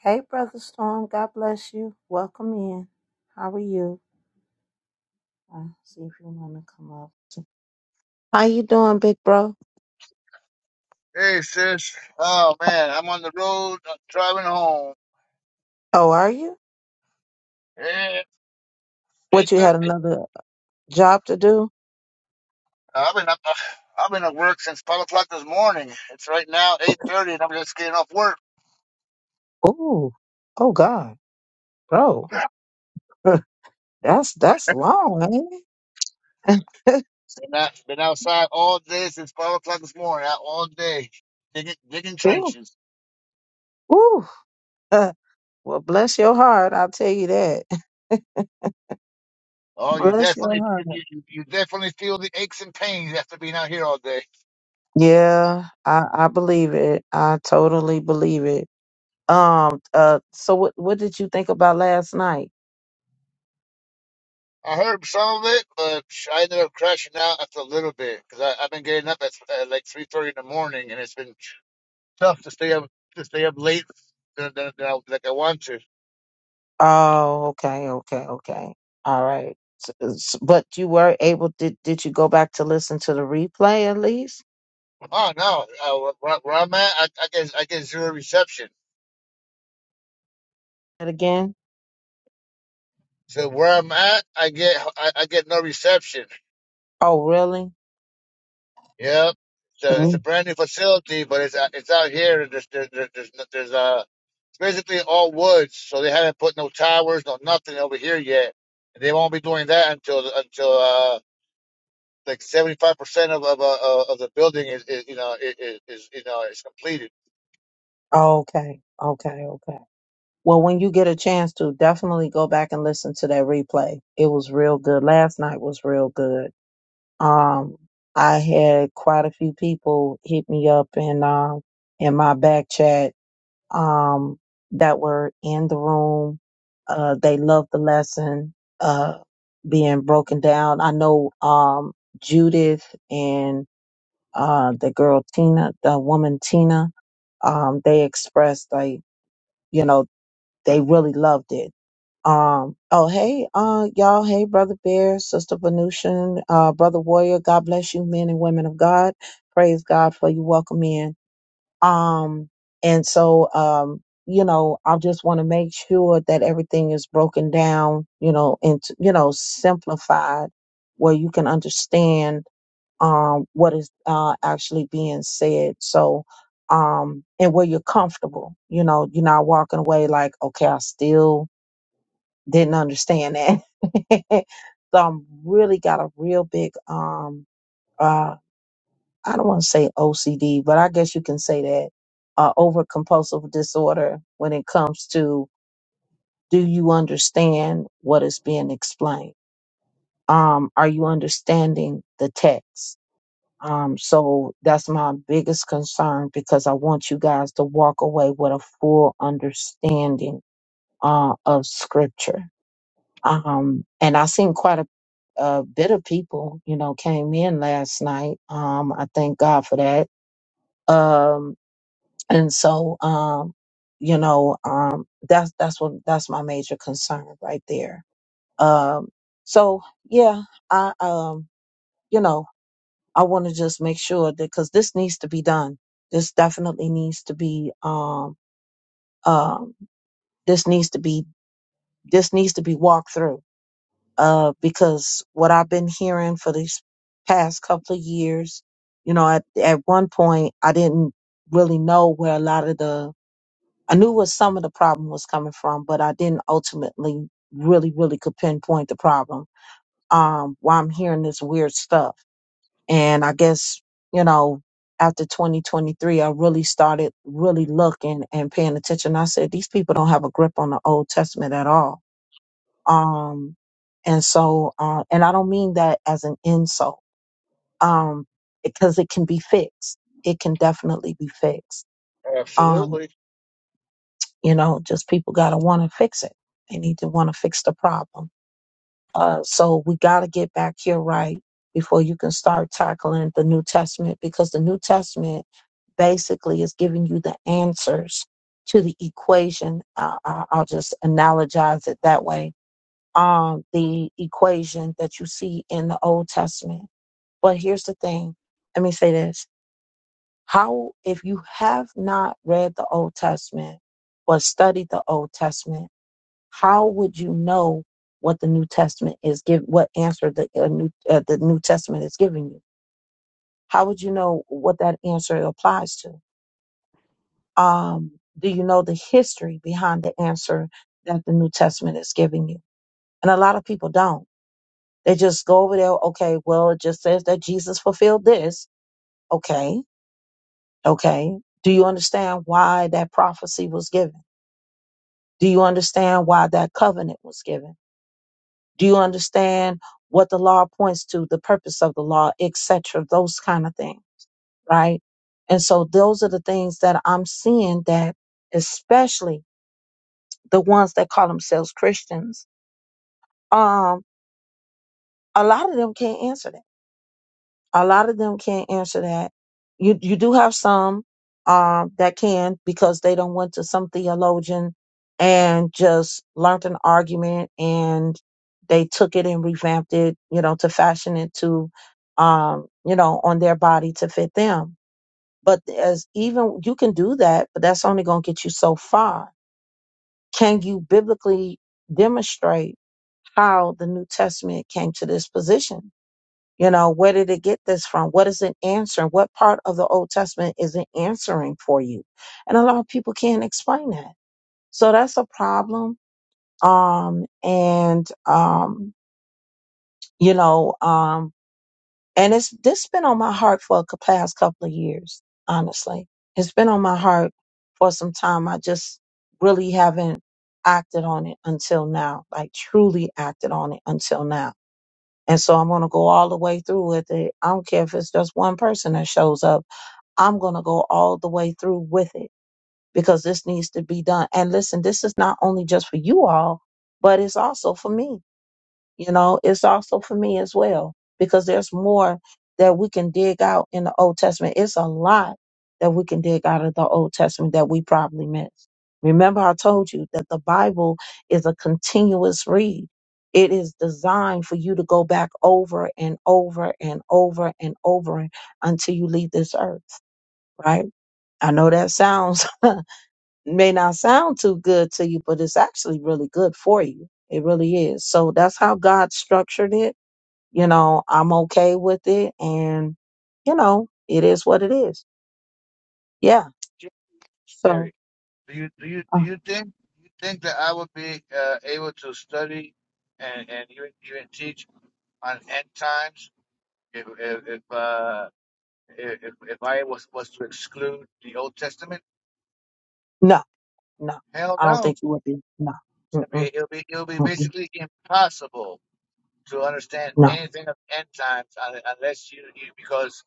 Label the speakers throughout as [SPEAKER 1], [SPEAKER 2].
[SPEAKER 1] Hey, Brother Storm. God bless you. Welcome in. How are you? Uh, see if you want to come up. How you doing, big bro?
[SPEAKER 2] Hey, sis. Oh man, I'm on the road uh, driving home.
[SPEAKER 1] Oh, are you?
[SPEAKER 2] Yeah,
[SPEAKER 1] What,
[SPEAKER 2] eight
[SPEAKER 1] you
[SPEAKER 2] thirty.
[SPEAKER 1] had another job to do?
[SPEAKER 2] I've been up. Uh, I've been at work since five o'clock this morning. It's right now eight thirty, and I'm just getting off work.
[SPEAKER 1] Ooh. Oh, God. Bro. that's that's long, ain't it?
[SPEAKER 2] Been, out, been outside all day since five o'clock this morning. Out all day digging, digging
[SPEAKER 1] ooh.
[SPEAKER 2] trenches.
[SPEAKER 1] Ooh. Uh, well, bless your heart. I'll tell you that.
[SPEAKER 2] Oh, you
[SPEAKER 1] Bless your
[SPEAKER 2] definitely you,
[SPEAKER 1] heart.
[SPEAKER 2] you, you you definitely feel the aches and pains after being out here all day.
[SPEAKER 1] Yeah, I, I believe it. I totally believe it. Um, uh, so what, what did you think about last night?
[SPEAKER 2] I heard some of it, but I ended up crashing out after a little bit because I've been getting up at uh, like three thirty in the morning, and it's been tough to stay up to stay up late than, than, than I, like I want to.
[SPEAKER 1] Oh, okay, okay, okay. All right. S- s- But you were able did did you go back to listen to the replay at least?
[SPEAKER 2] Oh no, uh, where, where I'm at, I, I get I get zero reception.
[SPEAKER 1] And again?
[SPEAKER 2] So where I'm at, I get I, I get no reception.
[SPEAKER 1] Oh, really?
[SPEAKER 2] Yep. So it's a
[SPEAKER 1] Mhm.
[SPEAKER 2] brand new facility, but it's it's out here. There's there's there's, no- there's uh it's basically all woods, so they haven't put no towers, no nothing over here yet. And they won't be doing that until until uh like seventy five percent of of uh, of the building is, is you know is, is you know is completed.
[SPEAKER 1] Oh, okay. Okay, okay. Well, when you get a chance to, definitely go back and listen to that replay. It was real good. Last night was real good. Um, I had quite a few people hit me up in um in my back chat um, that were in the room. Uh, they loved the lesson uh, being broken down. I know um, Judith and uh, the girl Tina, the woman Tina, um, they expressed like, you know, they really loved it. Um, oh, hey, uh, y'all. Hey, Brother Bear, Sister Venusian, uh, Brother Warrior. God bless you, men and women of God. Praise God for you. Welcome in. Um, and so, um, you know, I just want to make sure that everything is broken down, you know, and, you know, simplified where you can understand, um, what is, uh, actually being said. So, um, and where you're comfortable, you know, you're not walking away like, okay, I still didn't understand that. so I'm really got a real big, um, uh, I don't want to say OCD, but I guess you can say that uh, over compulsive disorder when it comes to do you understand what is being explained? Um, are you understanding the text? Um, so that's my biggest concern because I want you guys to walk away with a full understanding uh, of scripture. Um, and I seen quite a, a bit of people, you know, came in last night. Um, I thank God for that. Um, And so, um, you know, um, that's that's what that's my major concern right there. Um, so yeah, I um, you know, I want to just make sure that because this needs to be done. This definitely needs to be um, um, this needs to be this needs to be walked through. Uh, because what I've been hearing for these past couple of years, you know, at at one point I didn't really know where a lot of the I knew where some of the problem was coming from, but I didn't ultimately really, really could pinpoint the problem. Um, why I'm hearing this weird stuff. And I guess, you know, after 2023, I really started really looking and paying attention. I said, these people don't have a grip on the Old Testament at all. Um, and so, uh, and I don't mean that as an insult, um, because it can be fixed. It can definitely be fixed Um,
[SPEAKER 2] Absolutely.
[SPEAKER 1] you know just people got to want to fix it they need to want to fix the problem uh, so we got to get back here right before you can start tackling the new testament because the new testament basically is giving you the answers to the equation uh, I- i'll just analogize it that way um, the equation that you see in the old testament but here's the thing let me say this how if you have not read the old testament but studied the old testament how would you know what the New Testament is give what answer the uh, new uh, the New Testament is giving you? How would you know what that answer applies to? Um, do you know the history behind the answer that the New Testament is giving you? And a lot of people don't. They just go over there. Okay, well, it just says that Jesus fulfilled this. Okay, okay. Do you understand why that prophecy was given? Do you understand why that covenant was given? Do you understand what the law points to, the purpose of the law, etc., those kind of things, right? And so those are the things that I'm seeing that especially the ones that call themselves Christians, um, a lot of them can't answer that a lot of them can't answer that. You you do have some um that can because they don't went to some theologian and just learned an argument and they took it and revamped it, you know, to fashion it to um, you know, on their body to fit them. But as even you can do that, but that's only gonna get you so far. Can you biblically demonstrate how the New Testament came to this position? You know, where did it get this from? What is it answering? What part of the Old Testament is it answering for you? And a lot of people can't explain that. So that's a problem. Um, and, um, you know, um, and it's, this been on my heart for the past couple of years, honestly. It's been on my heart for some time. I just really haven't acted on it until now, like truly acted on it until now and so I'm going to go all the way through with it. I don't care if it's just one person that shows up. I'm going to go all the way through with it because this needs to be done. And listen, this is not only just for you all, but it's also for me you know it's also for me as well because there's more that we can dig out in the old testament it's a lot that we can dig out of the old testament that we probably missed remember i told you that the bible is a continuous read it is designed for you to go back over and over and over and over until you leave this earth right i know that sounds may not sound too good to you but it's actually really good for you it really is so that's how god structured it you know, I'm okay with it. And, you know, it is what it is. Yeah. So,
[SPEAKER 2] Sherry, do you do you
[SPEAKER 1] uh,
[SPEAKER 2] do you think do you think that I would be uh, able to study and and even even teach on end times if if if, uh, if if I was was to exclude the Old Testament?
[SPEAKER 1] no, no,
[SPEAKER 2] Hell
[SPEAKER 1] I don't
[SPEAKER 2] no.
[SPEAKER 1] think you would be. No,
[SPEAKER 2] It'll be
[SPEAKER 1] mm-mm,
[SPEAKER 2] it'll be, it'll be
[SPEAKER 1] mm-mm,
[SPEAKER 2] basically impossible to understand
[SPEAKER 1] no.
[SPEAKER 2] anything of end times un- unless you, you because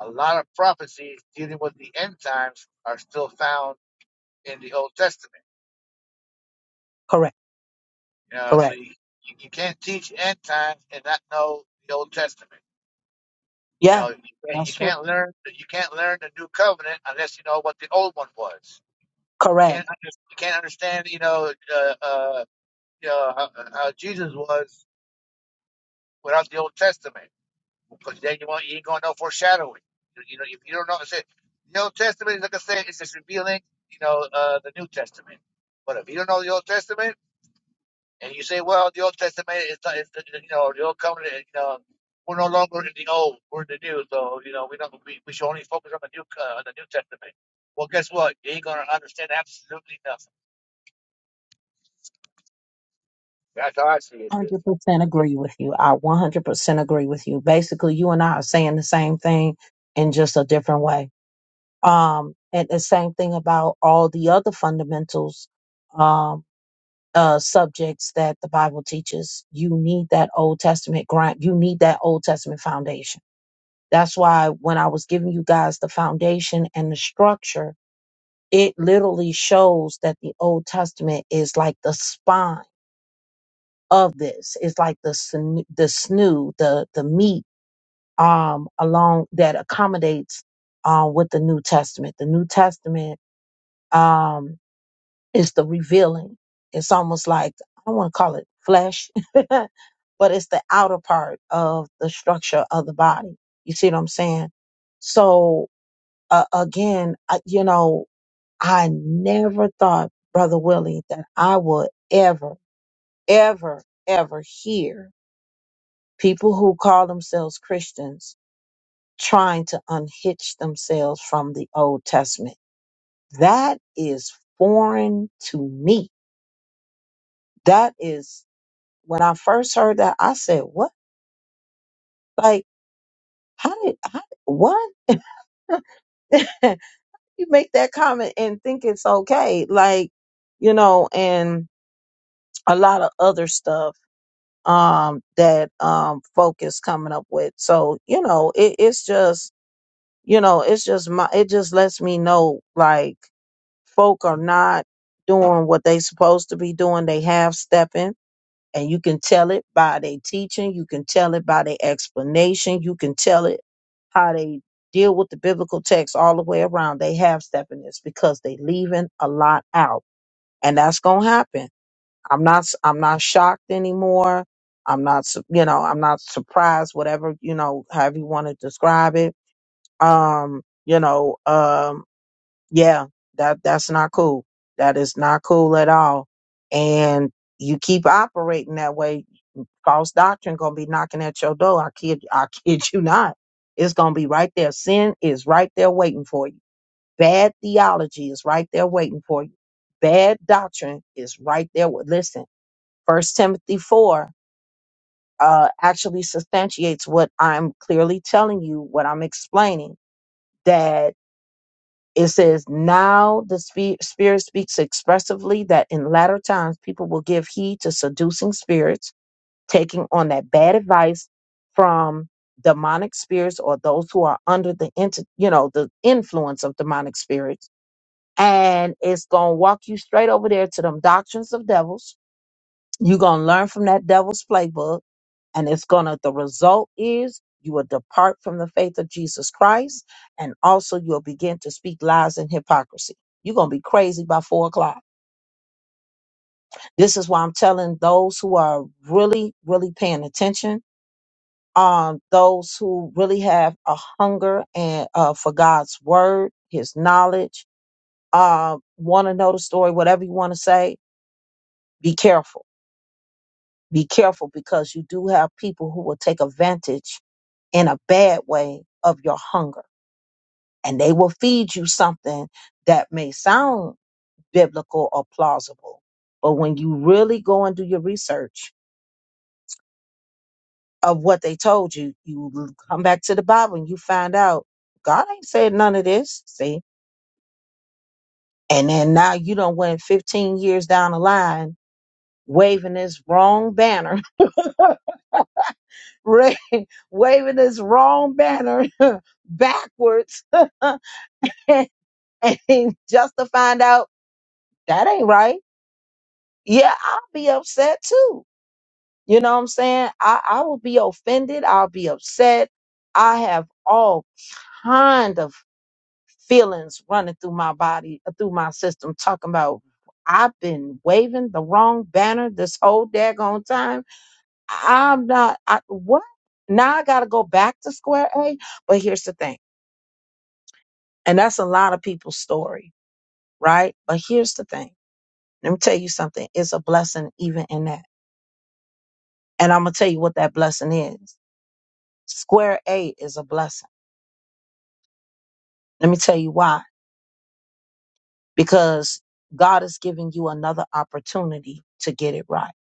[SPEAKER 2] a lot of prophecies dealing with the end times are still found in the Old Testament.
[SPEAKER 1] Correct.
[SPEAKER 2] Yeah, so
[SPEAKER 1] Correct.
[SPEAKER 2] you, you, you can't teach end times and not know the Old Testament. You
[SPEAKER 1] Yeah.
[SPEAKER 2] know, you can't, you
[SPEAKER 1] That's true.
[SPEAKER 2] can't learn you can't learn the New Covenant unless you know what the old one was. You
[SPEAKER 1] Correct.
[SPEAKER 2] can't under, you can't understand you know uh, uh, you know how, how Jesus was without the Old Testament because then you want you ain't gonna know foreshadowing. You, you know if you don't know it's it, the Old Testament like I said it's just revealing you know uh, the New Testament. But if you don't know the Old Testament And you say, well, the Old Testament is, is you know, the Old Covenant, you know, we're no longer in the Old, we're in the New, so you know, we don't, we, we should only focus on the New, uh, on the New Testament. Well, guess what? You ain't gonna understand absolutely nothing.
[SPEAKER 1] 100% agree with you. I 100% agree with you. Basically, you and I are saying the same thing in just a different way. Um, and the same thing about all the other fundamentals um, uh, subjects that the Bible teaches, you need that Old Testament grind. You need that Old Testament foundation. That's why when I was giving you guys the foundation and the structure, it literally shows that the Old Testament is like the spine of this. It's like the sn- the snu, the the meat um along that accommodates uh, with the New Testament. The New Testament Um, It's the revealing. It's almost like, I don't want to call it flesh, but it's the outer part of the structure of the body. You see what I'm saying? So uh, again, I, you know, I never thought, Brother Willie, that I would ever, ever, ever hear people who call themselves Christians trying to unhitch themselves from the Old Testament. That is foreign to me. That is When I first heard that, I said, "What? Like, how did? How, what? you make that comment and think it's okay? Like, you know, and a lot of other stuff um that um folk is coming up with. So you know, it, it's just you know, it's just my. It just lets me know like folk are not doing what they supposed to be doing. They half stepping And you can tell it by their teaching, you can tell it by their explanation, you can tell it how they deal with the biblical text all the way around. They have stepping this because they leaving a lot out. And that's gonna happen. I'm not s- I'm not shocked anymore. I'm not su- you know, I'm not surprised, whatever, you know, however you want to describe it. Um, you know, um, yeah, that that's not cool. That is not cool at all. And you keep operating that way, False doctrine gonna be knocking at your door. I kid, I kid you not. It's gonna be right there. Sin is right there waiting for you. Bad theology is right there waiting for you. Bad doctrine is right there. With, listen, First Timothy four uh, actually substantiates what I'm clearly telling you, what I'm explaining. That it says, Now the spe- Spirit speaks expressively that in latter times people will give heed to seducing spirits taking on that bad advice from demonic spirits or those who are under the inter, you know the influence of demonic spirits and it's going to walk you straight over there to them doctrines of devils you're going to learn from that devil's playbook and it's going to the result is you will depart from the faith of Jesus Christ and also you'll begin to speak lies and hypocrisy you're going to be crazy by four o'clock this is why I'm telling those who are really, really paying attention um, those who really have a hunger and uh, for God's word, His knowledge, uh, want to know the story, whatever you want to say. Be careful. Be careful because you do have people who will take advantage in a bad way of your hunger, and they will feed you something that may sound biblical or plausible, but when you really go and do your research of what they told you, you come back to the Bible and you find out God ain't said none of this. See, And then now you don't went 15 years down the line waving this wrong banner, ra- waving this wrong banner backwards, and, and just to find out that ain't right. Yeah, I'll be upset too. You know what I'm saying? I, I will be offended. I'll be upset. I have all kind of feelings running through my body, uh, through my system, talking about I've been waving the wrong banner this whole daggone time. I'm not, I, what? Now I got to go back to square A. But here's the thing, and that's a lot of people's story, right? But here's the thing. Let me tell you something. It's a blessing even in that. And I'm going to tell you what that blessing is. Square A is a blessing. Let me tell you why. Because God is giving you another opportunity to get it right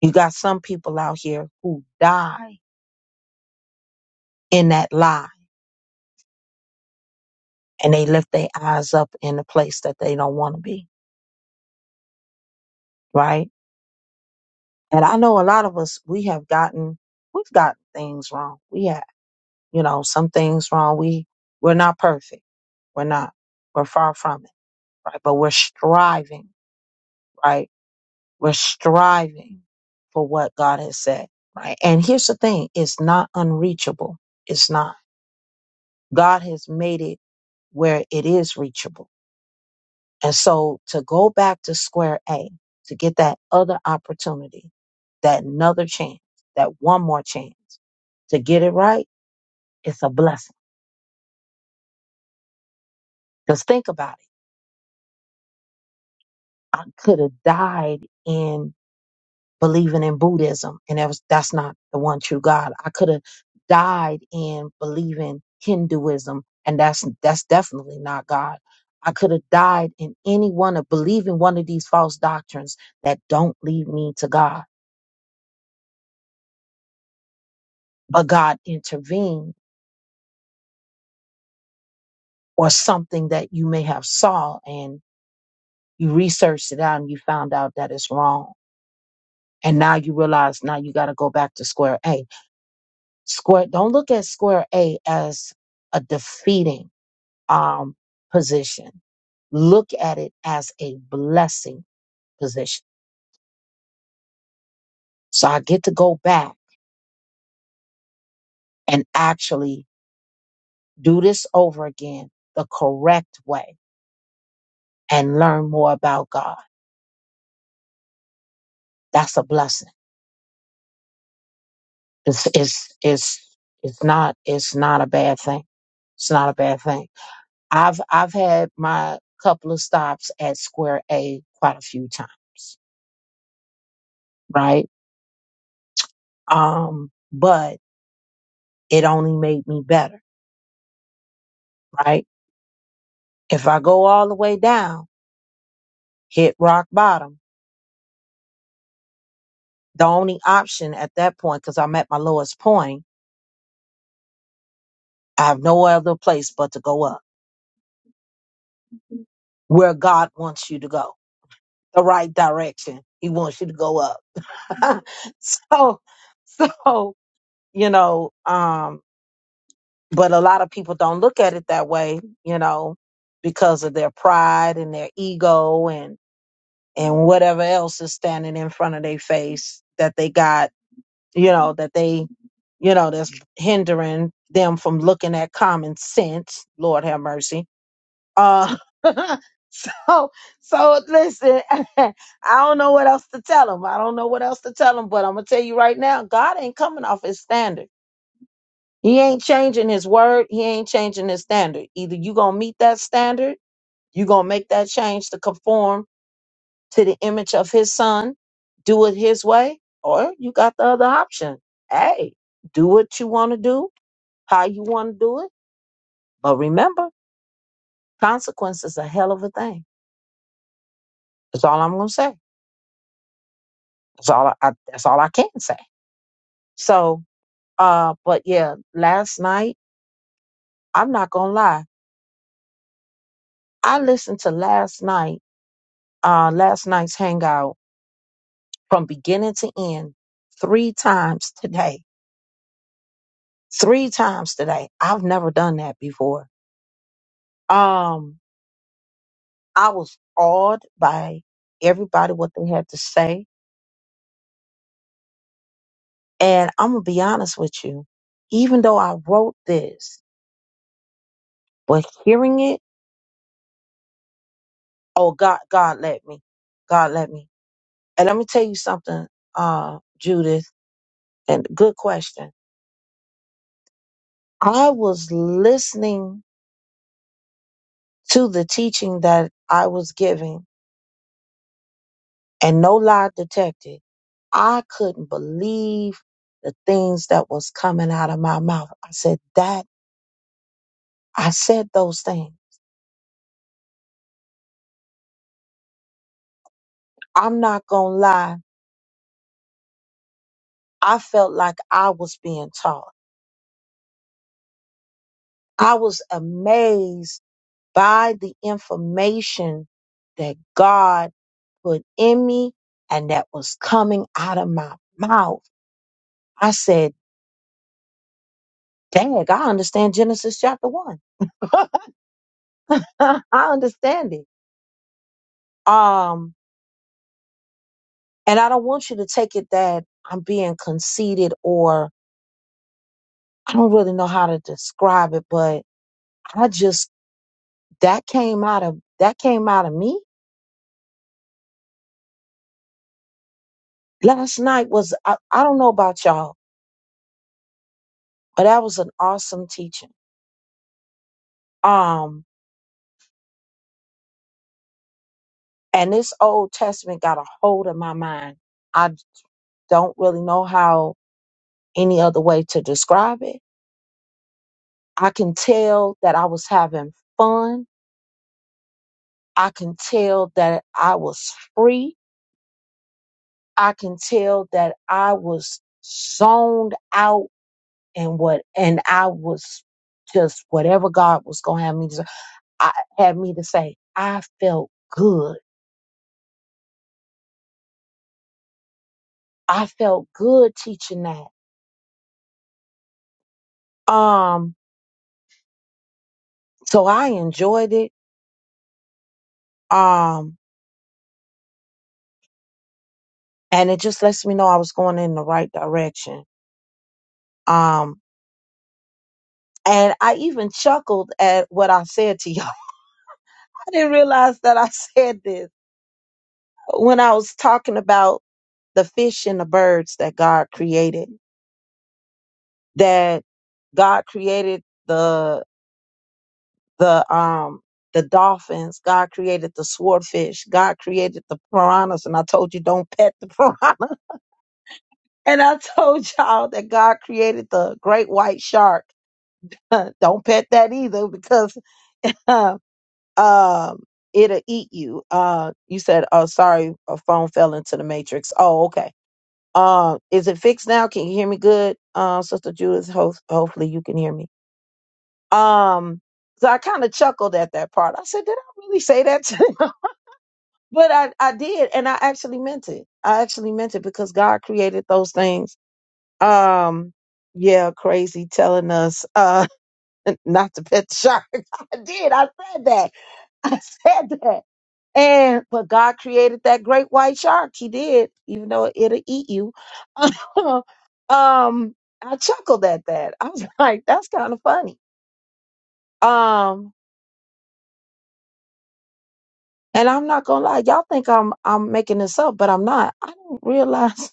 [SPEAKER 1] You got some people out here who die in that lie and they lift their eyes up in a place that they don't want to be, right? And I know a lot of us, we have gotten, we've gotten things wrong. We have, you know, some things wrong. We, we're not perfect. We're not. We're far from it, right? But we're striving, right? We're striving for what God has said, right? And here's the thing. It's not unreachable. It's not. God has made it where it is reachable And so to go back to square A, to get that other opportunity, that another chance, that one more chance to get it right, it's a blessing. Because think about it. I could have died in believing in Buddhism, and that was, that's not the one true God. I could have died in believing Hinduism, and that's that's definitely not God. I could have died in any one of believing one of these false doctrines that don't lead me to God but God intervened or something that you may have saw and you researched it out and you found out that it's wrong. And now you realize now you got to go back to square A. Square, don't look at square A as a defeating, um, position. Look at it as a blessing position. So I get to go back and actually do this over again the correct way and learn more about God. That's a blessing. It's it's it's it's not it's not a bad thing. It's not a bad thing. I've I've had my couple of stops at Square A quite a few times, right? Um, but it only made me better, right? If I go all the way down, hit rock bottom, the only option at that point, because I'm at my lowest point, I have no other place but to go up where God wants you to go the right direction. He wants you to go up. so so you know um but a lot of people don't look at it that way you know because of their pride and their ego and and whatever else is standing in front of their face that they got you know that they you know that's hindering them from looking at common sense lord have mercy uh, so, so listen, I don't know what else to tell him. I don't know what else to tell him, but I'm gonna tell you right now, God ain't coming off his standard. He ain't changing his word. He ain't changing his standard. Either you gonna meet that standard, you gonna make that change to conform to the image of his son, do it his way, or you got the other option. Hey, do what you want to do, how you want to do it, but remember, consequence is a hell of a thing. That's all I'm gonna say. That's all I, I that's all I can say. So uh but yeah, last night, I'm not gonna lie, I listened to last night, uh last night's hangout from beginning to end three times today. Three times today. I've never done that before. Um I was awed by everybody what they had to say. And I'm gonna be honest with you, even though I wrote this, but hearing it, oh God God let me. God let me. And let me tell you something, uh, Judith, and good question. I was listening to the teaching that I was giving, and no lie detected, I couldn't believe the things that was coming out of my mouth. I said, That, I said those things. I'm not going to lie. I felt like I was being taught. I was amazed by the information that God put in me and that was coming out of my mouth. I said, Dag, I understand Genesis chapter one. I understand it. Um, and I don't want you to take it that I'm being conceited or I don't really know how to describe it, but I just that came out of that came out of me. Last night was I, I don't know about y'all, but that was an awesome teaching. Um, And this Old Testament got a hold of my mind. I don't really know how any other way to describe it. I can tell that I was having fun. I can tell that I was free. I can tell that I was zoned out and what and I was just whatever God was gonna have me to I had me to say, I felt good. I felt good teaching that. Um, so I enjoyed it. Um, and it just lets me know I was going in the right direction. Um, and I even chuckled at what I said to y'all. I didn't realize that I said this when I was talking about the fish and the birds that God created. That God created the the um the dolphins. God created the swordfish. God created the piranhas. And I told you don't pet the piranha. And I told y'all that God created the great white shark. don't pet that either because Huh. um, it'll eat you. Uh, you said, oh, sorry, a phone fell into the matrix. Oh, okay. Um, is it fixed now? Can you hear me good? Uh, Sister Judith, ho- hopefully you can hear me. Um, so I kind of chuckled at that part. I said, did I really say that to him? But I, I did, and I actually meant it. I actually meant it because God created those things. Um, yeah, crazy telling us uh not to pet the shark. I did. I said that. I said that And but God created that great white shark. He did, even though it'll eat you. um, I chuckled at that. I was like, that's kind of funny. Um, and I'm not gonna lie, y'all think I'm I'm making this up, but I'm not. I didn't realize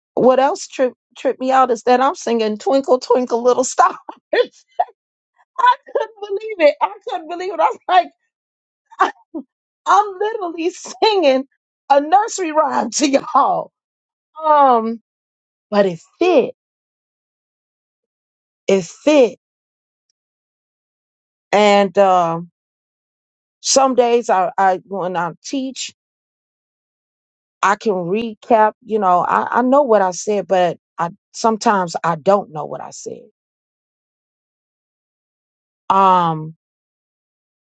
[SPEAKER 1] what else tripped tripped me out is that I'm singing Twinkle Twinkle Little Star. I couldn't believe it. I couldn't believe it. I was like, I'm literally singing a nursery rhyme to y'all. Um, but it fit it fit. And um, some days I, I when I teach, I can recap. You know, I, I know what I said, but I sometimes I don't know what I said um,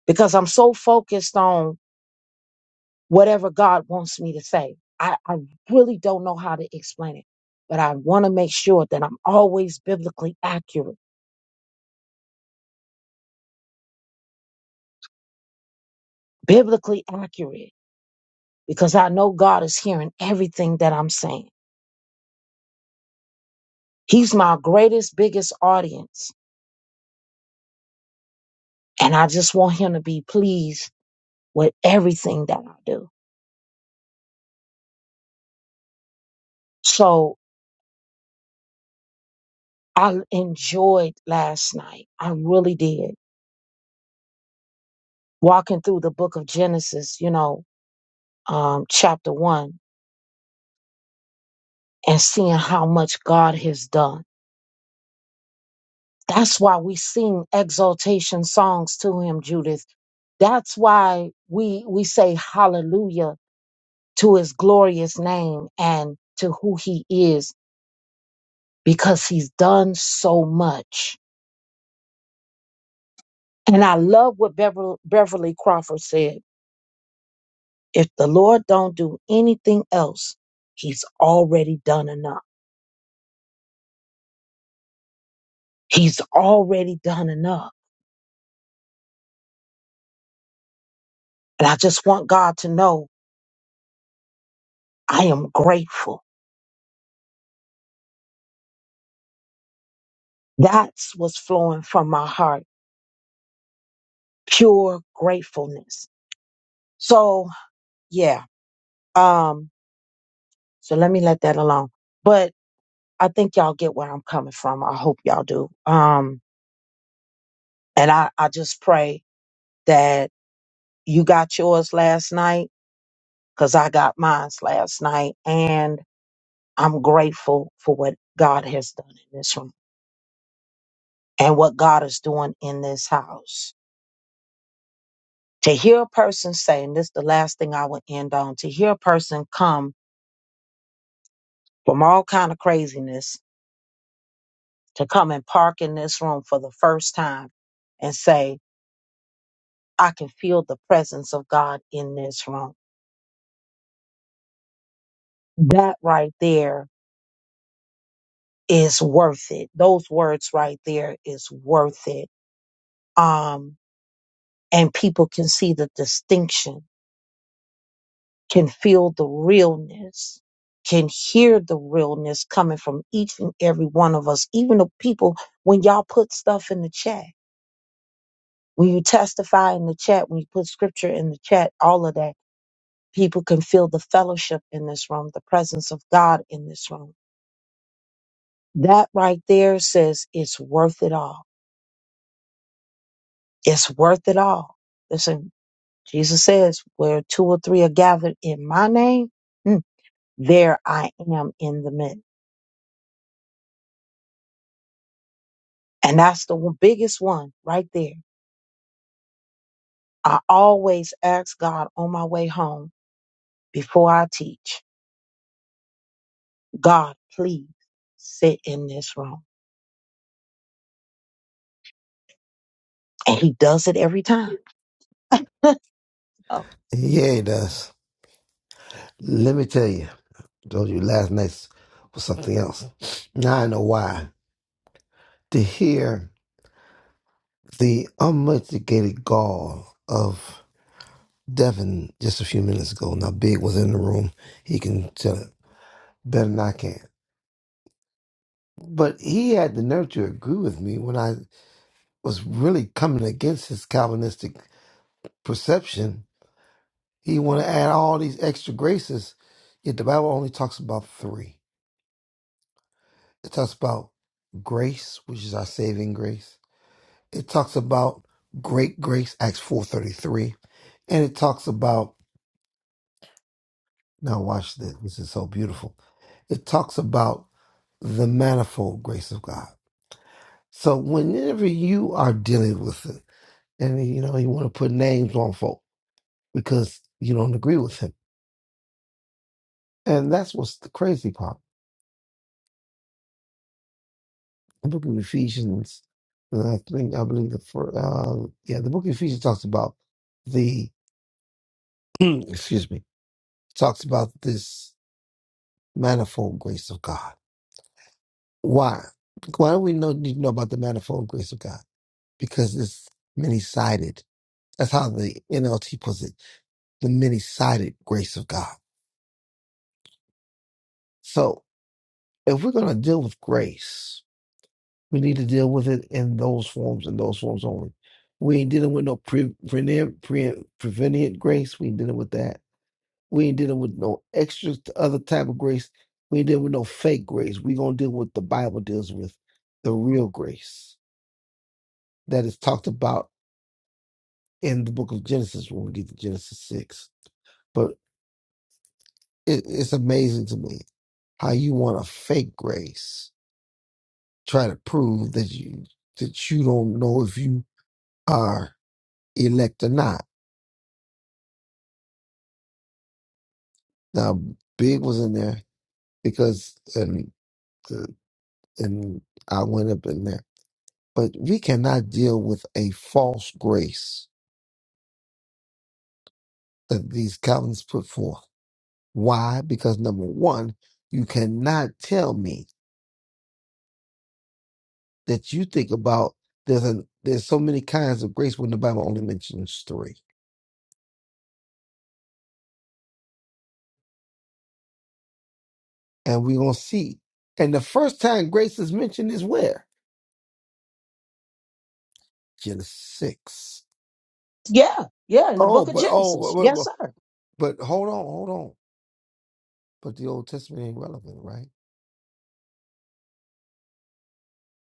[SPEAKER 1] because I'm so focused on whatever God wants me to say. I, I really don't know how to explain it, but I want to make sure that I'm always biblically accurate. Biblically accurate because I know God is hearing everything that I'm saying. He's my greatest, biggest audience and I just want him to be pleased with everything that I do. So I enjoyed last night. I really did. Walking through the book of Genesis, you know, um, chapter one, and seeing how much God has done. That's why we sing exaltation songs to him, Judith. That's why we we say hallelujah to his glorious name and to who he is, because he's done so much And I love what Beverly, Beverly Crawford said. If the Lord don't do anything else, he's already done enough. He's already done enough. And I just want God to know I am grateful. That's what's flowing from my heart. Pure gratefulness. So yeah. Um, so let me let that alone. But I think y'all get where I'm coming from. I hope y'all do. Um, and I, I just pray that you got yours last night because I got mine last night and I'm grateful for what God has done in this room and what God is doing in this house. To hear a person say, and this is the last thing I will end on, to hear a person come from all kind of craziness to come and park in this room for the first time and say, I can feel the presence of God in this room. That right there is worth it. Those words right there is worth it. Um, and people can see the distinction, can feel the realness, can hear the realness coming from each and every one of us, even the people when y'all put stuff in the chat, when you testify in the chat, when you put scripture in the chat, all of that, people can feel the fellowship in this room, the presence of God in this room. That right there says it's worth it all. It's worth it all. Listen, Jesus says, where two or three are gathered in my name. hmm, there I am in the midst. And that's the one- biggest one right there. I always ask God on my way home before I teach, God, please sit in this room. And he does it every time. Oh,
[SPEAKER 3] Yeah, it does. Let me tell you, I told you last night was something else. Now I know why. To hear the unmitigated gall of Devin just a few minutes ago. Now, Big was in the room. He can tell it better than I can. But he had the nerve to agree with me when I was really coming against his Calvinistic perception. He wanted to add all these extra graces, yet the Bible only talks about three. It talks about grace, which is our saving grace. It talks about great grace, Acts 4.33. And it talks about, now watch this, this is so beautiful. It talks about the manifold grace of God. So whenever you are dealing with it, and you know, you want to put names on folk because you don't agree with him. And that's what's the crazy part. The book of Ephesians, and I think, I believe the first, uh, yeah, the book of Ephesians talks about the excuse me, talks about this manifold grace of God. Why? Why do we know, need to know about the manifold grace of God? Because it's many sided. That's how the NLT puts it the many sided grace of God. So if we're going to deal with grace, we need to deal with it in those forms and those forms only. We ain't dealing with no pre, pre, pre, prevenient grace. We ain't dealing with that We ain't dealing with no extra t- other type of grace. We ain't dealing with no fake grace. We're gonna deal with the Bible deals with the real grace that is talked about in the book of Genesis when we get to Genesis six. But it, it's amazing to me how you want a fake grace, try to prove that you that you don't know if you are elect or not. Now, Big was in there because and uh, and I went up in there But we cannot deal with a false grace that these Calvinists put forth. Why? Because number one, you cannot tell me that you think about there's an there's so many kinds of grace when the Bible only mentions three. And we're gonna see. And the first time grace is mentioned is where? Genesis six.
[SPEAKER 1] yeah, yeah, in the
[SPEAKER 3] Oh,
[SPEAKER 1] book of
[SPEAKER 3] but oh but,
[SPEAKER 1] Genesis.
[SPEAKER 3] but,
[SPEAKER 1] Yes,
[SPEAKER 3] but
[SPEAKER 1] sir.
[SPEAKER 3] but hold on, hold on. But the Old Testament ain't relevant, right?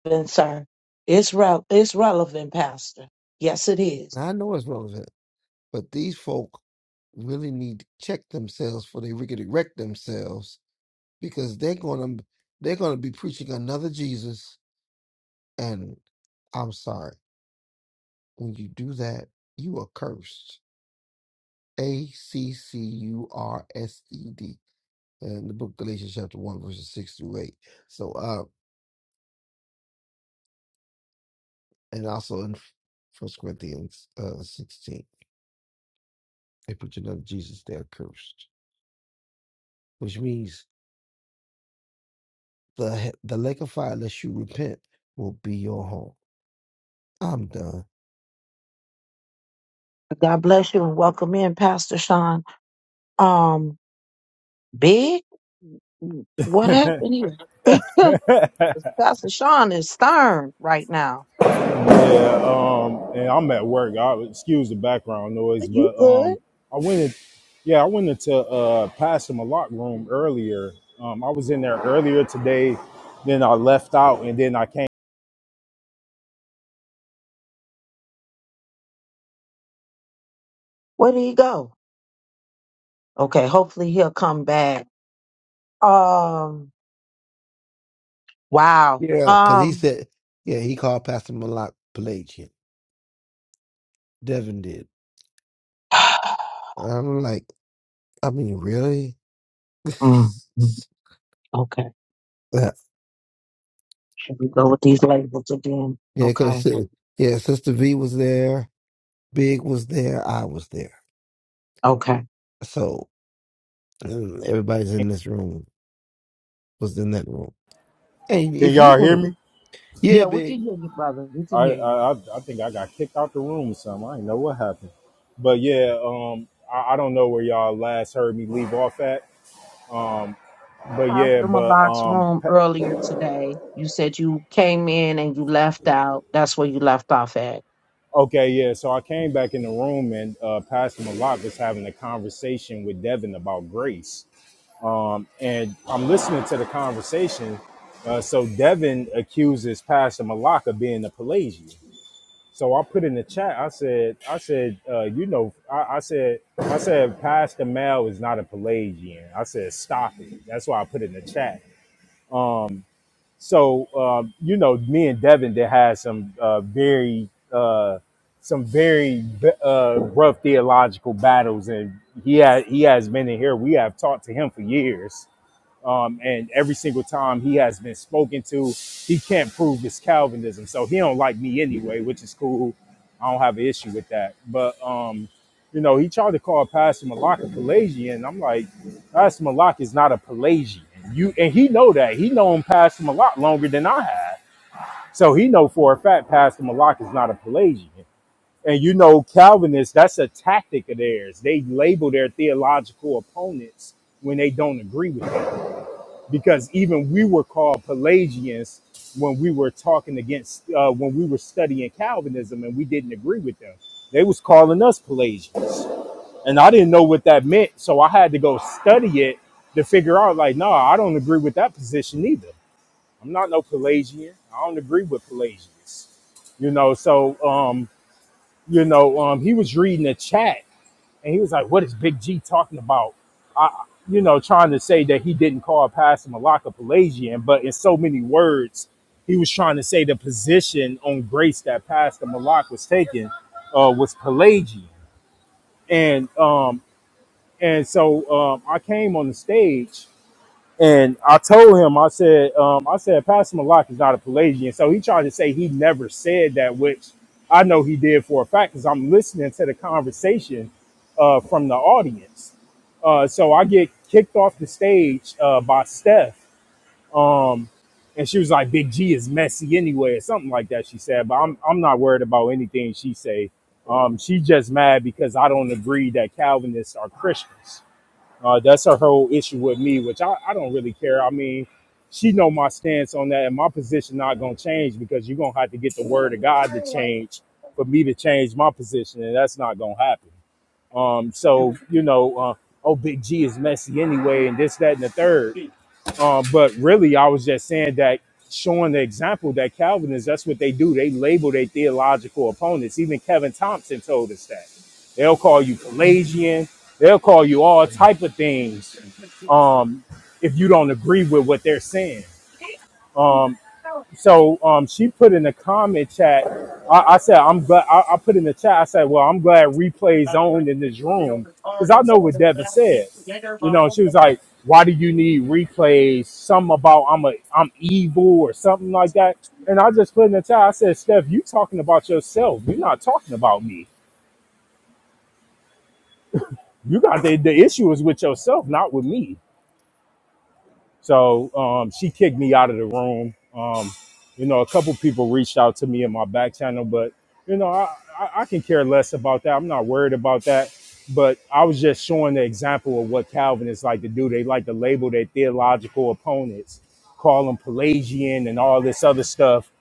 [SPEAKER 1] Then, sir, it's, re- it's relevant, Pastor. Yes, it is.
[SPEAKER 3] Now I know it's relevant But these folk really need to check themselves for they can erect themselves because they're gonna they're gonna be preaching another Jesus. And I'm sorry, when you do that, you are cursed. A C C U R S E D in the book Galatians chapter one verses six through eight. So uh, and also in First Corinthians uh sixteen, they put another Jesus. They are cursed, which means the the lake of fire, unless you repent, will be your home. I'm done.
[SPEAKER 1] God bless you and welcome in, Pastor Sean. Um, Big, what happened here? Pastor Sean is stern right now.
[SPEAKER 4] Yeah, um, and I'm at work. I excuse the background noise,
[SPEAKER 1] You
[SPEAKER 4] but
[SPEAKER 1] good?
[SPEAKER 4] um, I went in, yeah, I went into uh Pastor Malak room earlier. Um, I was in there earlier today, then I left out, and then I came.
[SPEAKER 1] Where did he go? Okay, hopefully he'll come back. Um, wow.
[SPEAKER 3] Yeah, because he
[SPEAKER 1] Um,
[SPEAKER 3] said, yeah, he called Pastor Malak Pelagian. Devin did. I'm like, I mean, really?
[SPEAKER 1] mm, mm, okay.
[SPEAKER 3] yeah,
[SPEAKER 1] Should we go with these labels again?
[SPEAKER 3] because,
[SPEAKER 1] Okay,
[SPEAKER 3] yeah, Sister V was there, Big was there, I was there.
[SPEAKER 1] okay.
[SPEAKER 3] So um, everybody's in this room was in that room. And
[SPEAKER 4] Can
[SPEAKER 3] if you
[SPEAKER 4] y'all hear
[SPEAKER 3] were,
[SPEAKER 4] me?
[SPEAKER 3] yeah,
[SPEAKER 1] Yeah, we can
[SPEAKER 3] Big.
[SPEAKER 1] hear you, brother. We can
[SPEAKER 4] I
[SPEAKER 1] hear you.
[SPEAKER 4] I, I I think I got kicked out the room or something. I didn't know what happened, but yeah, um, I, I don't know where y'all last heard me leave off at. Um, but yeah,
[SPEAKER 1] Pastor
[SPEAKER 4] but
[SPEAKER 1] Malak's
[SPEAKER 4] um.
[SPEAKER 1] room earlier today. You said you came in and you left out. That's where you left off at.
[SPEAKER 4] Okay, yeah. So I came back in the room and uh, Pastor Malak was having a conversation with Devin about grace. Um, and I'm listening to the conversation. Uh, so Devin accuses Pastor Malak of being a Pelagian. So I put in the chat. I said, I said, uh, you know, I, I said, I said, Pastor Mel is not a Pelagian. I said, stop it. That's why I put in the chat. So um, you know, me and Devin that had some uh, very uh, some very uh, rough theological battles, and he had, he has been in here. We have talked to him for years um, and every single time he has been spoken to, he can't prove his Calvinism. So he don't like me anyway, which is cool. I don't have an issue with that. But um, you know, he tried to call Pastor Malak a Pelagian. I'm like, Pastor Malak is not a Pelagian. You and he know that. He known Pastor Malak longer than I have. So he know for a fact Pastor Malak is not a Pelagian. And you know, Calvinists, that's a tactic of theirs. They label their theological opponents when they don't agree with them because even we were called Pelagians when we were talking against uh, when we were studying Calvinism and we didn't agree with them. They was calling us Pelagians, and I didn't know what that meant, so I had to go study it to figure out. Like, no, I don't agree with that position either. I'm not no Pelagian. I don't agree with Pelagians. You know, so um, you know, um, he was reading a chat and he was like, "What is Big G talking about?" I, you know, trying to say that he didn't call Pastor Malaka Pelagian, but in so many words, he was trying to say the position on grace that Pastor Malak was taking uh, was Pelagian, and um, and so um, I came on the stage and I told him, I said, um, I said, Pastor Malak is not a Pelagian. So he tried to say he never said that, which I know he did for a fact because I'm listening to the conversation uh, from the audience. Uh, so I get kicked off the stage uh, by Steph. Um, and she was like, Big G is messy anyway, or something like that, she said. But I'm, I'm not worried about anything she say. Um, she just mad because I don't agree that Calvinists are Christians. Uh, that's her whole issue with me, which I, I don't really care. I mean, she know my stance on that, and my position not gonna change because you're gonna have to get the word of God to change for me to change my position, and that's not gonna happen. Um, so you know, uh, oh, Big G is messy anyway, and this, that, and the third. Uh, but really, I was just saying that showing the example that Calvinists, that's what they do. They label their theological opponents. Even Kevin Thompson told us that. They'll call you Pelagian. They'll call you all type of things um, if you don't agree with what they're saying. Um, so um, she put in the comment chat. I, I said, I'm glad. I, I put in the chat. I said, well, I'm glad replays owned in this room because I know what Devin said. You know, she was like, why do you need replays? Some about I'm a I'm evil or something like that. And I just put in the chat. I said, Steph, you talking about yourself. You're not talking about me. You got the, the issue is with yourself, not with me. So um, she kicked me out of the room. Um, you know, a couple people reached out to me in my back channel, but you know, I, I, I can care less about that. I'm not worried about that. But I was just showing the example of what Calvinists like to do. They like to label their theological opponents, call them Pelagian and all this other stuff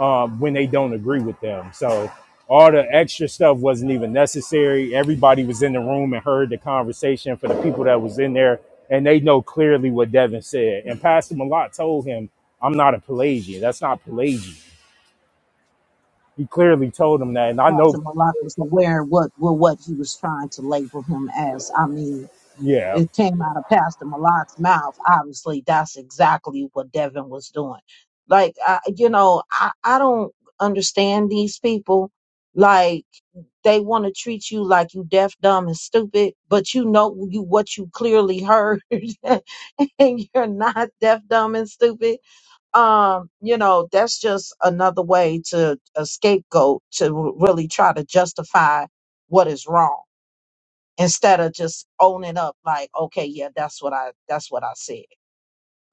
[SPEAKER 4] um, when they don't agree with them. So all the extra stuff wasn't even necessary. Everybody was in the room and heard the conversation for the people that was in there and they know clearly what Devin said. And Pastor Malott told him, "I'm not a Pelagian. That's not Pelagian." He clearly told him that, and I
[SPEAKER 1] Pastor
[SPEAKER 4] know,
[SPEAKER 1] Malak was aware of what well, what he was trying to label him as. I mean.
[SPEAKER 4] yeah,
[SPEAKER 1] it came out of Pastor Malak's mouth. Obviously, that's exactly what Devin was doing. Like, I, you know, I, I don't understand these people. Like, they want to treat you like you deaf, dumb, and stupid, but you know you what you clearly heard, and you're not deaf, dumb, and stupid. Um, you know, that's just another way to a scapegoat to really try to justify what is wrong instead of just owning up like okay yeah that's what i that's what i said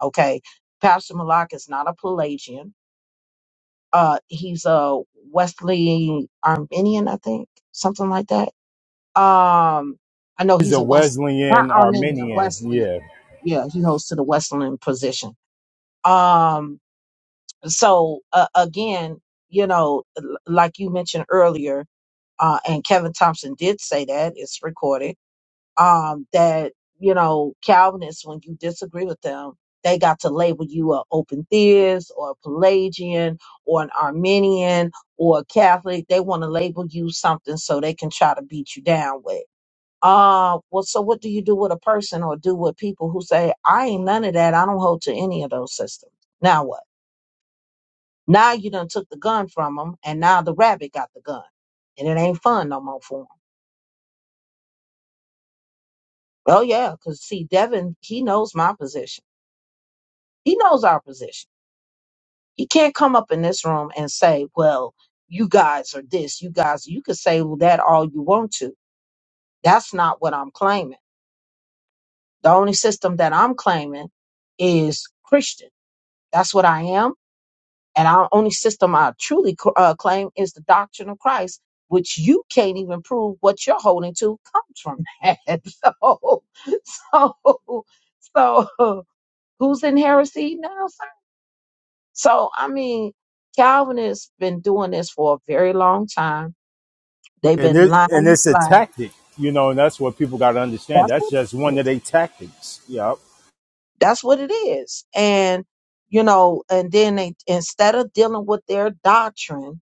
[SPEAKER 1] okay pastor malak is not a pelagian uh he's a Wesley Arminian, i think something like that um i know
[SPEAKER 4] he's
[SPEAKER 1] he's
[SPEAKER 4] a
[SPEAKER 1] a west not
[SPEAKER 4] Wesleyan
[SPEAKER 1] Arminian,
[SPEAKER 4] Arminian,
[SPEAKER 1] wesleyan
[SPEAKER 4] yeah,
[SPEAKER 1] yeah he holds to the wesleyan position um so uh, again you know l- like you mentioned earlier uh and kevin thompson did say that it's recorded um, that you know Calvinists, when you disagree with them, they got to label you a open theist or a Pelagian or an Arminian or a Catholic. They want to label you something so they can try to beat you down with. Uh, well, so what do you do with a person or do with people who say, I ain't none of that. I don't hold to any of those systems. Now what? Now you done took the gun from them and now the rabbit got the gun and it ain't fun no more for him. Oh yeah, cause see, Devin, he knows my position He knows our position. He can't come up in this room and say, well, you guys are this, you guys, you can say "Well, that all you want to. That's not what I'm claiming. The only system that I'm claiming is Christian. That's what I am. And our only system I truly cr- uh, claim is the doctrine of Christ, which you can't even prove what you're holding to comes from that. So, so, so who's in heresy now, So, I mean, Calvinists been doing this for a very long time. They've
[SPEAKER 4] and
[SPEAKER 1] been
[SPEAKER 4] it,
[SPEAKER 1] lying
[SPEAKER 4] and
[SPEAKER 1] and
[SPEAKER 4] it's a
[SPEAKER 1] sliding.
[SPEAKER 4] tactic, you know, and that's what people got to understand.
[SPEAKER 1] That's
[SPEAKER 4] That's
[SPEAKER 1] what
[SPEAKER 4] just
[SPEAKER 1] it
[SPEAKER 4] one of
[SPEAKER 1] is.
[SPEAKER 4] their tactics. Yep.
[SPEAKER 1] That's what it is. And, you know, and then they, instead of dealing with their doctrine,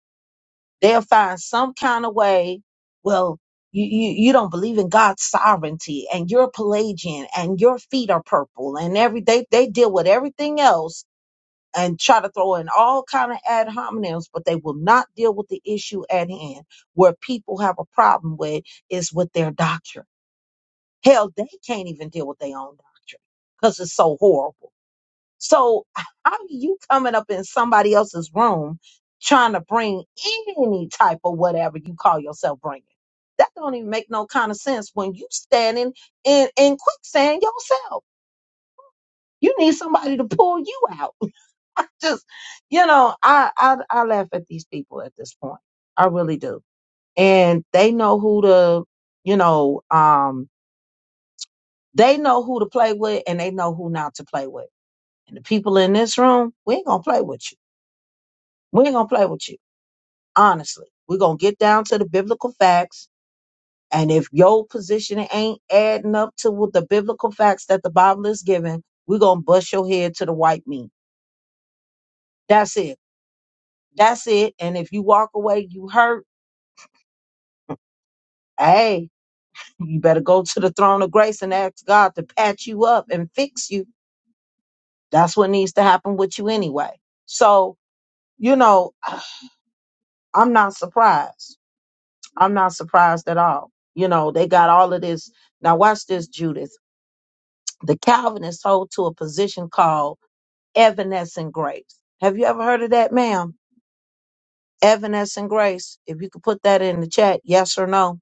[SPEAKER 1] they'll find some kind of way, well, you, you, you don't believe in God's sovereignty and you're Pelagian and your feet are purple and every, they, they deal with everything else and try to throw in all kind of ad hominems, but they will not deal with the issue at hand. Where people have a problem with is with their doctrine. Hell, they can't even deal with their own doctrine because it's so horrible. So how are you coming up in somebody else's room trying to bring any type of whatever you call yourself bringing? That don't even make no kind of sense when you standing in in quicksand yourself. You need somebody to pull you out just you know I, I i laugh at these people at this point i really do and they know who to you know um they know who to play with and they know who not to play with and the people in this room we ain't gonna play with you we ain't gonna play with you honestly we're gonna get down to the biblical facts and if your position ain't adding up to what the biblical facts that the bible is giving we're gonna bust your head to the white meat that's it that's it and if you walk away you hurt hey You better go to the throne of grace and ask God to patch you up and fix you. That's what needs to happen with you anyway. So, you know, I'm not surprised. I'm not surprised at all. You know, they got all of this. Now, watch this, Judith. The Calvinists hold to a position called evanescent grace. Have you ever heard of that, ma'am? Evanescent grace. If you could put that in the chat, yes or no.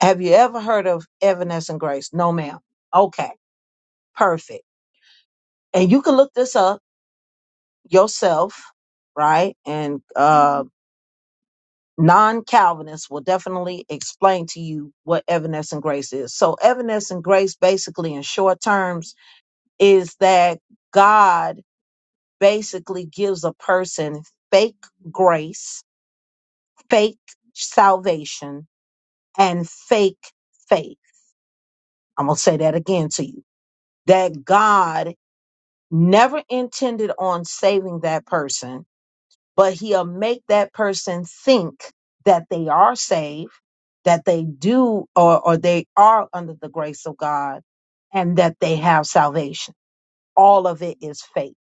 [SPEAKER 1] Have you ever heard of evanescent grace? No, ma'am. Okay, perfect. And you can look this up yourself, right? And uh, non Calvinists will definitely explain to you what evanescent grace is. So, evanescent grace, basically, in short terms, is that God basically gives a person fake grace, fake salvation, and fake faith. I'm going to say that again to you that God never intended on saving that person but he'll make that person think that they are saved, that they do or, or they are under the grace of God, and that they have salvation. All of it is faith.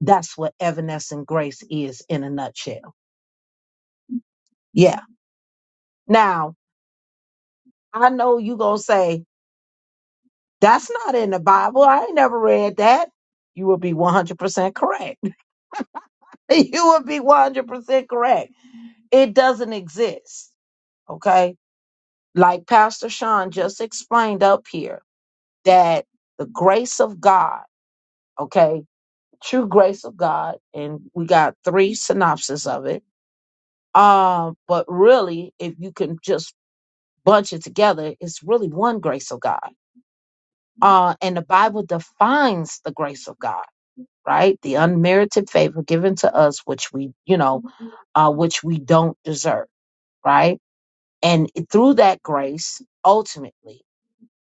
[SPEAKER 1] That's what evanescent grace is in a nutshell. Yeah. Now, I know you going to say, that's not in the Bible. I ain't never read that. You will be 100% correct. you will be 100% correct. It doesn't exist. Okay like Pastor Sean just explained up here, that the grace of God, okay, true grace of God, and we got three synopses of it. Um, but really, if you can just bunch it together, it's really one grace of God. Uh, and the Bible defines the grace of God, right? The unmerited favor given to us, which we, you know, uh, which we don't deserve, right? And through that grace, ultimately.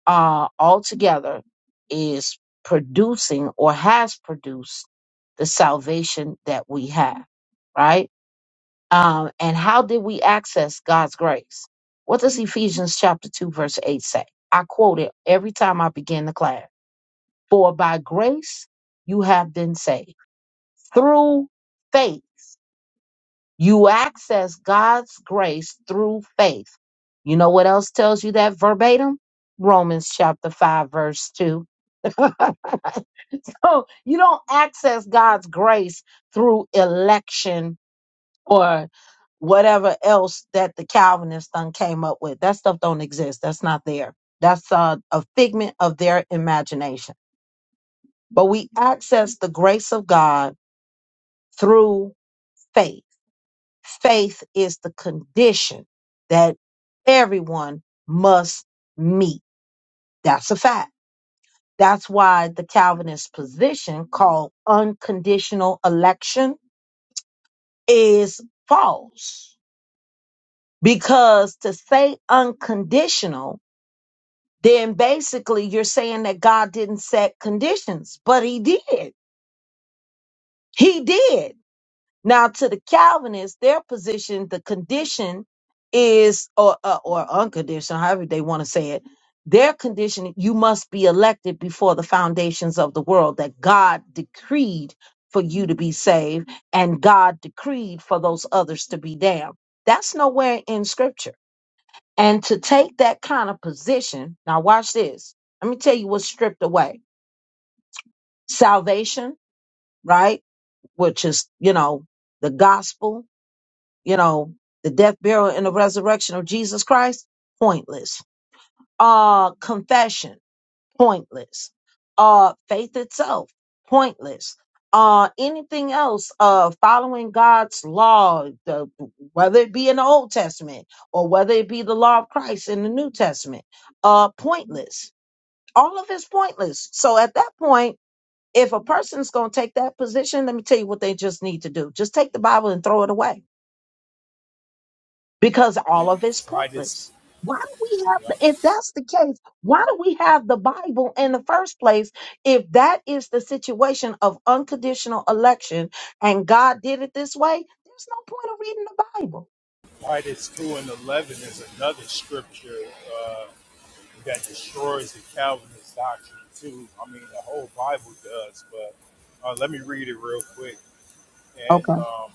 [SPEAKER 1] uh, altogether is producing or has produced the salvation that we have, right? Um, and how did we access God's grace? What does Ephesians chapter 2, verse 8 say? I quote it every time I begin the class. For by grace you have been saved. Through faith, you access God's grace through faith. You know what else tells you that verbatim? Romans chapter 5, verse 2 So you don't access God's grace through election or whatever else that the Calvinists done came up with. That stuff don't exist. That's not there. That's uh, a figment of their imagination. But we access the grace of God through faith. Faith is the condition that everyone must meet. That's a fact. That's why the Calvinist position called unconditional election is false. Because to say unconditional, then basically you're saying that God didn't set conditions, but he did. He did. Now, to the Calvinists, their position, the condition is, or uh, or unconditional, however they want to say it, their condition, you must be elected before the foundations of the world, that God decreed for you to be saved, and God decreed for those others to be damned. That's nowhere in Scripture. And to take that kind of position, now watch this. Let me tell you what's stripped away: salvation, right? Which is, you know, the gospel you know, the death, burial, and the resurrection of Jesus Christ, pointless. Uh, confession, pointless. Uh, faith itself, pointless. Uh, anything else, uh, following God's law, the, whether it be in the Old Testament or whether it be the law of Christ in the New Testament, uh, pointless. All of it's pointless. So at that point, if a person's going to take that position, let me tell you what they just need to do. Just take the Bible and throw it away because all of it's
[SPEAKER 4] Titus,
[SPEAKER 1] pointless. Why do we have, the, if that's the case, why do we have the Bible in the first place if that is the situation of unconditional election and God did it this way? There's no point of reading the Bible.
[SPEAKER 4] Titus two and eleven is another scripture uh, that destroys the Calvinist doctrine too. I mean, the whole Bible does, but uh, let me read it real quick and.
[SPEAKER 1] Okay.
[SPEAKER 4] um,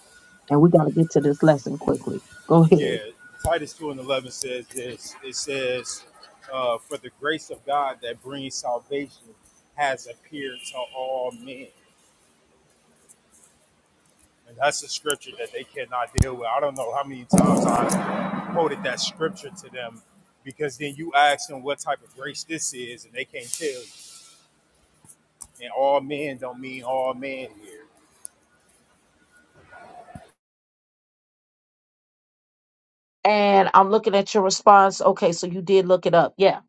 [SPEAKER 1] And we got to get to this lesson quickly. Go ahead.
[SPEAKER 4] Yeah, Titus 2 and 11 says this. It says, uh, For the grace of God that brings salvation has appeared to all men. And that's a scripture that they cannot deal with. I don't know how many times I quoted that scripture to them because then you ask them what type of grace this is and they can't tell you. And all men don't mean all men here.
[SPEAKER 1] And I'm looking at your response. Okay. So you did look it up. Yeah.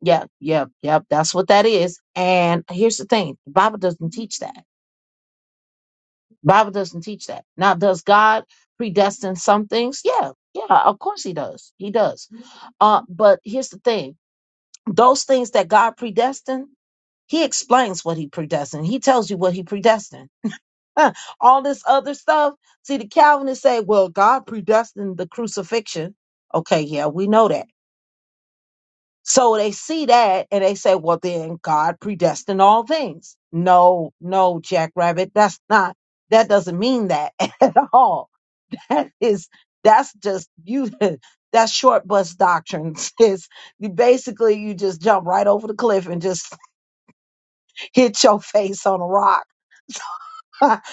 [SPEAKER 1] Yeah. Yeah. Yeah. That's what that is. And here's the thing the Bible doesn't teach that. Bible doesn't teach that. Now, does God predestine some things? Yeah, yeah, of course he does. He does. Uh, but here's the thing: those things that God predestined, He explains what He predestined. He tells you what He predestined. Huh, All this other stuff. See, the Calvinists say, "Well, God predestined the crucifixion." Okay, yeah, we know that. So they see that and they say, "Well, then God predestined all things." No, no, Jackrabbit, that's not. That doesn't mean that at all that is that's just you that's short bus doctrine. Is you basically you just jump right over the cliff and just hit your face on a rock.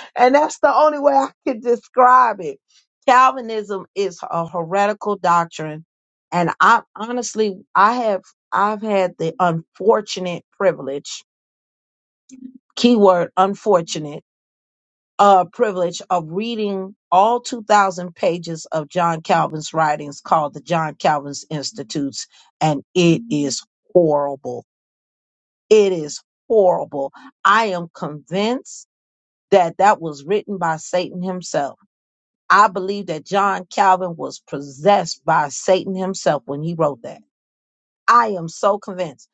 [SPEAKER 1] and that's the only way I could describe it. Calvinism is a heretical doctrine. And I honestly I have I've had the unfortunate privilege, keyword unfortunate uh, privilege of reading all 2,000 pages of John Calvin's writings called the John Calvin's Institutes, and it is horrible. It is horrible. I am convinced that that was written by Satan himself. I believe that John Calvin was possessed by Satan himself when he wrote that. I am so convinced.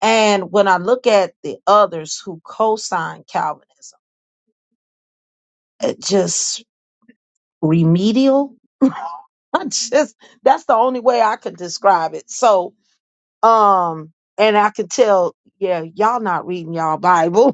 [SPEAKER 1] And when I look at the others who co sign Calvinism, it just remedial I just that's the only way I could describe it. So, um, and I could tell, yeah, y'all not reading y'all Bible.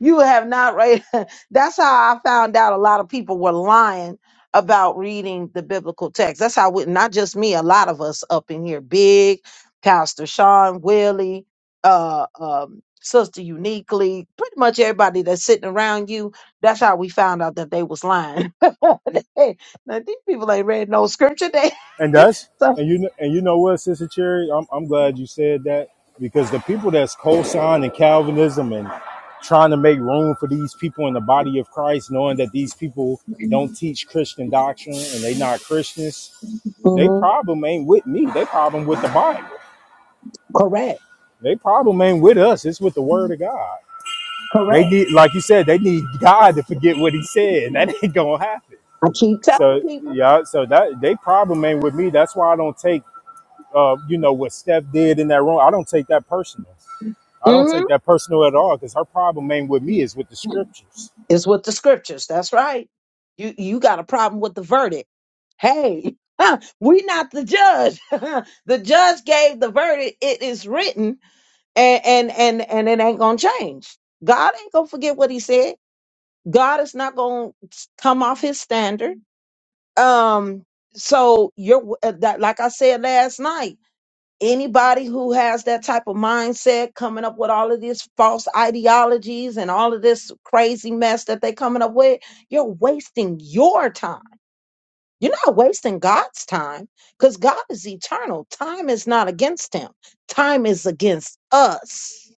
[SPEAKER 1] You have not read. That's how I found out a lot of people were lying about reading the biblical text. That's how, we, not just me, a lot of us up in here, Big, Pastor Sean, Willie, uh, um, Sister Uniquely, pretty much everybody that's sitting around you. That's how we found out that they was lying. They- now, these people ain't read no scripture. They
[SPEAKER 4] And that's
[SPEAKER 1] so
[SPEAKER 4] and you and you know what, Sister Cherry, I'm I'm glad you said that because the people that's co-signing Calvinism and trying to make room for these people in the body of Christ, knowing that these people don't teach Christian doctrine and they not Christians, they
[SPEAKER 1] Mhm.
[SPEAKER 4] problem ain't with me. They problem with the Bible.
[SPEAKER 1] correct,
[SPEAKER 4] They problem ain't with us. It's with the Word of God. They
[SPEAKER 1] correct.
[SPEAKER 4] need, like you said, they need God to forget what He said. That ain't gonna happen.
[SPEAKER 1] I keep telling
[SPEAKER 4] So
[SPEAKER 1] people.
[SPEAKER 4] yeah, so that they problem ain't with me. That's why I don't take uh, you know what Steph did in that room. I don't take that personal. I don't take that personal at all because her problem ain't with me; it's with the scriptures.
[SPEAKER 1] Is with the scriptures. That's right. You you got a problem with the verdict. Hey, we not the judge. the judge gave the verdict. It is written and and and and it ain't gonna change. God ain't gonna forget what he said. God is not gonna come off his standard. Um so you're uh, that like I said last night anybody who has that type of mindset coming up with all of these false ideologies and all of this crazy mess that they're coming up with, you're wasting your time. You're not wasting God's time because God is eternal. Time is not against him, time is against us.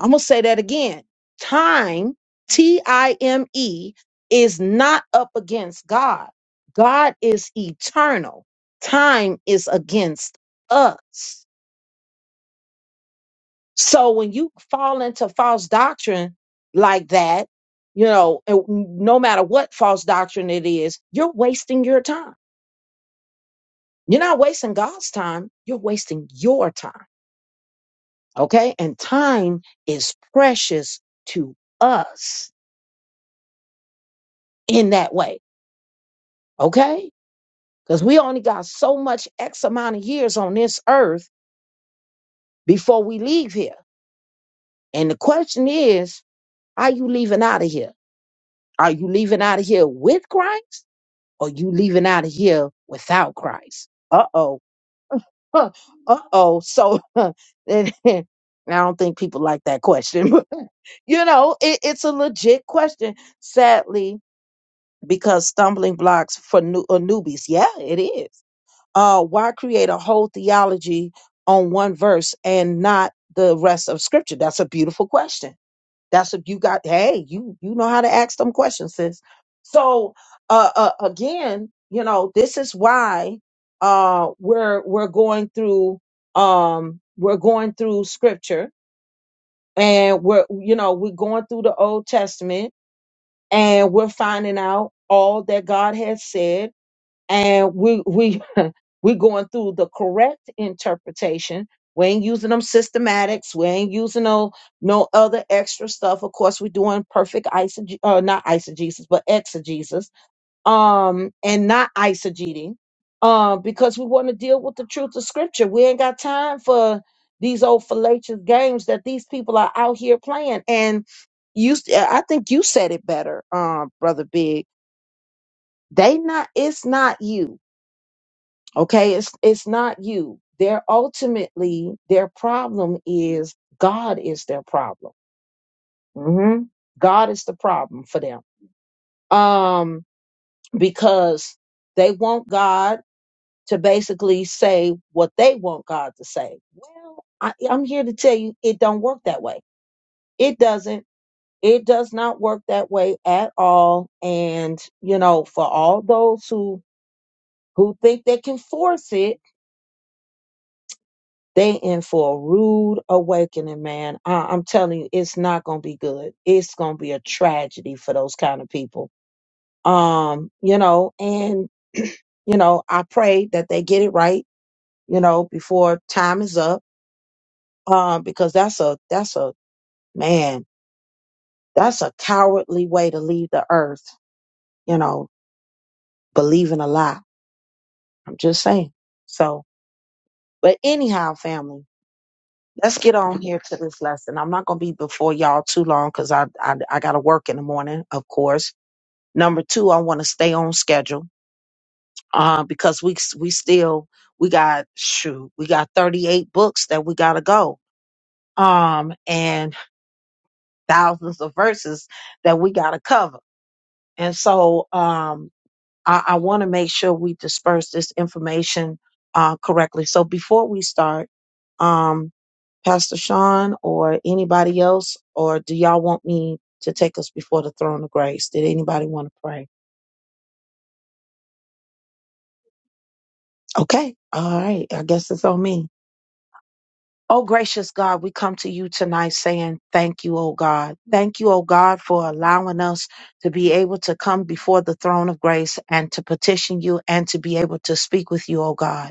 [SPEAKER 1] I'm going to say that again. Time, T I M E, is not up against God. God is eternal. Time is against us So when you fall into false doctrine like that, you know, and no matter what false doctrine it is, you're wasting your time. You're not wasting God's time, you're wasting your time. Okay? And time is precious to us in that way. Okay? Because we only got so much X amount of years on this earth before we leave here. And the question is, are you leaving out of here? Are you leaving out of here with Christ? or you leaving out of here without Christ. Uh oh. Uh oh. So and- and I don't think people like that question. but, you know, it, it's a legit question. Sadly, because stumbling blocks for new, uh, newbies. Yeah, it is. Uh, why create a whole theology on one verse and not the rest of Scripture? That's a beautiful question. That's what you got. Hey, you you know how to ask them questions, sis. So uh, uh again, you know, this is why uh we're we're going through um we're going through scripture and we're you know, we're going through the Old Testament and we're finding out all that God has said and we we we going through the correct interpretation. We ain't using them systematics. We ain't using no no other extra stuff. Of course, we're doing perfect isoge uh, not isogesis, but exegesis, um, and not isogeting, uh, because we want to deal with the truth of Scripture. We ain't got time for these old fallacious games that these people are out here playing. And you, I think you said it better, um, brother Big. They not. It's not you Okay, it's it's not you. They're ultimately their problem is God is their problem. hmm God is the problem for them. Um, because they want God to basically say what they want God to say. Well, I, I'm here to tell you it don't work that way. It doesn't. It does not work that way at all. And you know, for all those who who think they can force it, They in for a rude awakening, man. I, I'm telling you, it's not gonna be good. It's gonna be a tragedy for those kind of people. Um, you know, and you know, I pray that they get it right, you know, before time is up. Um, because that's a that's a man, that's a cowardly way to leave the earth, you know, believing a lie. I'm just saying. So, but anyhow, family. let's get on here to this lesson. I'm not going to be before y'all too long because I, I I gotta work in the morning, of course. Number two, I want to stay on schedule uh, because we we still we got shoot we got 38 books that we gotta go um and thousands of verses that we gotta cover, and so um I, I want to make sure we disperse this information uh, correctly. So before we start. um. Pastor Sean or anybody else, or do y'all want me to take us before the throne of grace? Did anybody want to pray? Okay. All right. I guess it's on me. Oh, gracious God, we come to you tonight saying thank you, oh God. Thank you, oh God, for allowing us to be able to come before the throne of grace and to petition you and to be able to speak with you, oh God.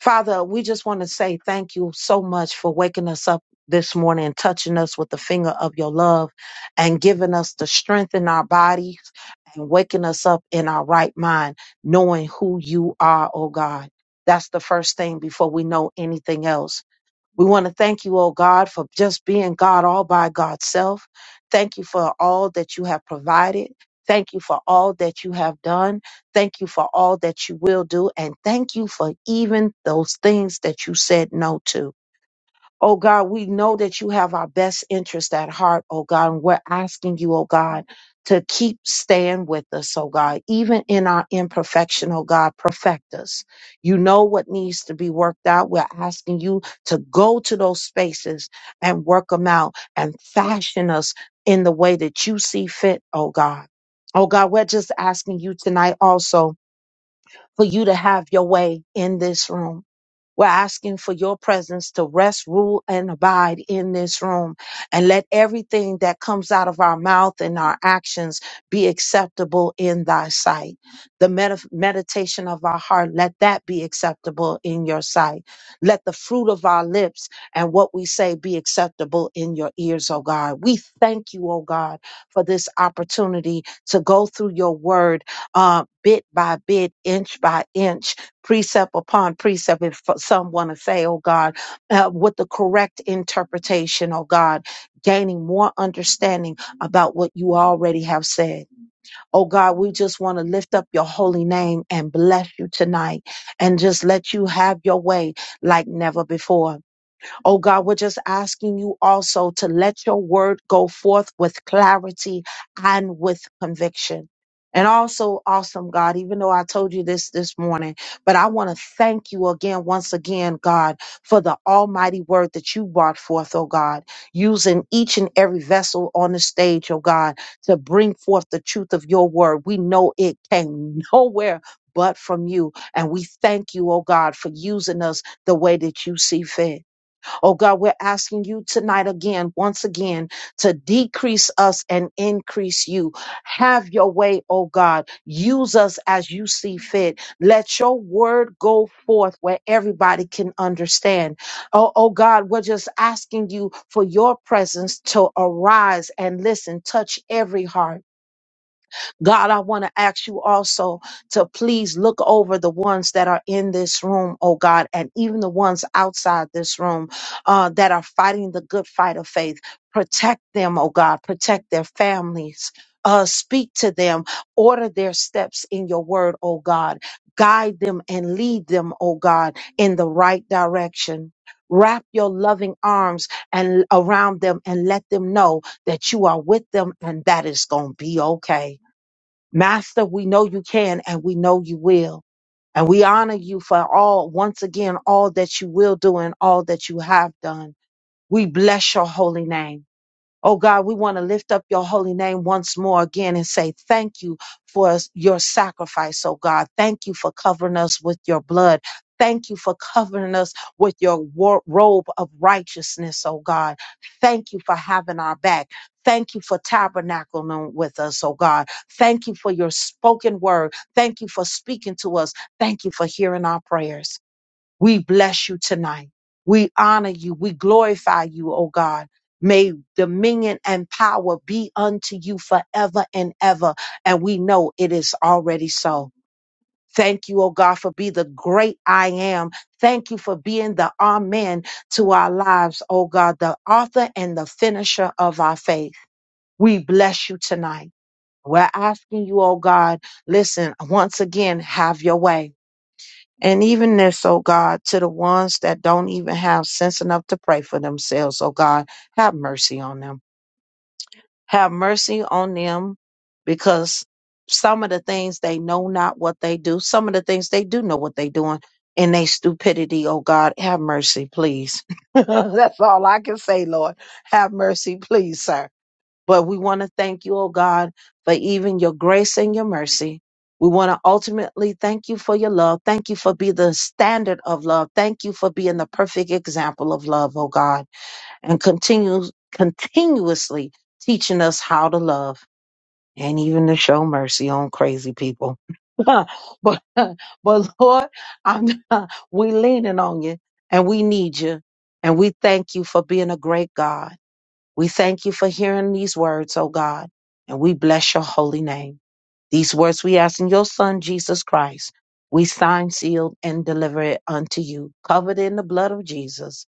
[SPEAKER 1] Father, we just want to say thank you so much for waking us up this morning, touching us with the finger of your love, and giving us the strength in our bodies and waking us up in our right mind, knowing who you are, oh God. That's the first thing before we know anything else. We want to thank you, oh God, for just being God all by God's self. Thank you for all that you have provided. Thank you for all that you have done. Thank you for all that you will do. And thank you for even those things that you said no to. Oh God, we know that you have our best interest at heart, oh God, and we're asking you, oh God, to keep staying with us, oh God, even in our imperfection, oh God, perfect us. You know what needs to be worked out. We're asking you to go to those spaces and work them out and fashion us in the way that you see fit, oh God. Oh God, we're just asking you tonight also for you to have your way in this room. We're asking for your presence to rest, rule, and abide in this room. And let everything that comes out of our mouth and our actions be acceptable in thy sight. The med- meditation of our heart, let that be acceptable in your sight. Let the fruit of our lips and what we say be acceptable in your ears, O God. We thank you, O God, for this opportunity to go through your word uh, bit by bit, inch by inch precept upon precept if some want to say oh god uh, with the correct interpretation oh god gaining more understanding about what you already have said oh god we just want to lift up your holy name and bless you tonight and just let you have your way like never before Oh God, we're just asking you also to let your word go forth with clarity and with conviction. And also, awesome God, even though I told you this this morning, but I want to thank you again, once again, God, for the almighty word that you brought forth, oh God, using each and every vessel on the stage, oh God, to bring forth the truth of your word. We know it came nowhere but from you. And we thank you, oh God, for using us the way that you see fit. Oh God, we're asking you tonight again, once again, to decrease us and increase you. Have your way, oh God. Use us as you see fit. Let your word go forth where everybody can understand. Oh, oh God, we're just asking you for your presence to arise and listen, touch every heart. God, I want to ask you also to please look over the ones that are in this room, oh God, and even the ones outside this room uh, that are fighting the good fight of faith. Protect them, oh God, protect their families. Uh, speak to them, order their steps in your word, oh God. Guide them and lead them, oh God, in the right direction. Wrap your loving arms and around them and let them know that you are with them and that is going to be okay. Master, we know you can and we know you will. And we honor you for all, once again, all that you will do and all that you have done. We bless your holy name. Oh God, we want to lift up your holy name once more again and say thank you for s- your sacrifice, oh God. Thank you for covering us with your blood. Thank you for covering us with your war- robe of righteousness, oh God. Thank you for having our back. Thank you for tabernacling with us, oh God. Thank you for your spoken word. Thank you for speaking to us. Thank you for hearing our prayers. We bless you tonight. We honor you. We glorify you, O God. May dominion and power be unto you forever and ever. And we know it is already so. Thank you, O God, for being the great I am. Thank you for being the Amen to our lives, O God, the author and the finisher of our faith. We bless you tonight. We're asking you, O God, listen, once again, have your way. And even this, oh God, to the ones that don't even have sense enough to pray for themselves, oh God, have mercy on them. Have mercy on them because some of the things they know not what they do, some of the things they do know what they doing in their stupidity, oh God, have mercy, please. That's all I can say, Lord. Have mercy, please, sir but we want to thank you, oh God, for even your grace and your mercy. We want to ultimately thank you for your love. Thank you for being the standard of love. Thank you for being the perfect example of love, oh God, and continue continuously teaching us how to love and even to show mercy on crazy people. but, but Lord, I'm, we leaning on you and we need you and we thank you for being a great God. We thank you for hearing these words, O God, and we bless your holy name. These words we ask in your Son, Jesus Christ. We sign, sealed, and deliver it unto you, covered in the blood of Jesus.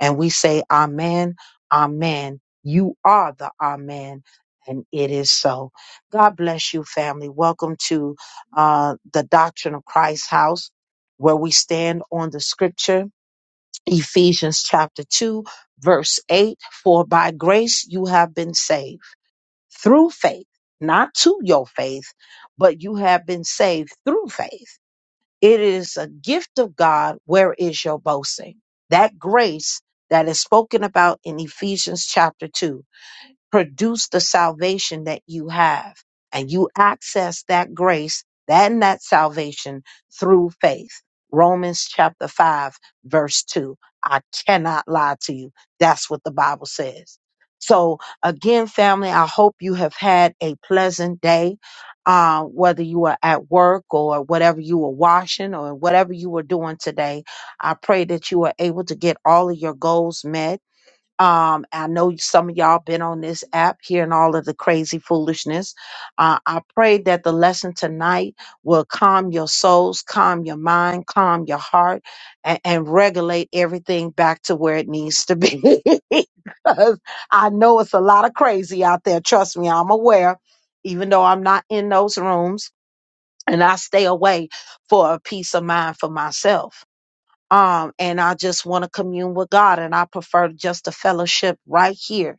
[SPEAKER 1] And we say, Amen, Amen. You are the Amen, and it is so. God bless you, family. Welcome to uh, the Doctrine of Christ house, where we stand on the scripture Ephesians chapter 2, verse 8 For by grace you have been saved through faith, not to your faith, but you have been saved through faith. It is a gift of God. Where is your boasting? That grace that is spoken about in Ephesians chapter 2 produce the salvation that you have. And you access that grace and that salvation through faith. Romans chapter 5, verse 2. I cannot lie to you. That's what the Bible says. So, again, family, I hope you have had a pleasant day. Uh, whether you are at work or whatever you were washing or whatever you were doing today, I pray that you are able to get all of your goals met um, I know some of y'all been on this app hearing all of the crazy foolishness. Uh, I pray that the lesson tonight will calm your souls, calm your mind, calm your heart, and, and regulate everything back to where it needs to be. Because I know it's a lot of crazy out there. Trust me, I'm aware, even though I'm not in those rooms and I stay away for a peace of mind for myself um, and I just want to commune with God, and I prefer just a fellowship right here,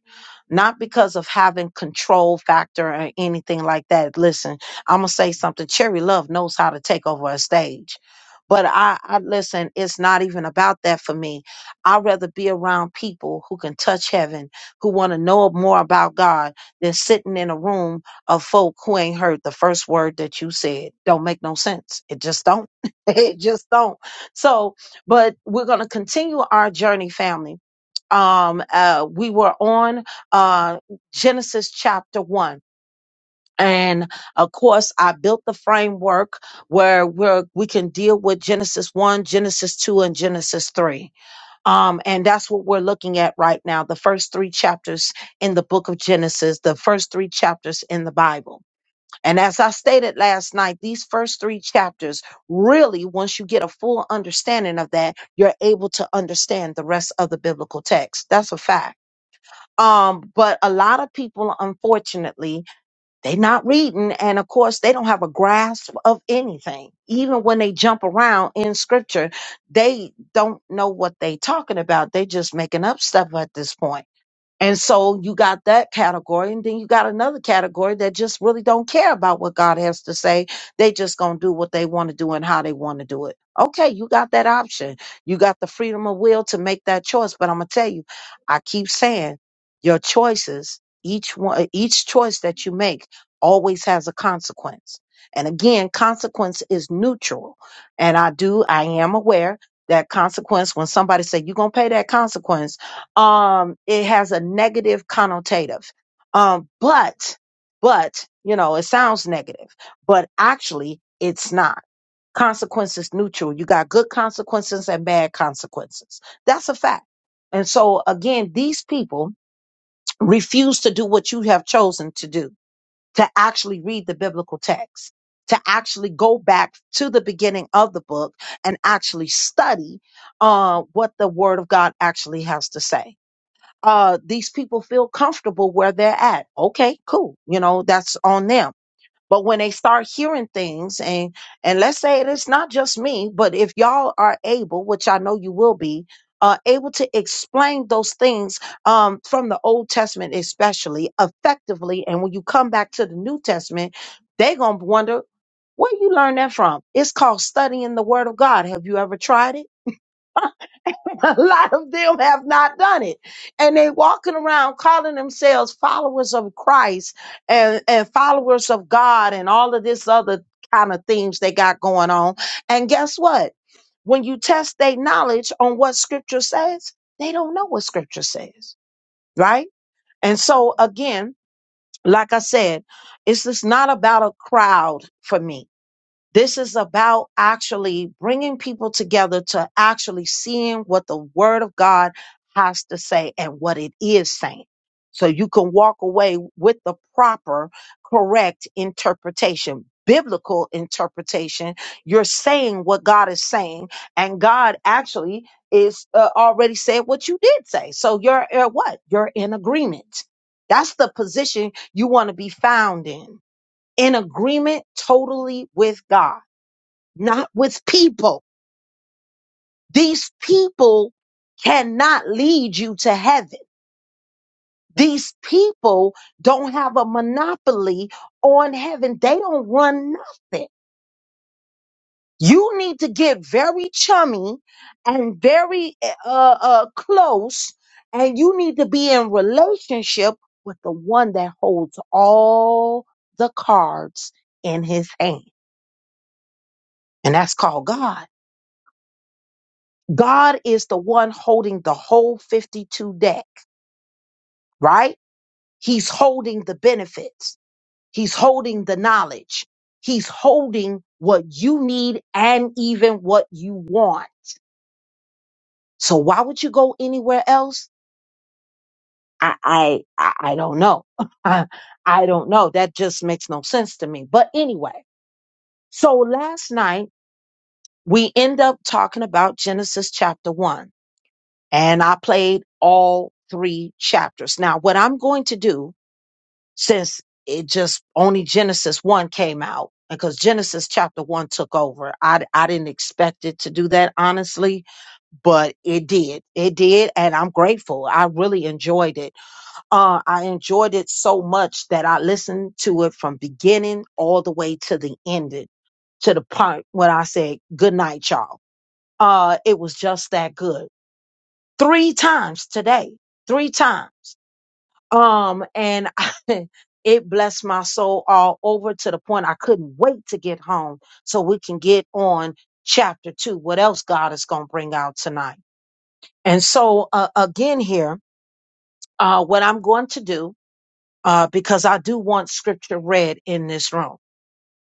[SPEAKER 1] not because of having control factor or anything like that. Listen, I'm gonna say something. Cherry Love knows how to take over a stage, but I, I listen. It's not even about that for me. I'd rather be around people who can touch heaven, who want to know more about God, than sitting in a room of folk who ain't heard the first word that you said. Don't make no sense. It just don't. it just don't. So but we're going to continue our journey, family. Um, uh, we were on uh, Genesis chapter one. And of course, I built the framework where we're, we can deal with Genesis 1, Genesis 2, and Genesis 3. Um, and that's what we're looking at right now the first three chapters in the book of Genesis, the first three chapters in the Bible. And as I stated last night, these first three chapters really, once you get a full understanding of that, you're able to understand the rest of the biblical text. That's a fact. Um, but a lot of people, unfortunately, they're not reading. And of course, they don't have a grasp of anything. Even when they jump around in scripture, they don't know what they're talking about. They're just making up stuff at this point. And so you got that category, and then you got another category that just really don't care about what God has to say. They just gonna do what they want to do and how they want to do it. Okay, you got that option. You got the freedom of will to make that choice. But I'm gonna tell you, I keep saying your choices, each one each choice that you make always has a consequence. And again, consequence is neutral. And I do, I am aware that consequence when somebody say you're gonna pay that consequence um it has a negative connotative um but but you know it sounds negative but actually it's not consequences neutral you got good consequences and bad consequences that's a fact and so again these people refuse to do what you have chosen to do to actually read the biblical text to actually go back to the beginning of the book and actually study uh, what the word of god actually has to say uh, these people feel comfortable where they're at. Okay, cool. You know, that's on them. But when they start hearing things and, and let's say it's not just me, but if y'all are able, which I know you will be, uh, able to explain those things, um, from the Old Testament, especially effectively. And when you come back to the New Testament, they're going to wonder, where you learn that from? It's called studying the word of God. Have you ever tried it? a lot of them have not done it and they walking around calling themselves followers of christ and, and followers of god and all of this other kind of things they got going on and guess what when you test their knowledge on what scripture says they don't know what scripture says right and so again like i said it's just not about a crowd for me this is about actually bringing people together to actually seeing what the word of God has to say and what it is saying. So you can walk away with the proper, correct interpretation, biblical interpretation. You're saying what God is saying and God actually is uh, already said what you did say. So you're uh, what? You're in agreement. That's the position you want to be found in. In agreement totally with God not with people. These people cannot lead you to heaven. These people don't have a monopoly on heaven. They don't run nothing. You need to get very chummy and very uh, uh, close, and you need to be in relationship with the one that holds all the cards in his hand. And that's called God. God is the one holding the whole 52 deck. right? He's holding the benefits. He's holding the knowledge. He's holding what you need and even what you want. So why would you go anywhere else? I, I, I I don't know. I I don't know. That just makes no sense to me. But anyway, so last night we end up talking about Genesis chapter one and I played all three chapters. Now, what I'm going to do since it just only Genesis 1 came out because Genesis chapter 1 took over. I, I didn't expect it to do that, honestly, but it did. It did. And I'm grateful. I really enjoyed it. Uh, I enjoyed it so much that I listened to it from beginning all the way to the ending, to the part when I said, good night, y'all. Uh, it was just that good. Three times today, three times. Um, and I, it blessed my soul all over to the point I couldn't wait to get home so we can get on chapter two. What else God is going to bring out tonight? And so, uh, again, here, uh, what I'm going to do, uh, because I do want scripture read in this room,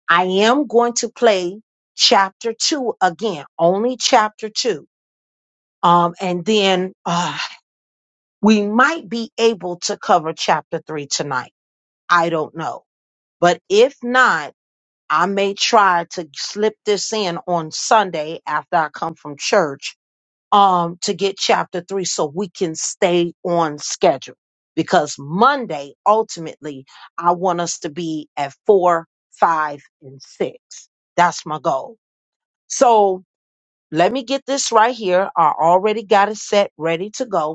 [SPEAKER 1] I am going to play chapter two again, only chapter two. Um, and then uh, we might be able to cover chapter three tonight. I don't know But if not, I may try to slip this in on Sunday after I come from church um, to get chapter three so we can stay on schedule. Because Monday, ultimately, I want us to be at four, five, and six. That's my goal. So let me get this right here. I already got it set, ready to go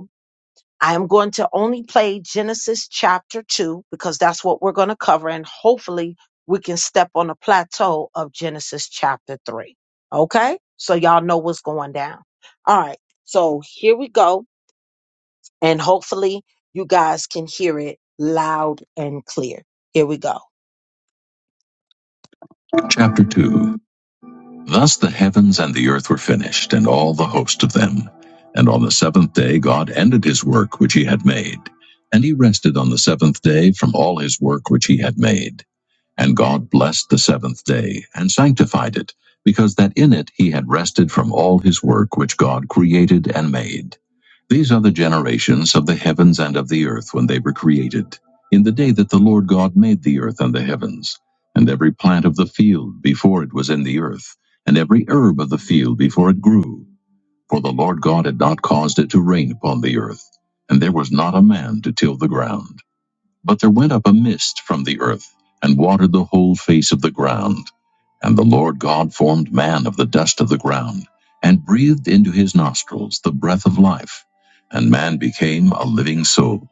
[SPEAKER 1] I am going to only play Genesis chapter 2 because that's what we're going to cover. And hopefully we can step on the plateau of Genesis chapter 3. Okay? So y'all know what's going down. All right. So here we go. And hopefully you guys can hear it loud and clear. Here we go. Chapter 2. Thus the heavens and the earth were finished, and all the host of them. And on the seventh day God ended his work which he had made, and he rested on the seventh day from all his work which he had made. And God blessed the seventh day and sanctified it, because that in it he had rested from all his work which God created and made. These are the generations of the heavens and of the earth when they were created, in the day that the Lord God made the earth and the heavens, and every plant of the field before it was in the earth, and every herb of the field before it grew. For the Lord God had not caused it to rain upon the earth, and there was not a man to till the ground. But there went up a mist from the earth, and watered the whole face of the ground. And the Lord God formed man of the dust of the ground, and breathed into his nostrils the breath of life, and man became a living soul.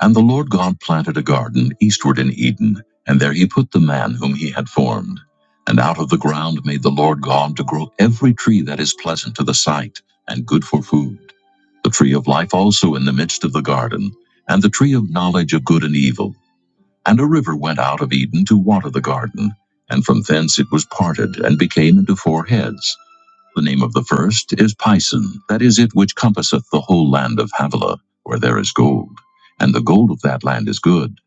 [SPEAKER 1] And the Lord God planted a garden eastward in Eden, and there he put the man whom he had formed. And out of the ground made the Lord God to grow every tree that is pleasant to the sight, and good for food. The tree of life also in the midst of the garden, and the tree of knowledge of good and evil. And a river went out of Eden to water the garden, and from thence it was parted, and became into four heads. The name of the first is Pison, that is it which compasseth the whole land of Havilah, where there is gold. And the gold of that land is good.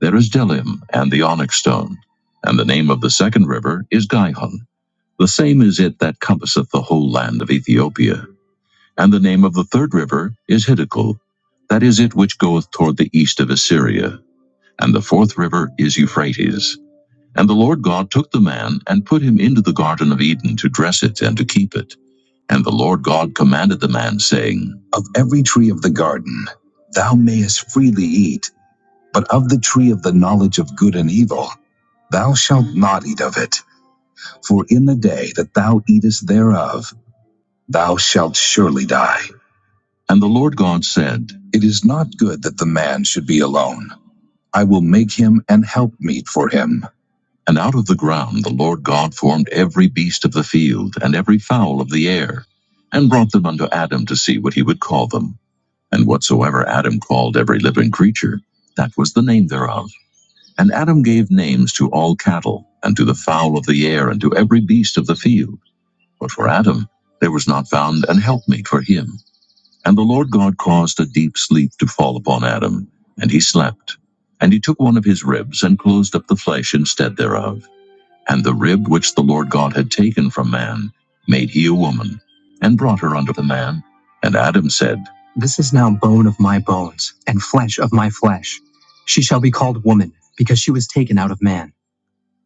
[SPEAKER 1] There is Delim, and the onyx stone. And the name of the second river is Gihon. The same is it that compasseth the whole land of Ethiopia. And the name of the third river is Hiddekel, that is it which goeth toward the east of Assyria. And the fourth river is Euphrates. And the Lord God took the man and put him into the Garden of Eden to dress it and to keep it. And the Lord God commanded the man, saying, Of every tree of the garden thou mayest freely eat, but of the tree of the knowledge of good and evil thou shalt not eat of it, for in the day that thou eatest thereof thou shalt surely die. And the Lord God said, It is not good that the man should be alone. I will make him an helpmeet for him. And out of the ground the Lord God formed every beast of the field and every fowl of the air, and brought them unto Adam to see what he would call them. And whatsoever Adam called every living creature, that was the name thereof. And Adam gave names to all cattle, and to the fowl of the air, and to every beast of the field. But for Adam there was not found an helpmeet for him. And the Lord God caused a deep sleep to fall upon Adam, and he slept. And he took one of his ribs, and closed up the flesh instead thereof. And the rib which the Lord God had taken from man made he a woman, and brought her unto the man. And Adam said, This is now bone of my bones, and flesh of my flesh. She shall be called woman, because she was taken out of man.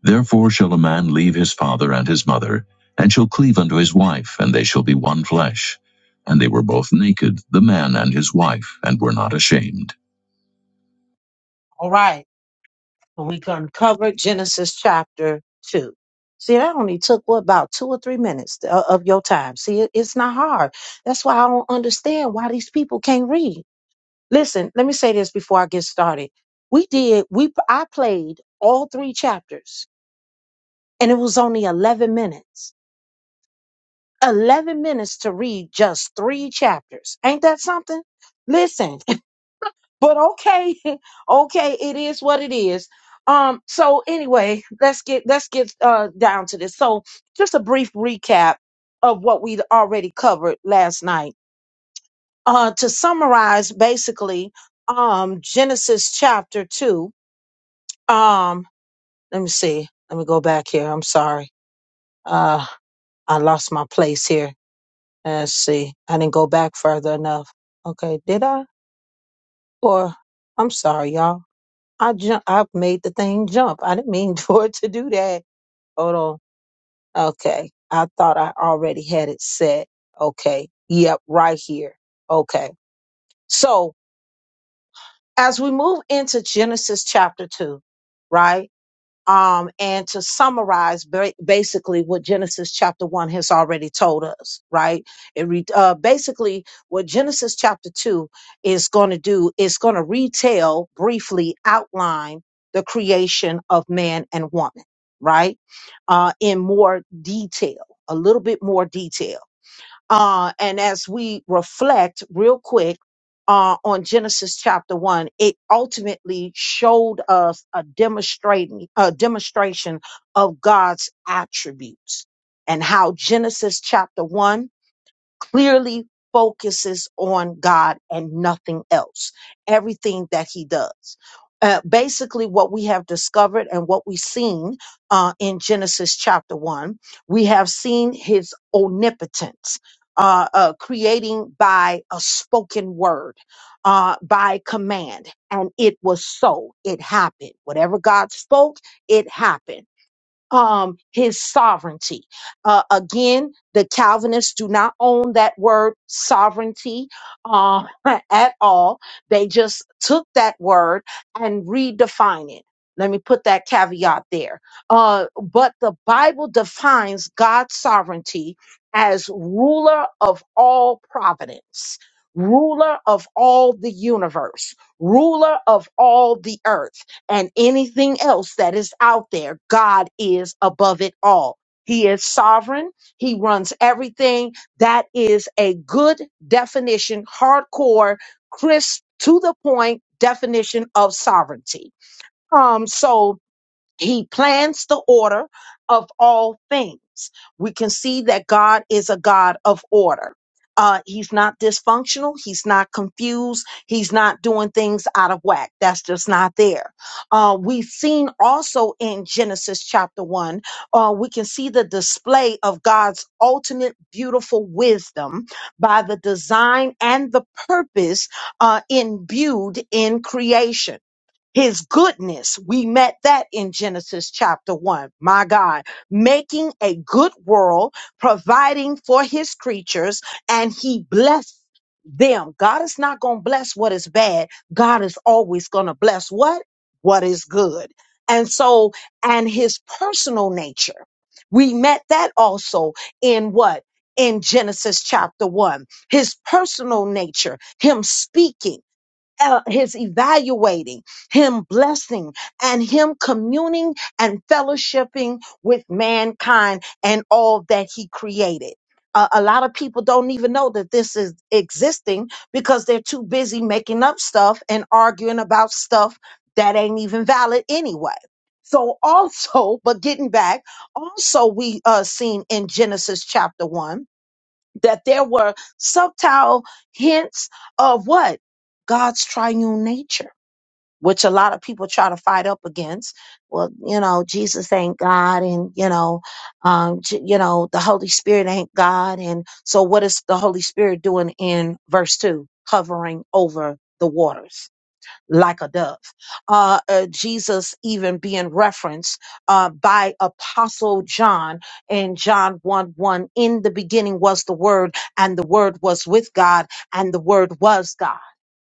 [SPEAKER 1] Therefore shall a man leave his father and his mother, and shall cleave unto his wife, and they shall be one flesh. And they were both naked, the man and his wife, and were not ashamed. All right and we uncovered Genesis chapter 2. See, that only took what about two or three minutes to- of your time. See, it- it's not hard. That's why I don't understand why these people can't read. Listen, let me say this before I get started. We did, we I played all three chapters, and it was only 11 minutes. 11 minutes to read just three chapters. Ain't that something? Listen, but okay okay it is what it is um so anyway let's get let's get uh down to this so just a brief recap of what we already covered last night uh to summarize basically um genesis chapter 2 um let me see let me go back here i'm sorry uh i lost my place here let's see i didn't go back further enough okay did i or i'm sorry y'all I jump. I made the thing jump. I didn't mean for it to do that. Hold on. Okay. I thought I already had it set. Okay. Yep. Right here. Okay. So as we move into Genesis chapter two, right? um, and to summarize ba- basically what Genesis chapter one has already told us, right? It re- uh, basically what Genesis chapter two is going to do is going to retell, briefly outline the creation of man and woman, right? Uh, in more detail, a little bit more detail. Uh, and as we reflect real quick uh, on Genesis chapter one, it ultimately showed us a demonstrating a demonstration of God's attributes and how Genesis chapter one clearly focuses on God and nothing else, everything that he does. Uh, basically, what we have discovered and what we've seen uh, in Genesis chapter 1, we have seen his omnipotence. Uh, uh, creating by a spoken word, uh, by command. And it was so. It happened. Whatever God spoke, it happened um, his sovereignty. Uh, again, the Calvinists do not own that word sovereignty uh, at all. They just took that word and redefine it. Let me put that caveat there. Uh, but the Bible defines God's sovereignty as ruler of all providence, ruler of all the universe, ruler of all the earth and anything else that is out there, God is above it all. He is sovereign. He runs everything. That is a good definition, hardcore, crisp, to the point definition of sovereignty. Um, so he plans the order of all things. We can see that God is a God of order. Uh, he's not dysfunctional. He's not confused. He's not doing things out of whack. That's just not there. Uh, we've seen also in Genesis chapter one, uh, we can see the display of God's ultimate beautiful wisdom by the design and the purpose uh, imbued in creation his goodness, we met that in Genesis chapter one. My God, making a good world, providing for his creatures, and he blessed them. God is not going to bless what is bad. God is always going to bless what? What is good. And so, and his personal nature, we met that also in what? In Genesis chapter one, his personal nature, him speaking uh, his evaluating, him blessing, and him communing and fellowshipping with mankind and all that he created. Uh, a lot of people don't even know that this is existing because they're too busy making up stuff and arguing about stuff that ain't even valid anyway. So also, but getting back, also we uh seen in Genesis chapter 1 that there were subtle hints of what God's triune nature, which a lot of people try to fight up against. Well, you know, Jesus ain't God, and you know, um, J- you know, the Holy Spirit ain't God, and so what is the Holy Spirit doing in verse two, hovering over the waters? like a dove. Uh, uh, Jesus even being referenced uh, by Apostle John in John 1 1. In the beginning was the Word, and the Word was with God, and the Word was God.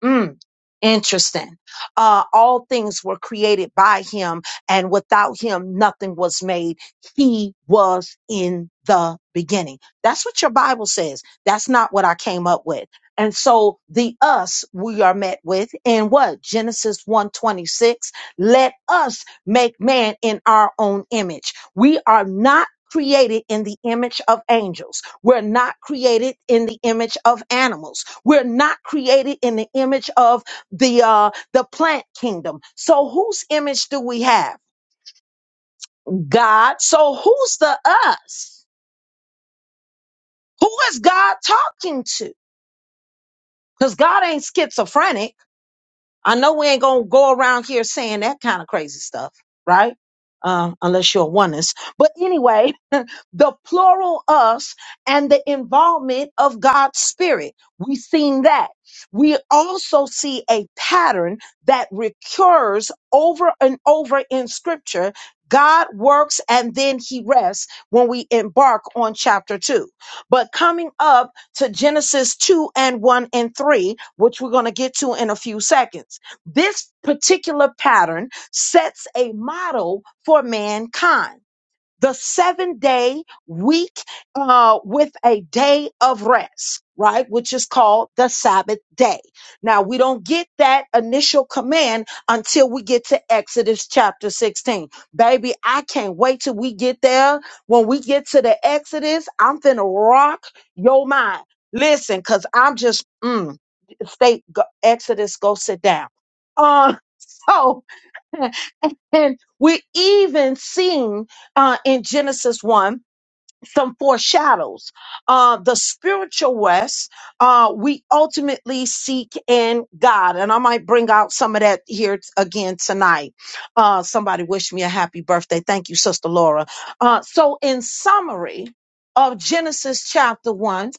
[SPEAKER 1] Mm, interesting. Uh, all things were created by him, and without him, nothing was made. He was in the beginning. That's what your Bible says. That's not what I came up with. And so the us we are met with in what? Genesis one twenty six. Let us make man in our own image. We are not created in the image of angels. We're not created in the image of animals. We're not created in the image of the uh the plant kingdom. So whose image do we have? God. So who's the us? Who is God talking to? Cuz God ain't schizophrenic. I know we ain't going to go around here saying that kind of crazy stuff, right? Uh, unless you're a oneness. But anyway, the plural us and the involvement of God's spirit. We've seen that. We also see a pattern that recurs over and over in scripture. God works and then he rests when we embark on chapter two. But coming up to Genesis 2 and 1 and 3, which we're going to get to in a few seconds, this particular pattern sets a model for mankind the seven day week uh, with a day of rest, right? Which is called the Sabbath day. Now, we don't get that initial command until we get to Exodus chapter 16. Baby, I can't wait till we get there. When we get to the Exodus, I'm finna rock your mind. Listen, because I'm just, mm, state, go, Exodus, go sit down. Uh, so and we're even seeing uh, in Genesis 1 some foreshadows. Uh, the spiritual west, uh, we ultimately seek in God. And I might bring out some of that here t- again tonight. Uh, somebody wish me a happy birthday. Thank you, Sister Laura. Uh, so, in summary of Genesis chapter 1,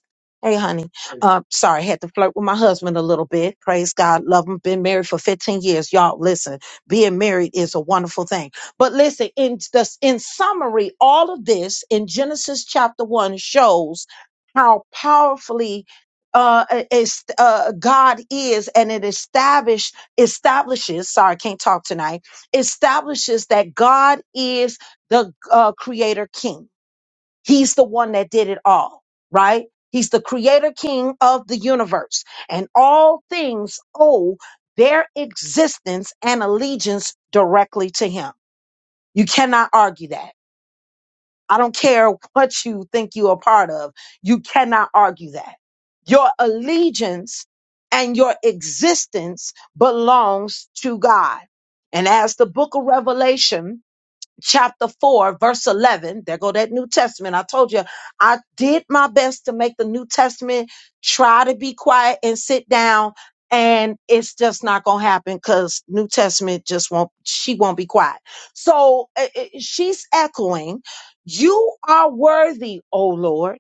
[SPEAKER 1] Hey, honey. Uh, sorry, had to flirt with my husband a little bit. Praise God. Love him. Been married for 15 years. Y'all, listen, being married is a wonderful thing. But listen, in the in summary, all of this in Genesis chapter one shows how powerfully uh, is, uh, God is, and it establish establishes. Sorry, I can't talk tonight. Establishes that God is the uh, Creator King. He's the one that did it all. Right? He's the Creator King of the universe, and all things owe their existence and allegiance directly to Him. You cannot argue that. I don't care what you think you are part of. You cannot argue that. Your allegiance and your existence belongs to God. And as the book of Revelation chapter 4, verse 11. There go that New Testament. I told you, I did my best to make the New Testament try to be quiet and sit down. And it's just not going to happen because New Testament just won't, she won't be quiet. So eh, eh, she's echoing, You are worthy, O Lord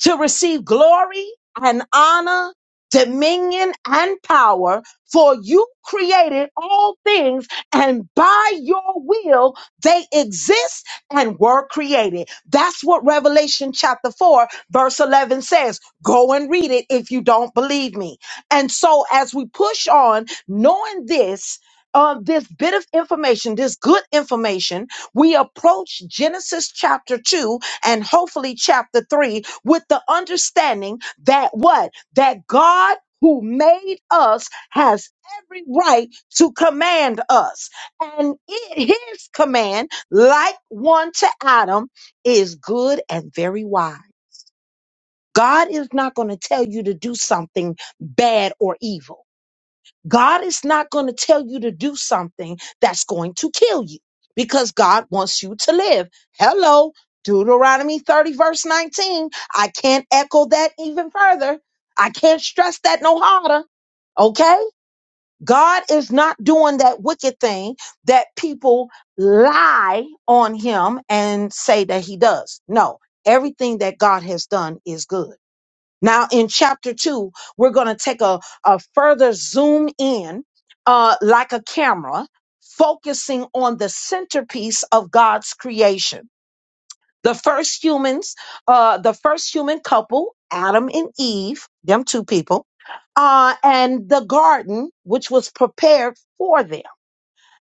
[SPEAKER 1] to receive glory and honor, dominion and power, for you created all things and by your will they exist and were created. That's what Revelation chapter 4 verse 11 says. Go and read it if you don't believe me. And so as we push on knowing this, uh, this bit of information, this good information, we approach Genesis chapter 2 and hopefully chapter 3 with the understanding that what? That God who made us has every right to command us. And it, his command, like one to Adam, is good and very wise. God is not going to tell you to do something bad or evil. God is not going to tell you to do something that's going to kill you because God wants you to live. Hello, Deuteronomy 30, verse 19. I can't echo that even further. I can't stress that no harder. Okay? God is not doing that wicked thing that people lie on him and say that he does. No, everything that God has done is good. Now, in chapter two, we're going to take a, a further zoom in, uh, like a camera, focusing on the centerpiece of God's creation. The first humans, uh, the first human couple, Adam and Eve, them two people, uh, and the garden, which was prepared for them.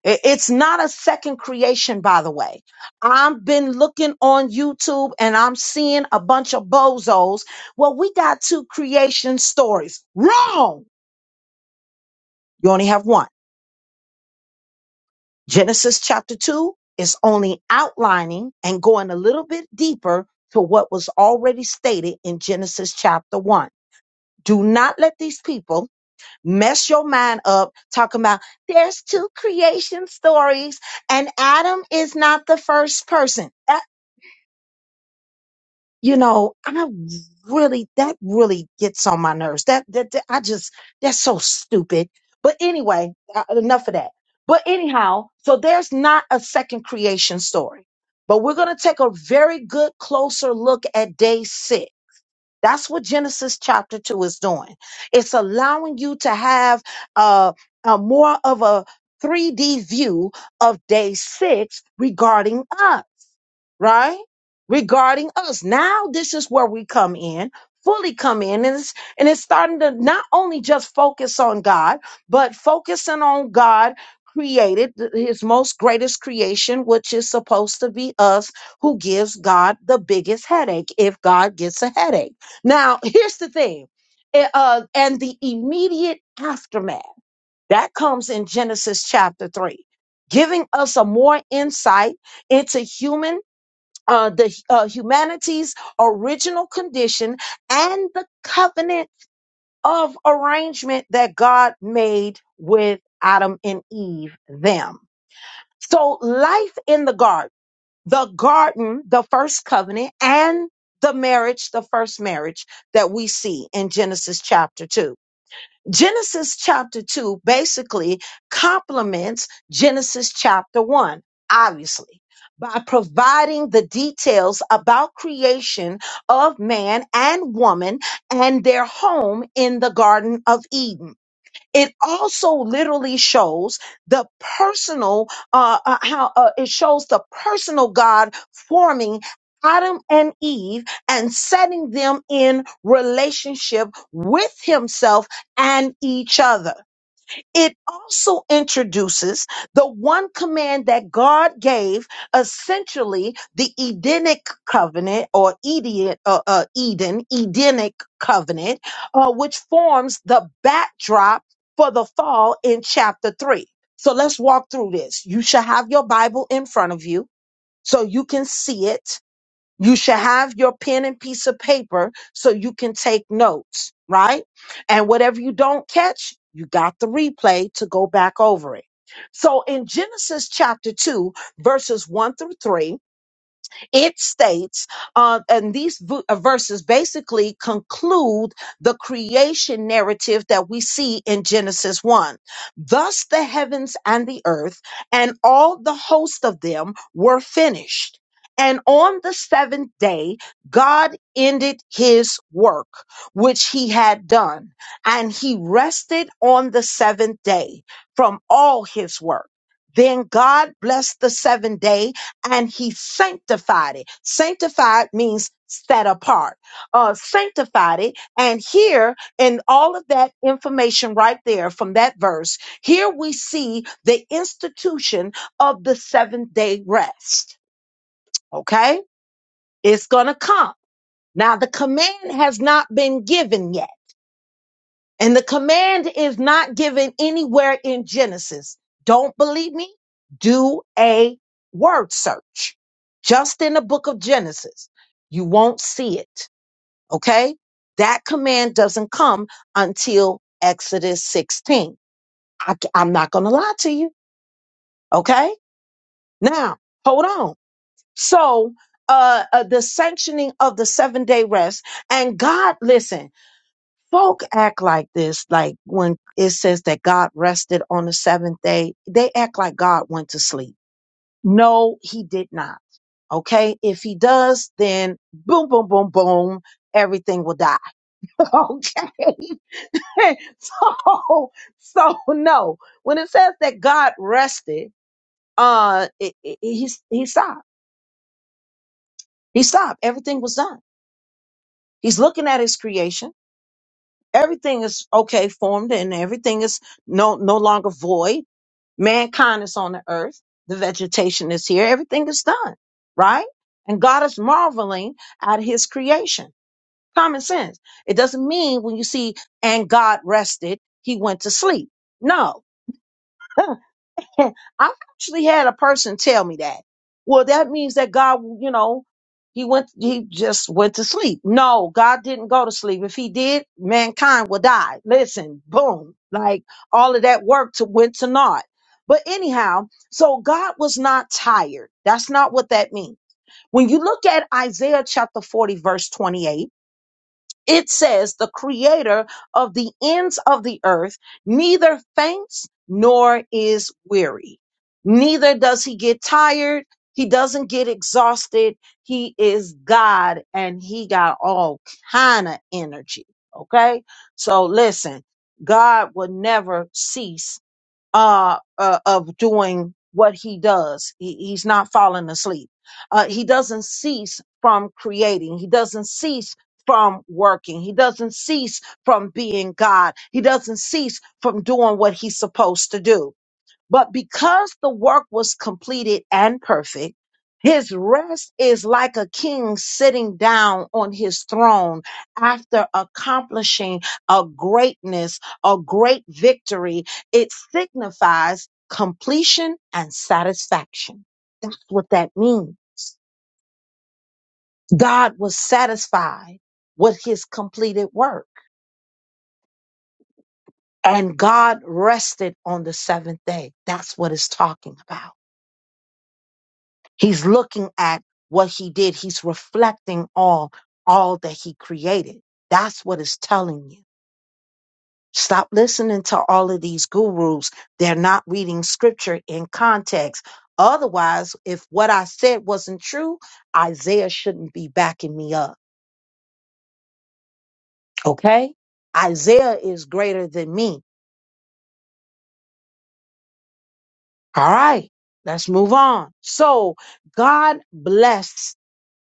[SPEAKER 1] I- It's not a second creation, by the way. I've been looking on YouTube and I'm seeing a bunch of bozos. Well, we got two creation stories. Wrong. You only have one. Genesis chapter two is only outlining and going a little bit deeper to what was already stated in Genesis chapter one. Do not let these people mess your mind up talking about there's two creation stories and Adam is not the first person. you know, I really that really gets on my nerves. That that, that- I just that's so stupid. But anyway, uh, enough of that. But anyhow, so there's not a second creation story. But we're going to take a very good closer look at day 6. That's what Genesis chapter 2 is doing. It's allowing you to have uh a more of a 3D view of day 6 regarding us right? Regarding us. Now this is where we come in, fully come in, and it's and it's starting to not only just focus on God, but focusing on God created th- his most greatest creation, which is supposed to be us, who gives God the biggest headache if God gets a headache. Now, here's the thing. eh, uh, and the immediate aftermath that comes in Genesis chapter 3, giving us a more insight into human uh, the uh, humanity's original condition and the covenant of arrangement that God made with Adam and Eve, them. So, life in the garden, the garden, the first covenant, and the marriage, the first marriage that we see in Genesis chapter 2. Genesis chapter 2 basically complements Genesis chapter 1, obviously, by providing the details about creation of man and woman and their home in the Garden of Eden. It also literally shows the personal, uh, uh, how uh, it shows the personal God forming Adam and Eve and setting them in relationship with himself and each other. It also introduces the one command that God gave, essentially the Edenic covenant or Eden, uh, uh, Eden Edenic covenant, uh, which forms the backdrop for the fall in chapter three. So let's walk through this. You should have your Bible in front of you so you can see it you should have your pen and piece of paper so you can take notes, right? And whatever you don't catch, you got the replay to go back over it. So in Genesis chapter 2, verses 1 through 3, it states, uh, and these v- uh, verses basically conclude the creation narrative that we see in Genesis 1. Thus the heavens and the earth and all the host of them were finished. And on the seventh day, God ended his work, which he had done, and he rested on the seventh day from all his work. Then God blessed the seventh day and he sanctified it. Sanctified means set apart, uh, sanctified it. And here, in all of that information right there from that verse, here we see the institution of the seventh day rest. Okay. It's going to come. Now the command has not been given yet and the command is not given anywhere in Genesis. Don't believe me? Do a word search just in the book of Genesis. You won't see it. Okay. That command doesn't come until Exodus 16. I, am not going to lie to you. Okay. Now, hold on. So, uh, uh, the sanctioning of the seven day rest and God, listen, folk act like this like when it says that god rested on the seventh day they act like god went to sleep no he did not okay if he does then boom boom boom boom everything will die okay so so no when it says that god rested uh it, it, he, he stopped he stopped everything was done he's looking at his creation everything is okay formed and everything is no no longer void Mankind is on the earth. The vegetation is here. Everything is done, right? And God is marveling at his creation. Common sense. It doesn't mean when you see, and God rested, he went to sleep. No, I've actually had a person tell me that. Well, that means that God, you know, he went, he just went to sleep. No, God didn't go to sleep. If he did, mankind would die. Listen, boom, like all of that work to went to naught. But anyhow, so God was not tired. That's not what that means. When you look at Isaiah chapter 40, verse 28, it says the creator of the ends of the earth neither faints nor is weary. Neither does he get tired. He doesn't get exhausted. He is God and he got all kind of energy. Okay. So listen, God will never cease uh, uh of doing what he does. He, he's not falling asleep. Uh, he doesn't cease from creating. He doesn't cease from working. He doesn't cease from being God. He doesn't cease from doing what he's supposed to do. But because the work was completed and perfect, his rest is like a king sitting down on his throne after accomplishing a greatness, a great victory. It signifies completion and satisfaction. That's what that means. God was satisfied with his completed work and God rested on the seventh day. That's what it's talking about. He's looking at what he did. He's reflecting all all that he created. That's what it's telling you. Stop listening to all of these gurus. They're not reading scripture in context. Otherwise, if what I said wasn't true, Isaiah shouldn't be backing me up. Okay? Isaiah is greater than me. All right. Let's move on. So God blessed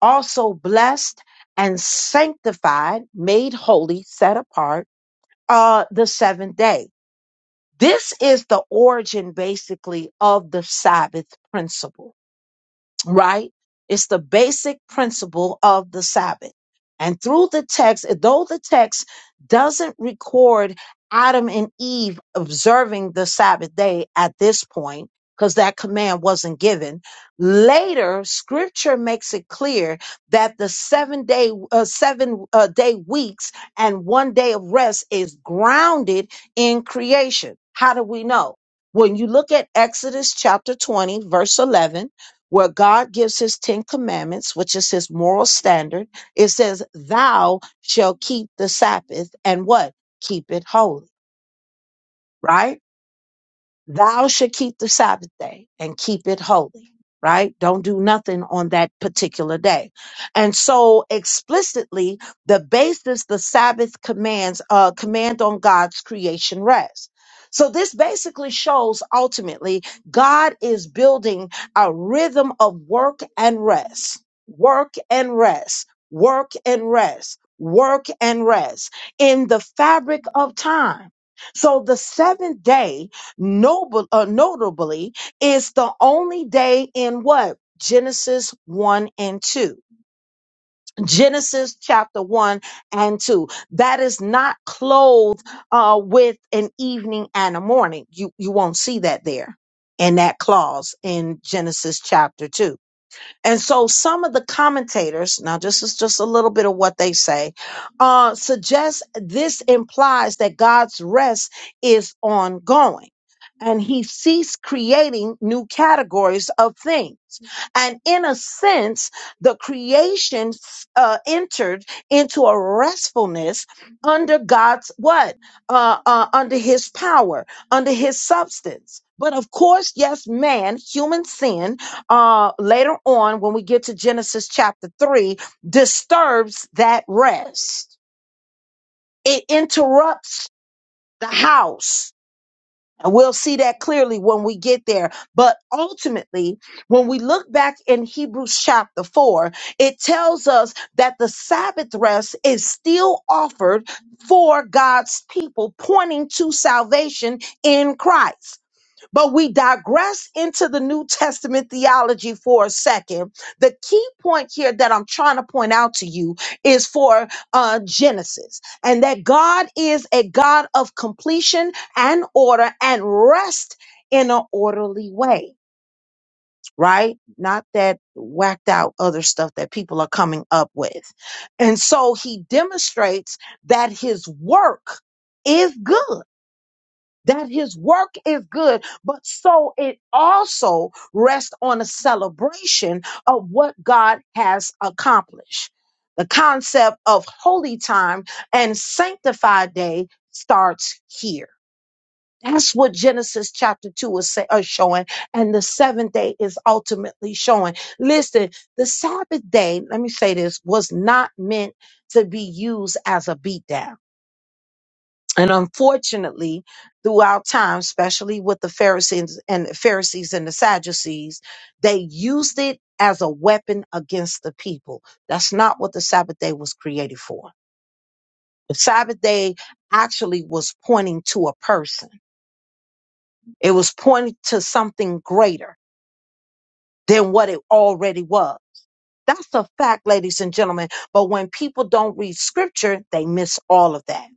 [SPEAKER 1] also blessed and sanctified, made holy, set apart, uh, the seventh day. This is the origin basically of the Sabbath principle right? It's the basic principle of the Sabbath. And through the text, though the text doesn't record Adam and Eve observing the Sabbath day at this point, because that command wasn't given. Later, scripture makes it clear that the seven day, uh, seven uh, day weeks and one day of rest is grounded in creation. How do we know? When you look at Exodus chapter 20, verse 11, where God gives his 10 commandments, which is his moral standard. It says, thou shall keep the Sabbath and what? Keep it holy, right? Thou should keep the Sabbath day and keep it holy, right? Don't do nothing on that particular day. And so explicitly, the basis the Sabbath commands, uh, command on God's creation rest. So this basically shows ultimately God is building a rhythm of work and rest, work and rest, work and rest, work and rest in the fabric of time. So the seventh day noble, uh, notably, is the only day in what? Genesis 1 and 2. Genesis chapter 1 and 2. That is not clothed uh, with an evening and a morning. You, you won't see that there in that clause in Genesis chapter 2. And so some of the commentators, now this is just a little bit of what they say, uh, suggest this implies that God's rest is ongoing. And he ceased creating new categories of things. And in a sense, the creation uh, entered into a restfulness under God's what? Uh, uh, under his power, under his substance. But of course, yes, man, human sin uh, later on when we get to Genesis chapter 3 disturbs that rest. It interrupts the house. And we'll see that clearly when we get there. But ultimately, when we look back in Hebrews chapter 4, it tells us that the Sabbath rest is still offered for God's people, pointing to salvation in Christ. But we digress into the New Testament theology for a second. The key point here that I'm trying to point out to you is for uh, Genesis, and that God is a God of completion and order and rest in an orderly way, right? Not that whacked out other stuff that people are coming up with. And so he demonstrates that his work is good that his work is good, but so it also rests on a celebration of what God has accomplished. The concept of holy time and sanctified day starts here. That's what Genesis chapter 2 is, say, is showing, and the seventh day is ultimately showing. Listen, the Sabbath day, let me say this, was not meant to be used as a beatdown and unfortunately, throughout time, especially with the Pharisees and Pharisees and the Sadducees, they used it as a weapon against the people. That's not what the Sabbath day was created for. The Sabbath day actually was pointing to a person. It was pointing to something greater than what it already was. That's a fact, ladies and gentlemen. But when people don't read scripture, they miss all of that.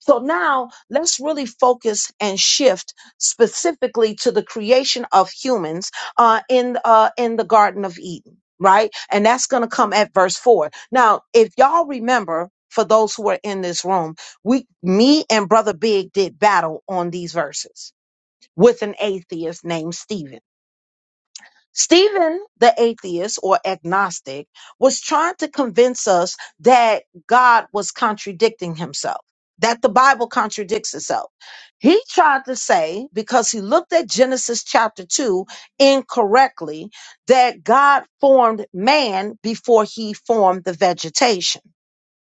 [SPEAKER 1] So now let's really focus and shift specifically to the creation of humans uh, in uh, in the Garden of Eden, right? And that's going to come at verse four. Now, if y'all remember, for those who are in this room, we, me and Brother Big did battle on these verses with an atheist named Stephen. Stephen, the atheist or agnostic, was trying to convince us that God was contradicting himself, that the Bible contradicts itself. He tried to say, because he looked at Genesis chapter 2 incorrectly, that God formed man before he formed the vegetation.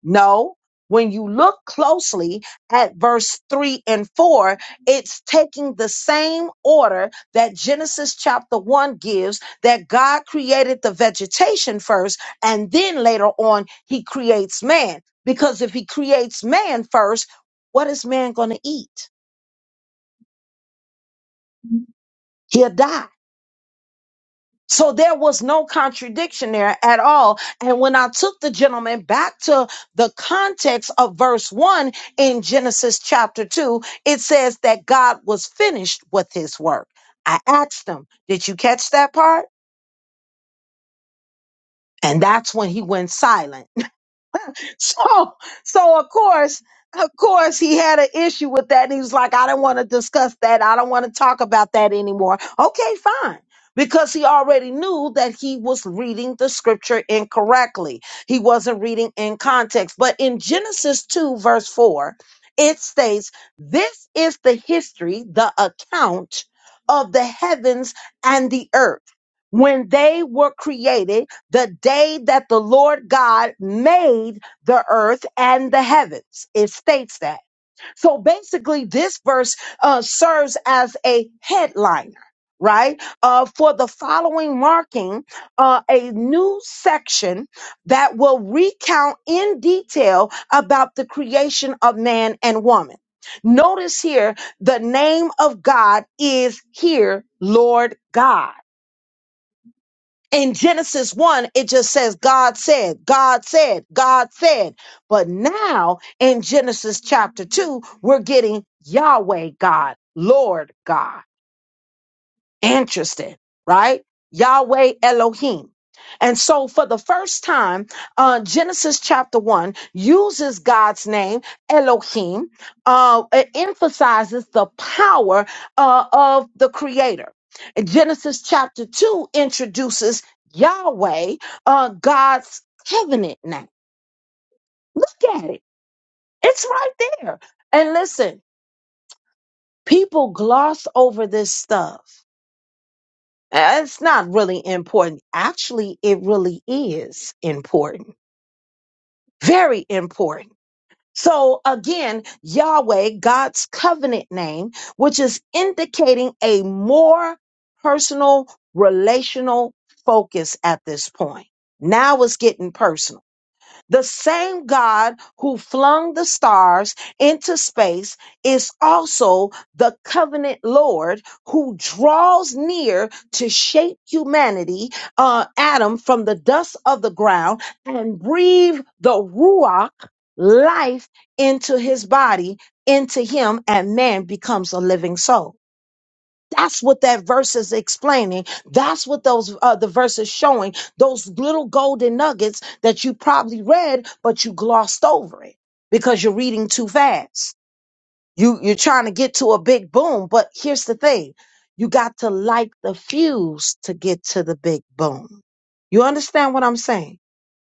[SPEAKER 1] No, when you look closely at verse 3 and 4, it's taking the same order that Genesis chapter 1 gives that God created the vegetation first, and then later on, he creates man. Because if he creates man first, what is man going to eat? He'll die. So there was no contradiction there at all. And when I took the gentleman back to the context of verse one in Genesis chapter two, it says that God was finished with his work. I asked him, did you catch that part? And that's when he went silent. so so of course of course he had an issue with that and he was like i don't want to discuss that i don't want to talk about that anymore okay fine because he already knew that he was reading the scripture incorrectly he wasn't reading in context but in genesis 2 verse 4 it states this is the history the account of the heavens and the earth when they were created the day that the lord god made the earth and the heavens. It states that. So basically, this verse uh, serves as a headliner, right? Uh, for the following marking, uh, a new section that will recount in detail about the creation of man and woman. Notice here, the name of God is here, Lord God in Genesis 1, it just says, God said, God said, God said. But now in Genesis chapter 2, we're getting Yahweh God, Lord God. Interesting, right? Yahweh Elohim. And so, for the first time, uh, Genesis chapter 1 uses God's name, Elohim, uh, it emphasizes the power uh, of the Creator. And Genesis chapter 2 introduces Yahweh, uh, God's covenant name. Look at it, it's right there. And listen, people gloss over this stuff Uh, It's not really important. Actually, it really is important. Very important. So again, Yahweh, God's covenant name, which is indicating a more personal, relational focus at this point. Now it's getting personal the same God who flung the stars into space is also the covenant Lord who draws near to shape humanity, uh, Adam, from the dust of the ground and breathe the Ruach life into his body, into him, and man becomes a living soul. That's what that verse is explaining. That's what those uh, the verse is showing. Those little golden nuggets that you probably read, but you glossed over it because you're reading too fast. You you're trying to get to a big boom, but here's the thing: you got to light the fuse to get to the big boom. You understand what I'm saying?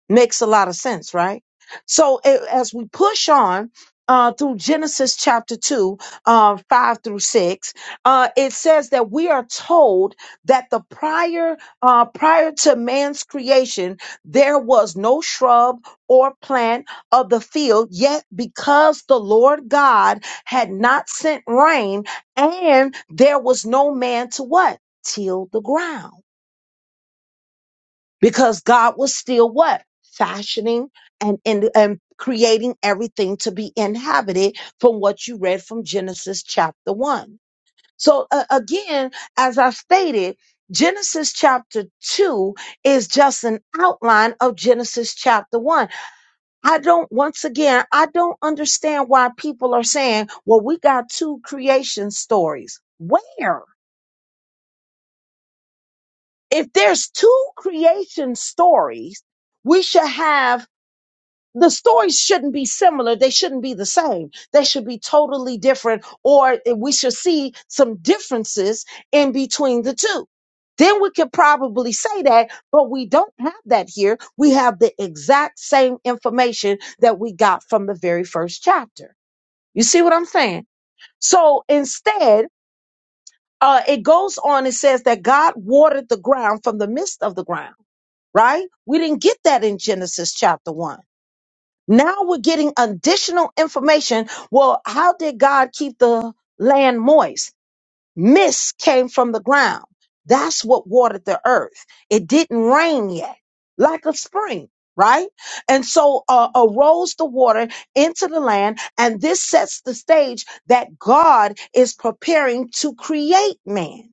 [SPEAKER 1] Makes a lot of sense, right? So a- as we push on uh, through Genesis chapter 2, uh, 5 through 6, uh, it says that we are told that the prior, uh, prior to man's creation, there was no shrub or plant of the field, yet because the Lord God had not sent rain and there was no man to what? Till the ground because God was still what? Fashioning and, and, and creating everything to be inhabited from what you read from Genesis chapter 1. So uh, again, as I stated, Genesis chapter 2 is just an outline of Genesis chapter 1. I don't, once again, I don't understand why people are saying, well, we got two creation stories. Where? If there's two creation stories, we should have the stories shouldn't be similar. They shouldn't be the same. They should be totally different, or we should see some differences in between the two. Then we could probably say that, but we don't have that here. We have the exact same information that we got from the very first chapter. You see what I'm saying? So instead, uh, it goes on and says that God watered the ground from the midst of the ground, right? We didn't get that in Genesis chapter 1 now we're getting additional information. Well, how did God keep the land moist? Mist came from the ground. That's what watered the earth. It didn't rain yet, like a spring, right? And so uh, arose the water into the land, and this sets the stage that God is preparing to create man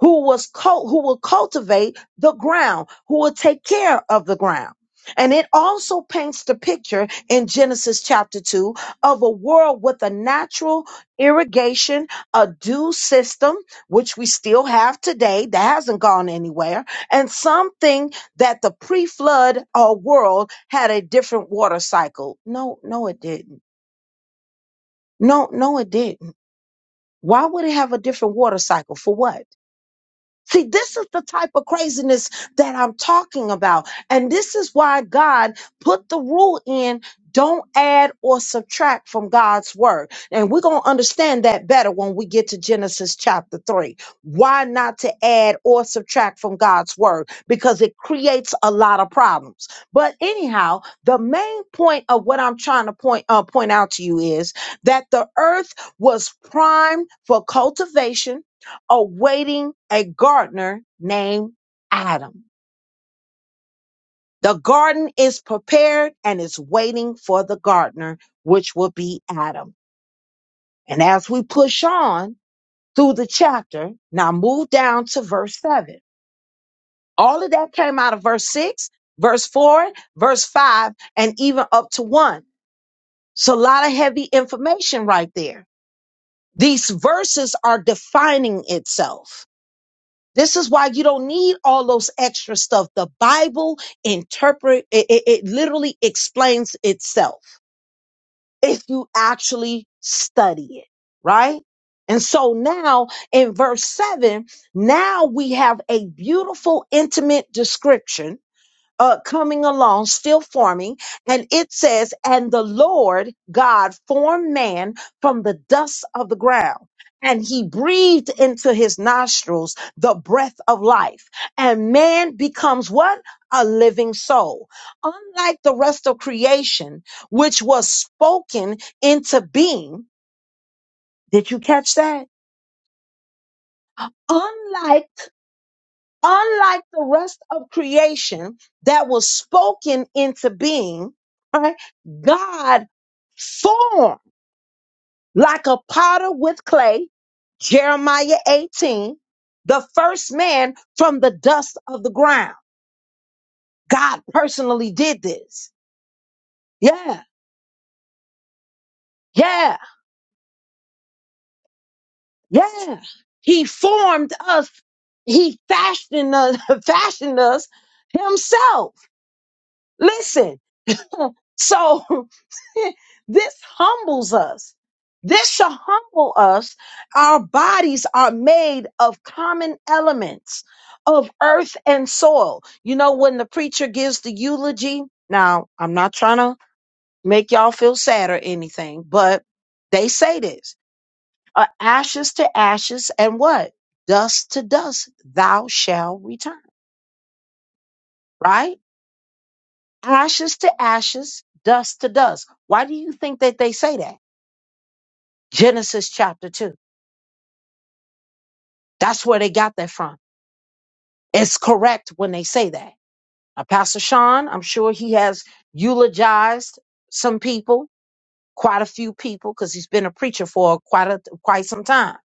[SPEAKER 1] who was cult, who will cultivate the ground, who will take care of the ground. And it also paints the picture in Genesis chapter 2 of a world with a natural irrigation, a dew system, which we still have today that hasn't gone anywhere, and something that the pre flood uh, world had a different water cycle. No, no, it didn't. No, no, it didn't. Why would it have a different water cycle? For what? See, this is the type of craziness that I'm talking about. And this is why God put the rule in don't add or subtract from God's word. And we're going to understand that better when we get to Genesis chapter 3. Why not to add or subtract from God's word? Because it creates a lot of problems. But anyhow, the main point of what I'm trying to point uh, point out to you is that the earth was primed for cultivation awaiting a gardener named Adam. The garden is prepared and is waiting for the gardener, which will be Adam. And as we push on through the chapter, now move down to verse 7. All of that came out of verse 6, verse 4, verse 5, and even up to 1. So a lot of heavy information right there. These verses are defining itself. This is why you don't need all those extra stuff. The Bible interpret it, it, it literally explains itself if you actually study it, right? And so now in verse 7, now we have a beautiful intimate description uh, coming along, still forming. And it says, and the Lord God formed man from the dust of the ground. And he breathed into his nostrils the breath of life. And man becomes what? A living soul. Unlike the rest of creation, which was spoken into being. Did you catch that? Unlike unlike the rest of creation that was spoken into being, right? God formed like a potter with clay, Jeremiah 18, the first man from the dust of the ground. God personally did this. Yeah, yeah, yeah. He formed us. He fashioned us, fashioned us himself. Listen, so this humbles us. This shall humble us. Our bodies are made of common elements of earth and soil. You know, when the preacher gives the eulogy, now I'm not trying to make y'all feel sad or anything, but they say this uh, ashes to ashes and what? Dust to dust, thou shall return, right? Ashes to ashes, dust to dust. Why do you think that they say that? Genesis chapter 2 That's where they got that from. It's correct when they say that. Now, Pastor Sean, I'm sure he has eulogized some people, quite a few people, because he's been a preacher for quite a quite some time.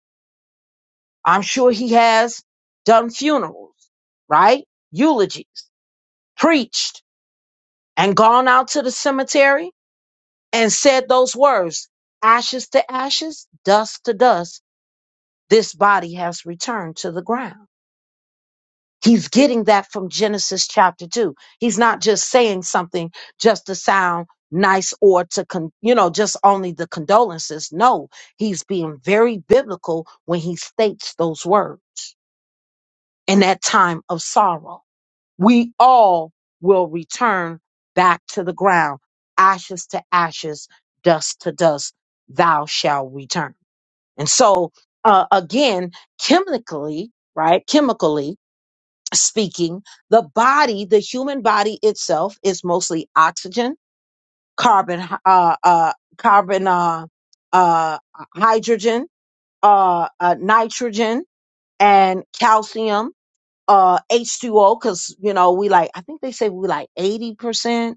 [SPEAKER 1] I'm sure he has done funerals, right? Eulogies, preached, and gone out to the cemetery and said those words: ashes to ashes, dust to dust. This body has returned to the ground. He's getting that from Genesis chapter 2. He's not just saying something just to sound nice or to con- you know just only the condolences. No, he's being very biblical when he states those words. In that time of sorrow, we all will return back to the ground, ashes to ashes, dust to dust, thou shalt return. And so uh, again, chemically, right? Chemically, speaking, the body, the human body itself, is mostly oxygen, carbon, uh, uh, carbon, uh, uh, hydrogen, uh, uh, nitrogen, and calcium, uh, H2O, because you know we like I think they say we like 80%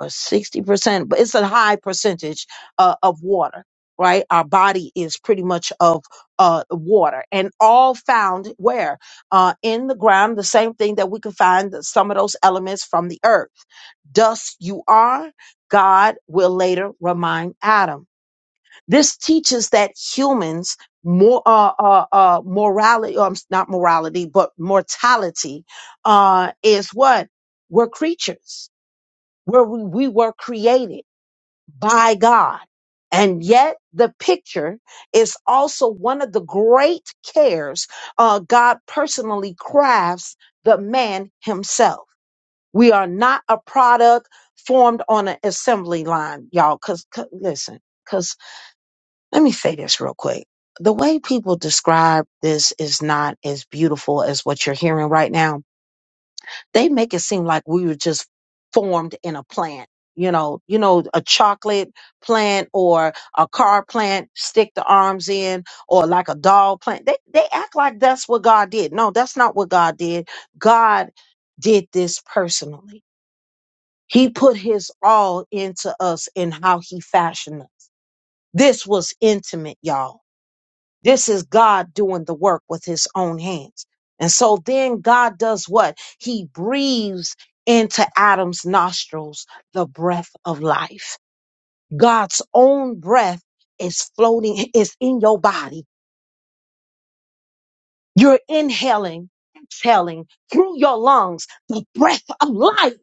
[SPEAKER 1] or 60%, but it's a high percentage uh, of water, right? Our body is pretty much of uh, water and all found where? Uh, in the ground, the same thing that we can find some of those elements from the earth. Dust you are, God will later remind Adam. This teaches that humans more uh, uh, uh, morality, um, not morality, but mortality uh, is what? We're creatures where we, we were created by God. And yet the picture is also one of the great cares uh, God personally crafts the man himself. We are not a product formed on an assembly line, y'all. Cause, 'cause- listen, cause let me say this real quick. The way people describe this is not as beautiful as what you're hearing right now they make it seem like we were just formed in a plant you know you know a chocolate plant or a car plant stick the arms in or like a doll plant they they act like that's what god did no that's not what god did god did this personally he put his all into us in how he fashioned us this was intimate y'all this is God doing the work with his own hands. And so then God does what? He breathes into Adam's nostrils the breath of life. God's own breath is floating, is in your body. You're inhaling, exhaling through your lungs the breath of life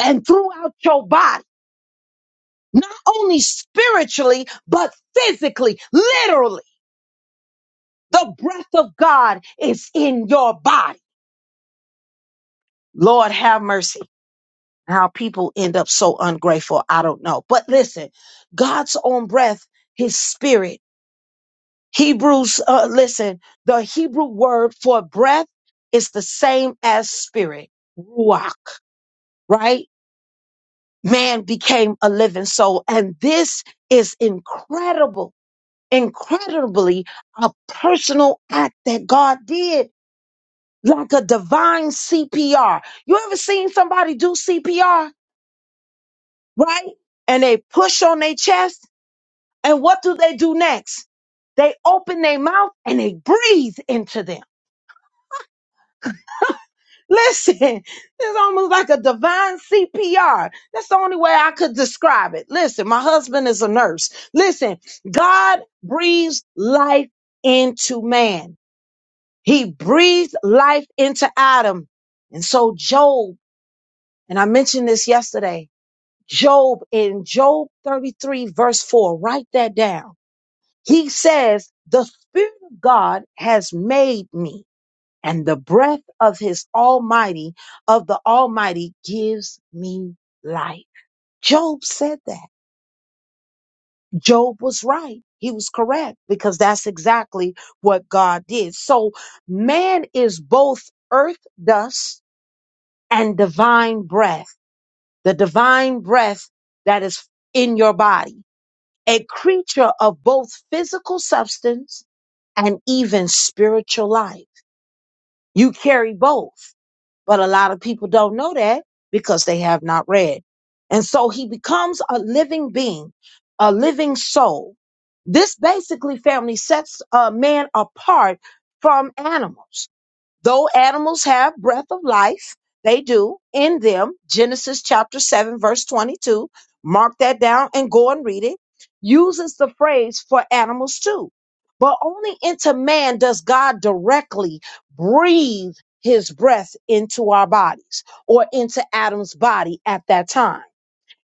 [SPEAKER 1] and throughout your body, not only spiritually, but physically, literally. The breath of God is in your body. Lord have mercy. how people end up so ungrateful. I don't know. But listen, God's own breath, his spirit. Hebrews, uh, listen, the Hebrew word for breath is the same as spirit, ruach, right? Man became a living soul. And this is incredible, incredibly a personal act that God did, like a divine CPR. You ever seen somebody do CPR, right? And they push on their chest And what do they do next? They open their mouth and they breathe into them. Listen, it's almost like a divine CPR. That's the only way I could describe it. Listen, my husband is a nurse. Listen, God breathes life into man. He breathed life into Adam. And so Job, and I mentioned this yesterday, Job in Job 33 verse 4, write that down. He says, The Spirit of God has made me, and the breath of his Almighty, of the Almighty, gives me life. Job said that. Job was right. He was correct because that's exactly what God did. So man is both earth dust and divine breath, the divine breath that is in your body. a creature of both physical substance and even spiritual life. You carry both, but a lot of people don't know that because they have not read. And so he becomes a living being, a living soul. This basically, family, sets a man apart from animals Though animals have breath of life, they do in them. Genesis chapter 7, verse 22. Mark that down and go and read it. Uses the phrase for animals too. But only into man does God directly breathe his breath into our bodies or into Adam's body at that time.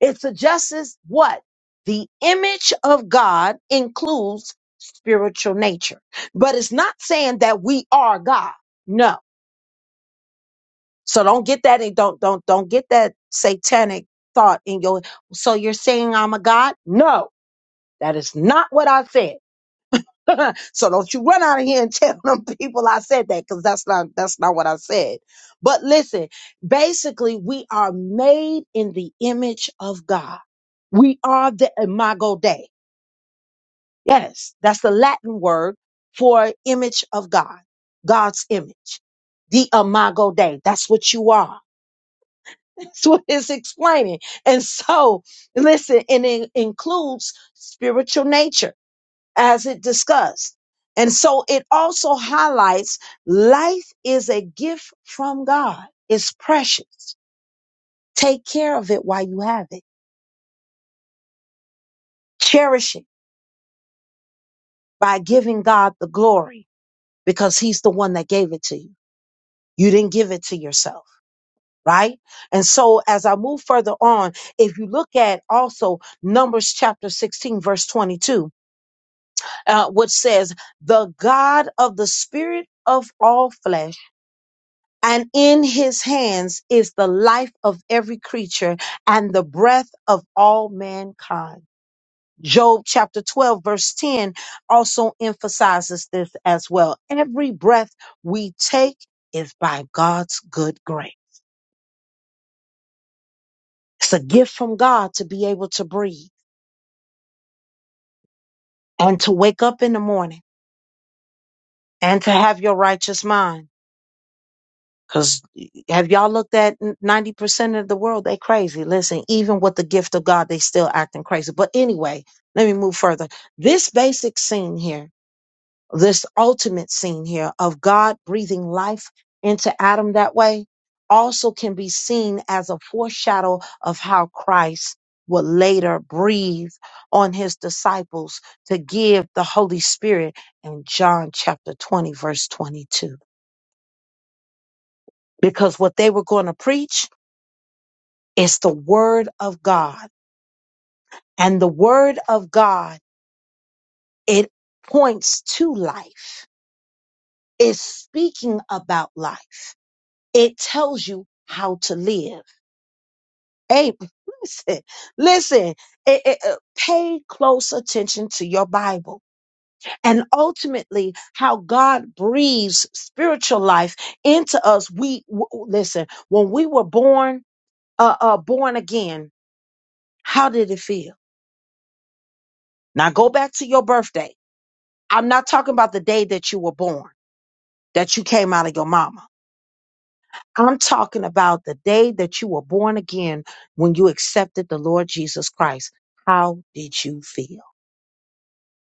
[SPEAKER 1] It suggests what? The image of God includes spiritual nature, but it's not saying that we are God. No so don't get that and don't don't don't get that satanic thought in your so you're saying I'm a god? No, that is not what I said. so don't you run out of here and tell them people I said that cuz that's not that's not what I said. But listen, basically we are made in the image of God. We are the imago Dei. Yes, that's the Latin word for image of God. God's image. The imago Dei. That's what you are. That's what it's explaining. And so, listen, and it includes spiritual nature as it discussed. And so it also highlights life is a gift from God. It's precious. Take care of it while you have it. Cherish it by giving God the glory because he's the one that gave it to you. You didn't give it to yourself, right? And so as I move further on, if you look at also Numbers chapter 16, verse 22, uh, which says, The God of the Spirit of all flesh, and in his hands is the life of every creature and the breath of all mankind. Job chapter 12, verse 10 also emphasizes this as well. Every breath we take is by God's good grace. It's a gift from God to be able to breathe and to wake up in the morning and to have your righteous mind Cause have y'all looked at ninety percent of the world? They crazy. Listen, even with the gift of God, they still acting crazy. But anyway, let me move further. This basic scene here, this ultimate scene here of God breathing life into Adam that way, also can be seen as a foreshadow of how Christ will later breathe on his disciples to give the Holy Spirit in John chapter 20, verse 22. Because what they were going to preach It's the word of God. And the word of God, it points to life. It's speaking about life. It tells you how to live. Hey, listen, listen, it- it- uh, pay close attention to your Bible and ultimately how God breathes spiritual life into us. We, w- w- listen, when we were born, uh, uh, born again, how did it feel? Now go back to your birthday I'm not talking about the day that you were born, that you came out of your mama. I'm talking about the day that you were born again when you accepted the Lord Jesus Christ. How did you feel?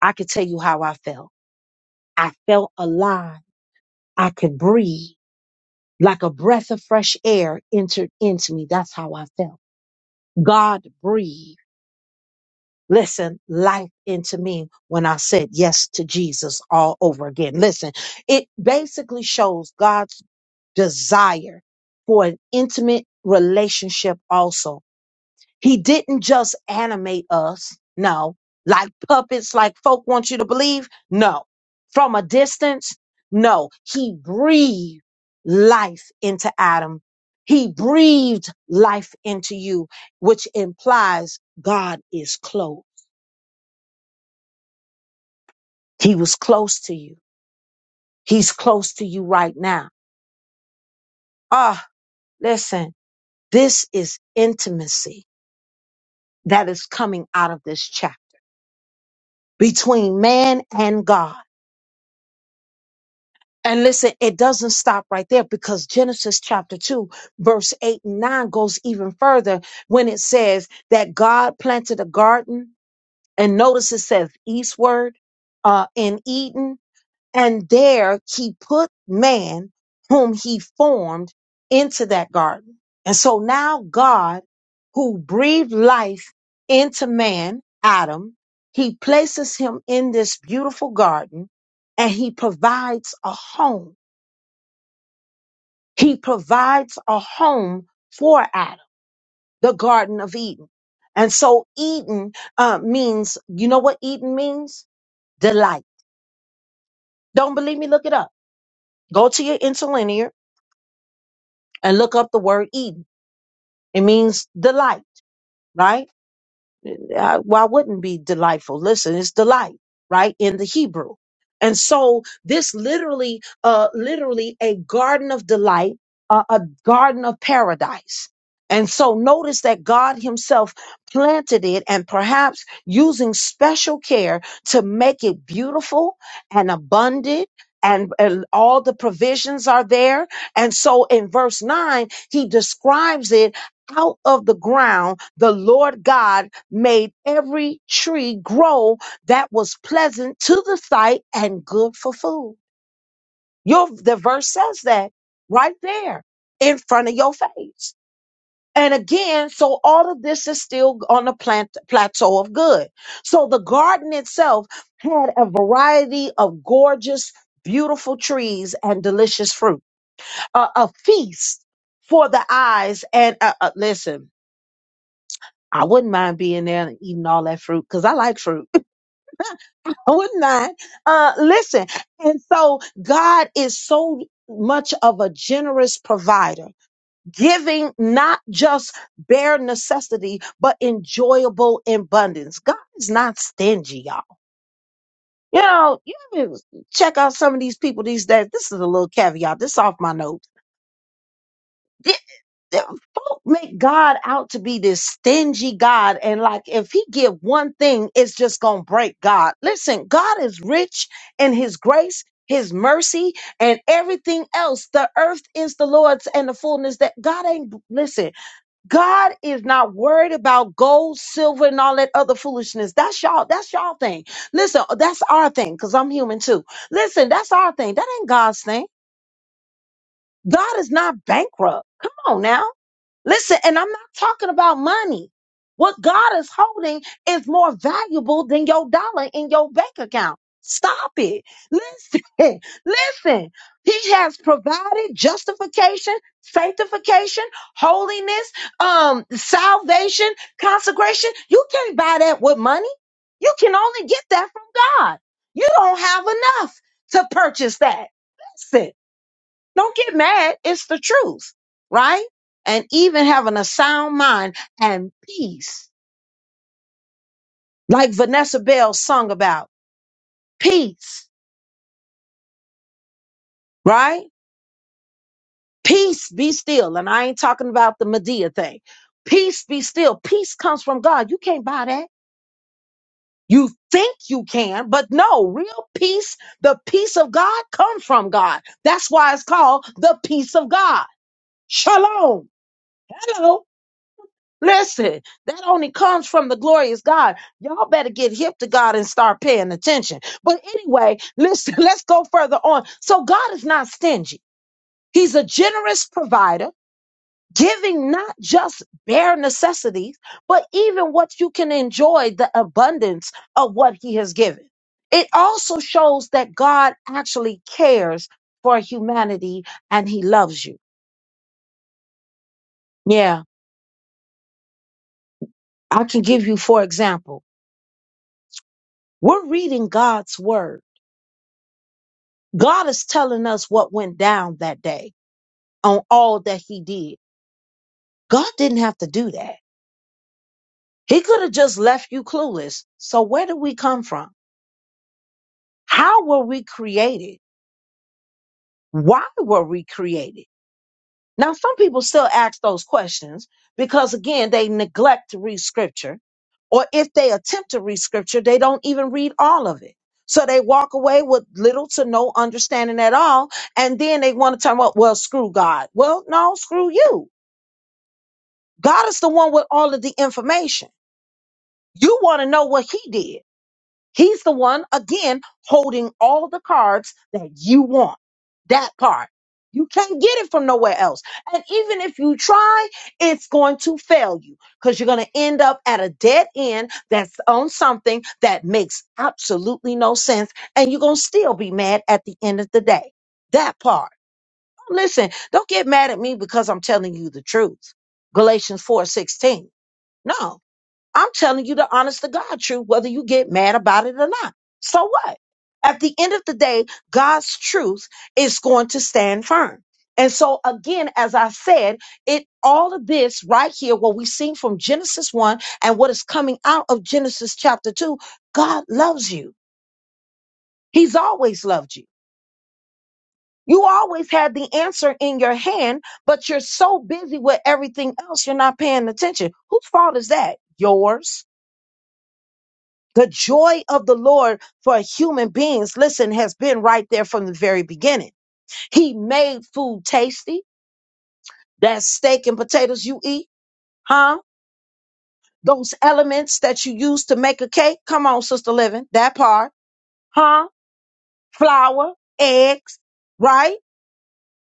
[SPEAKER 1] I could tell you how I felt. I felt alive. I could breathe like a breath of fresh air entered into me. That's how I felt. God breathed. Listen, life into me when I said yes to Jesus all over again. Listen, it basically shows God's desire for an intimate relationship also. He didn't just animate us, no, like puppets, like folk want you to believe, no, from a distance, no. He breathed life into Adam. He breathed life into you, which implies God is close. He was close to you. He's close to you right now. Ah, listen, this is intimacy that is coming out of this chapter between man and God. And listen, it doesn't stop right there because Genesis chapter 2, verse 8 and 9 goes even further when it says that God planted a garden. And notice it says eastward uh, in Eden And there he put man, whom he formed, into that garden. And so now God, who breathed life into man, Adam, he places him in this beautiful garden and he provides a home. He provides a home for Adam, the Garden of Eden. And so Eden uh, means, you know what Eden means? Delight. Don't believe me? Look it up. Go to your interlinear and look up the word Eden. It means delight, right? uh, why wouldn't be delightful? Listen, it's delight, right? In the Hebrew. And so this literally, uh, literally a garden of delight, uh, a garden of paradise. And so notice that God himself planted it and perhaps using special care to make it beautiful and abundant and, and all the provisions are there. And so in verse nine, he describes it out of the ground. The Lord God made every tree grow that was pleasant to the sight and good for food. Your the verse says that right there in front of your face. And again, so all of this is still on the plant, plateau of good. So the garden itself had a variety of gorgeous, beautiful trees and delicious fruit. A, a feast for the eyes. And uh, uh, listen, I wouldn't mind being there and eating all that fruit because I like fruit would not. Uh, listen, and so God is so much of a generous provider, giving not just bare necessity, but enjoyable abundance. God is not stingy, y'all. You know, you ever check out some of these people these days. This is a little caveat. This off my note. that folk make God out to be this stingy God, and like if he give one thing, it's just gonna break God. Listen, God is rich in His grace, His mercy, and everything else. The earth is the Lord's, and the fullness that God ain't. Listen, God is not worried about gold, silver, and all that other foolishness. That's y'all. That's y'all thing. Listen, uh, that's our thing because I'm human too. Listen, that's our thing. That ain't God's thing. God is not bankrupt. Come on now. Listen, and I'm not talking about money. What God is holding is more valuable than your dollar in your bank account. Stop it. Listen, listen. He has provided justification, sanctification, holiness, um, salvation, consecration. You can't buy that with money. You can only get that from God. You don't have enough to purchase that. Listen. Don't get mad. It's the truth, right? And even having a sound mind and peace, like Vanessa Bell sung about peace, right? Peace be still. And I ain't talking about the Medea thing. Peace be still. Peace comes from God. You can't buy that. You think you can, but no, real peace, the peace of God comes from God. That's why it's called the peace of God. Shalom. Hello. Listen, that only comes from the glorious God. Y'all better get hip to God and start paying attention. But anyway, listen, let's go further on. So God is not stingy. He's a generous provider, giving not just bare necessities, but even what you can enjoy the abundance of what he has given. It also shows that God actually cares for humanity and he loves you. Yeah, I can give you for example. We're reading God's word God is telling us what went down that day on all that he did. God didn't have to do that. He could have just left you clueless. So where did we come from? How were we created? Why were we created? Now, some people still ask those questions because again, they neglect to read scripture or if they attempt to read scripture, they don't even read all of it. So they walk away with little to no understanding at all. And then they want to talk about, well, screw God. Well, no, screw you God is the one with all of the information. You want to know what he did. He's the one, again, holding all the cards that you want. That part. You can't get it from nowhere else. And even if you try, it's going to fail you because you're going to end up at a dead end that's on something that makes absolutely no sense. And you're going to still be mad at the end of the day. That part. Listen, don't get mad at me because I'm telling you the truth. Galatians 4 16. No, I'm telling you the honest to God truth, whether you get mad about it or not. So what? At the end of the day, God's truth is going to stand firm. And so again, as I said, it all of this right here, what we see from Genesis 1 and what is coming out of Genesis chapter 2, God loves you. He's always loved you. You always had the answer in your hand, but you're so busy with everything else, you're not paying attention. Whose fault is that? Yours The joy of the Lord for human beings, listen, has been right there from the very beginning. He made food tasty. That steak and potatoes you eat, huh? Those elements that you use to make a cake. Come on, Sister Living, that part, huh? Flour, eggs, right?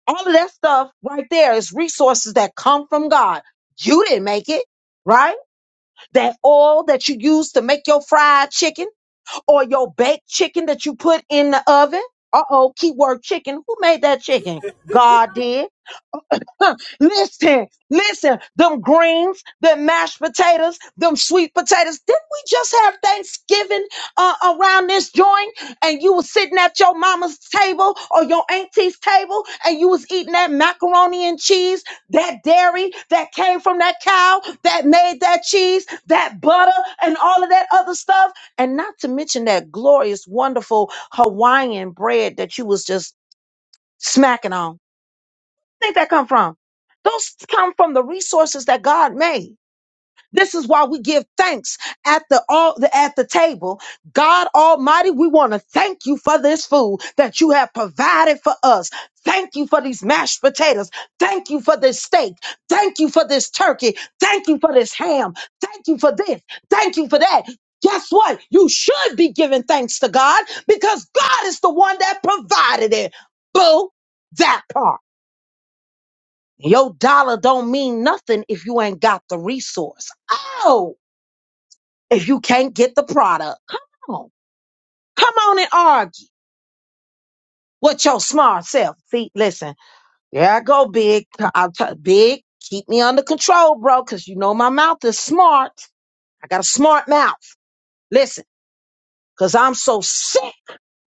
[SPEAKER 1] All of that stuff right there is resources that come from God. You didn't make it, right? That oil that you use to make your fried chicken. or your baked chicken that you put in the oven. Uh oh, keyword chicken. Who made that chicken? God did. Huh, listen, listen, them greens, them mashed potatoes, them sweet potatoes. Didn't we just have Thanksgiving uh, around this joint? And you was sitting at your mama's table or your auntie's table and you was eating that macaroni and cheese, that dairy that came from that cow that made that cheese, that butter, and all of that other stuff. And not to mention that glorious, wonderful Hawaiian bread that you was just smacking on think that come from? Those come from the resources that God made. This is why we give thanks at the, all, the at the table. God Almighty, we want to thank you for this food that you have provided for us. Thank you for these mashed potatoes. Thank you for this steak. Thank you for this turkey. Thank you for this ham. Thank you for this. Thank you for that. Guess what? You should be giving thanks to God because God is the one that provided it. Boo, that part. Your dollar don't mean nothing if you ain't got the resource. Oh, if you can't get the product. Come on. Come on and argue with your smart self. See, listen, there I go, big. I'll t- big, keep me under control, bro, because you know my mouth is smart. I got a smart mouth. Listen, because I'm so sick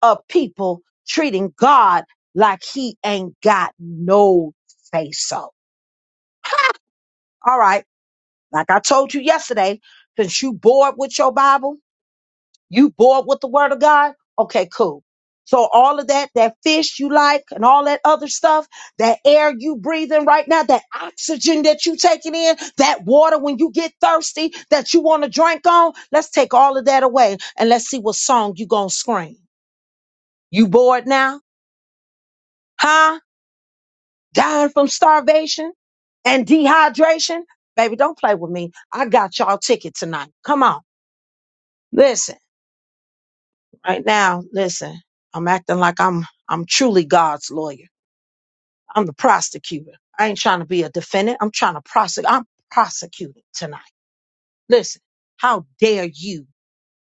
[SPEAKER 1] of people treating God like he ain't got no say so. All right. Like I told you yesterday, since you bored with your Bible, You bored with the word of God? Okay, cool. So all of that, that fish you like and all that other stuff, that air you breathing right now, that oxygen that you taking in, that water when you get thirsty that you want to drink on, let's take all of that away and let's see what song you gonna scream. You bored now? Huh? Dying from starvation and dehydration? Baby, don't play with me. I got y'all ticket tonight. Come on. Listen. Right now, listen, I'm acting like I'm I'm truly God's lawyer. I'm the prosecutor. I ain't trying to be a defendant. I'm trying to prosecute. I'm prosecuting tonight. Listen, how dare you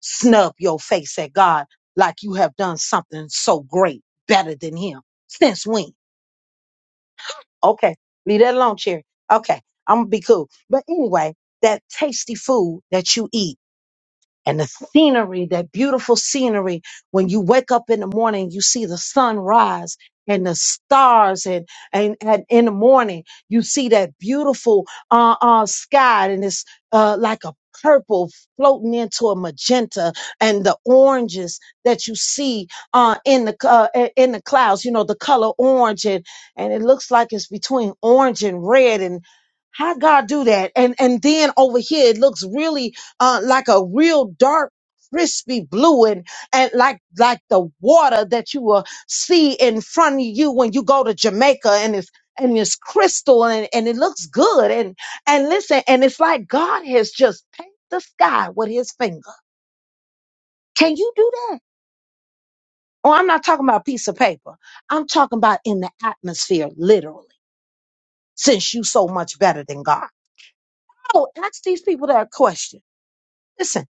[SPEAKER 1] snub your face at God like you have done something so great, better than him? Since when? Okay, leave that alone, Cherry. Okay, I'm gonna be cool. But anyway, that tasty food that you eat. and the scenery, that beautiful scenery. When you wake up in the morning, you see the sun rise and the stars and, and, and in the morning, you see that beautiful, uh, uh, sky and it's, uh, like a purple floating into a magenta and the oranges that you see, uh, in the, uh, i- in the clouds, you know, the color orange and, and it looks like it's between orange and red and how God do that? And, and then over here, it looks really uh, like a real dark crispy blue and, and like like the water that you will see in front of you when you go to Jamaica and it's and it's crystal and, and it looks good and and listen and it's like God has just painted the sky with his finger. Can you do that? Oh, I'm not talking about a piece of paper. I'm talking about in the atmosphere, literally, since you so much better than God. Oh, ask these people that question. Listen.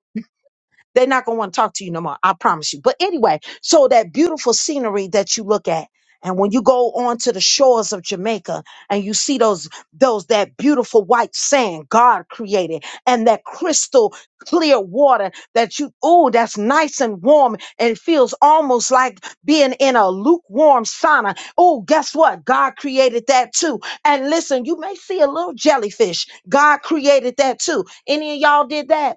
[SPEAKER 1] They're not going to want to talk to you no more. I promise you. But anyway, so that beautiful scenery that you look at. And when you go on to the shores of Jamaica and you see those, those, that beautiful white sand God created and that crystal clear water that you, oh, that's nice and warm and it feels almost like being in a lukewarm sauna. Oh, guess what? God created that too. And listen, you may see a little jellyfish. God created that too. Any of y'all did that?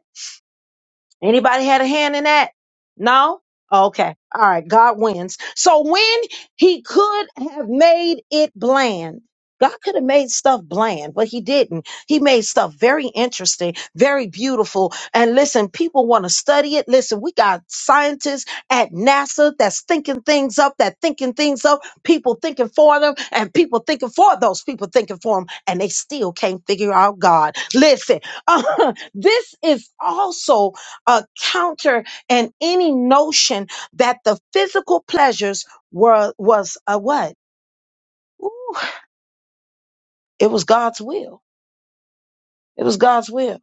[SPEAKER 1] Anybody had a hand in that? No? Okay. All right. God wins. So when he could have made it bland, God could have made stuff bland, but he didn't. He made stuff very interesting, very beautiful. And listen, people want to study it. Listen, we got scientists at NASA that's thinking things up, that thinking things up, people thinking for them, and people thinking for those people thinking for them, and they still can't figure out God. Listen, this is also a counter and any notion that the physical pleasures were was a what? Ooh, it was God's will. It was God's will.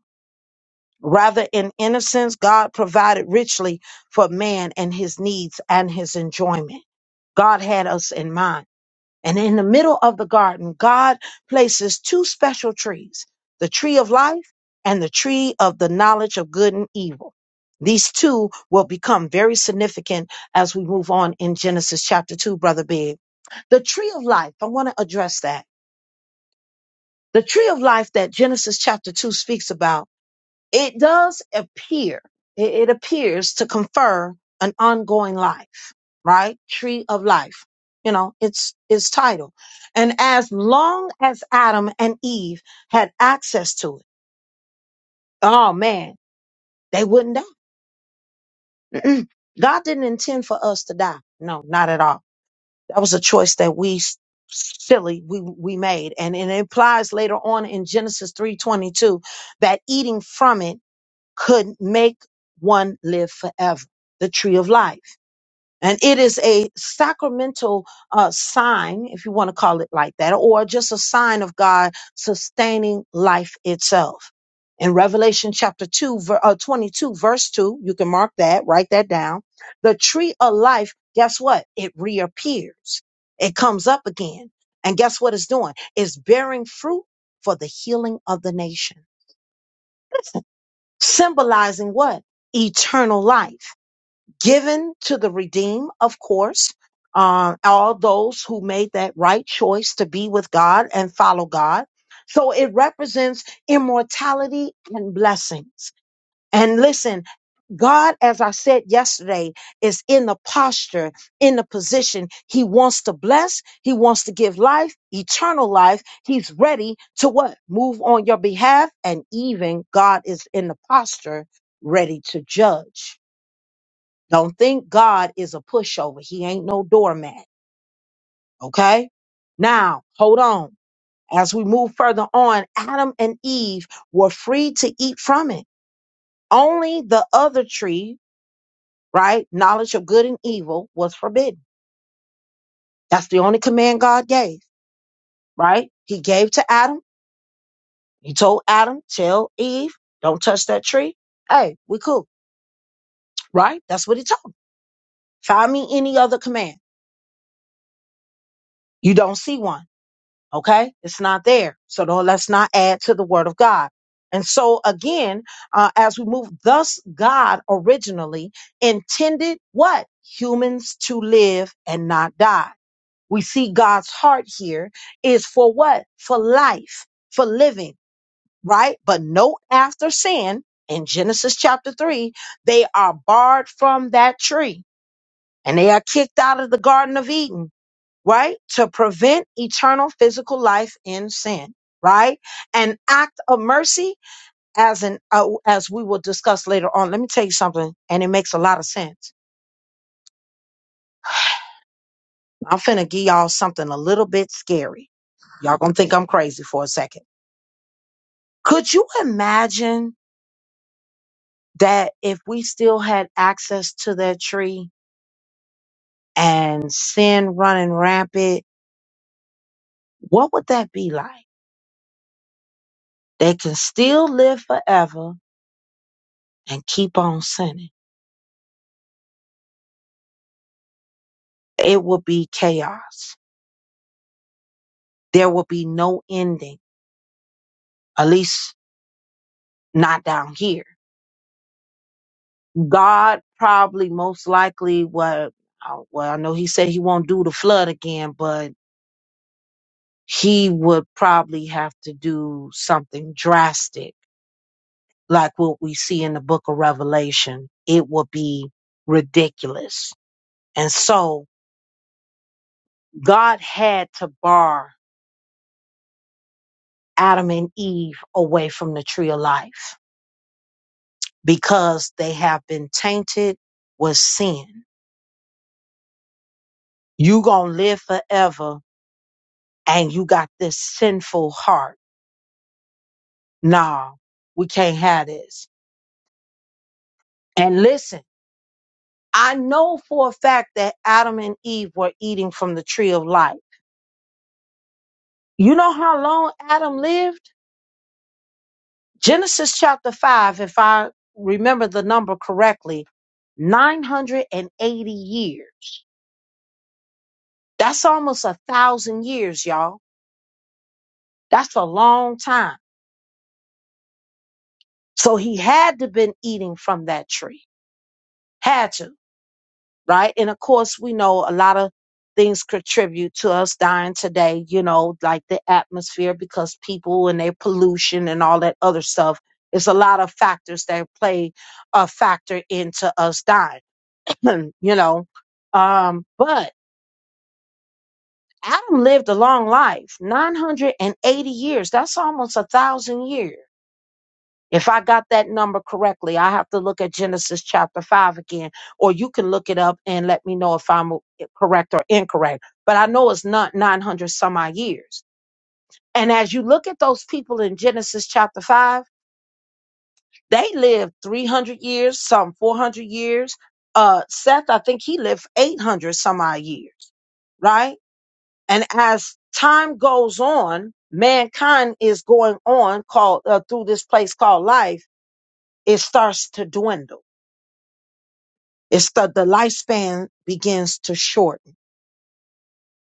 [SPEAKER 1] Rather, in innocence, God provided richly for man and his needs and his enjoyment. God had us in mind. And in the middle of the garden, God places two special trees the tree of life and the tree of the knowledge of good and evil. These two will become very significant as we move on in Genesis chapter 2, Brother Big. The tree of life, I want to address that. The tree of life that Genesis chapter 2 speaks about, it does appear, it it appears to confer an ongoing life right? Tree of life. You know, it's its title. And as long as Adam and Eve had access to it, oh man, they wouldn't die. Mm-mm. God didn't intend for us to die. No, not at all. That was a choice that we s- silly we we made and it implies later on in Genesis 3:22 that eating from it could make one live forever. The tree of life. And it is a sacramental uh, sign, if you want to call it like that, or just a sign of God sustaining life itself. In Revelation chapter 2, ver- uh, 22, verse 2, you can mark that, write that down. The tree of life, guess what? It reappears, it comes up again. And guess what it's doing? It's bearing fruit for the healing of the nation, symbolizing what? Eternal life given to the redeemed, of course, uh, all those who made that right choice to be with God and follow God. So it represents immortality and blessings. And listen, God, as I said yesterday, is in the posture, in the position. He wants to bless. He wants to give life, eternal life. He's ready to what? Move on your behalf. And even God is in the posture ready to judge. Don't think God is a pushover. He ain't no doormat. Okay. Now, hold on. As we move further on, Adam and Eve were free to eat from it. Only the other tree, right? Knowledge of good and evil was forbidden. That's the only command God gave, right? He gave to Adam. He told Adam, tell Eve, don't touch that tree. Hey, we cool, right? That's what he told. him. Find me any other command. You don't see one. Okay, it's not there. So don't, let's not add to the word of God. And so again, uh, as we move, thus God originally intended what humans to live and not die. We see God's heart here is for what? For life, for living, right? But note after sin in Genesis chapter three, they are barred from that tree and they are kicked out of the Garden of Eden right? To prevent eternal physical life in sin, right? An act of mercy, as an uh, as we will discuss later on. Let me tell you something, and it makes a lot of sense. I'm finna give y'all something a little bit scary. Y'all gonna think I'm crazy for a second. Could you imagine that if we still had access to that tree and sin running rampant, what would that be like? They can still live forever and keep on sinning it will be chaos. There will be no ending, at least not down here. God probably most likely what uh, well I know he said he won't do the flood again, but he would probably have to do something drastic like what we see in the book of Revelation. It will be ridiculous. And so God had to bar Adam and Eve away from the tree of life because they have been tainted with sin. You gonna live forever and you got this sinful heart. Nah, we can't have this. And listen, I know for a fact that Adam and Eve were eating from the tree of life. You know how long Adam lived? Genesis chapter 5, if I remember the number correctly, 980 years. That's almost a thousand years, y'all. That's a long time. So he had to been eating from that tree. Had to, right? And of course, we know a lot of things contribute to us dying today, you know, like the atmosphere because people and their pollution and all that other stuff. It's a lot of factors that play a factor into us dying, you know. Um, but Adam lived a long life, 980 years. That's almost a thousand years If I got that number correctly, I have to look at Genesis chapter 5 again, or you can look it up and let me know if I'm eh, correct or incorrect. But I know it's not 900 some odd years. And as you look at those people in Genesis chapter 5, they lived 300 years, some 400 years. Uh, Seth, I think he lived 800 some odd years right? And as time goes on, mankind is going on called uh, through this place called life. It starts to dwindle It's that the lifespan begins to shorten.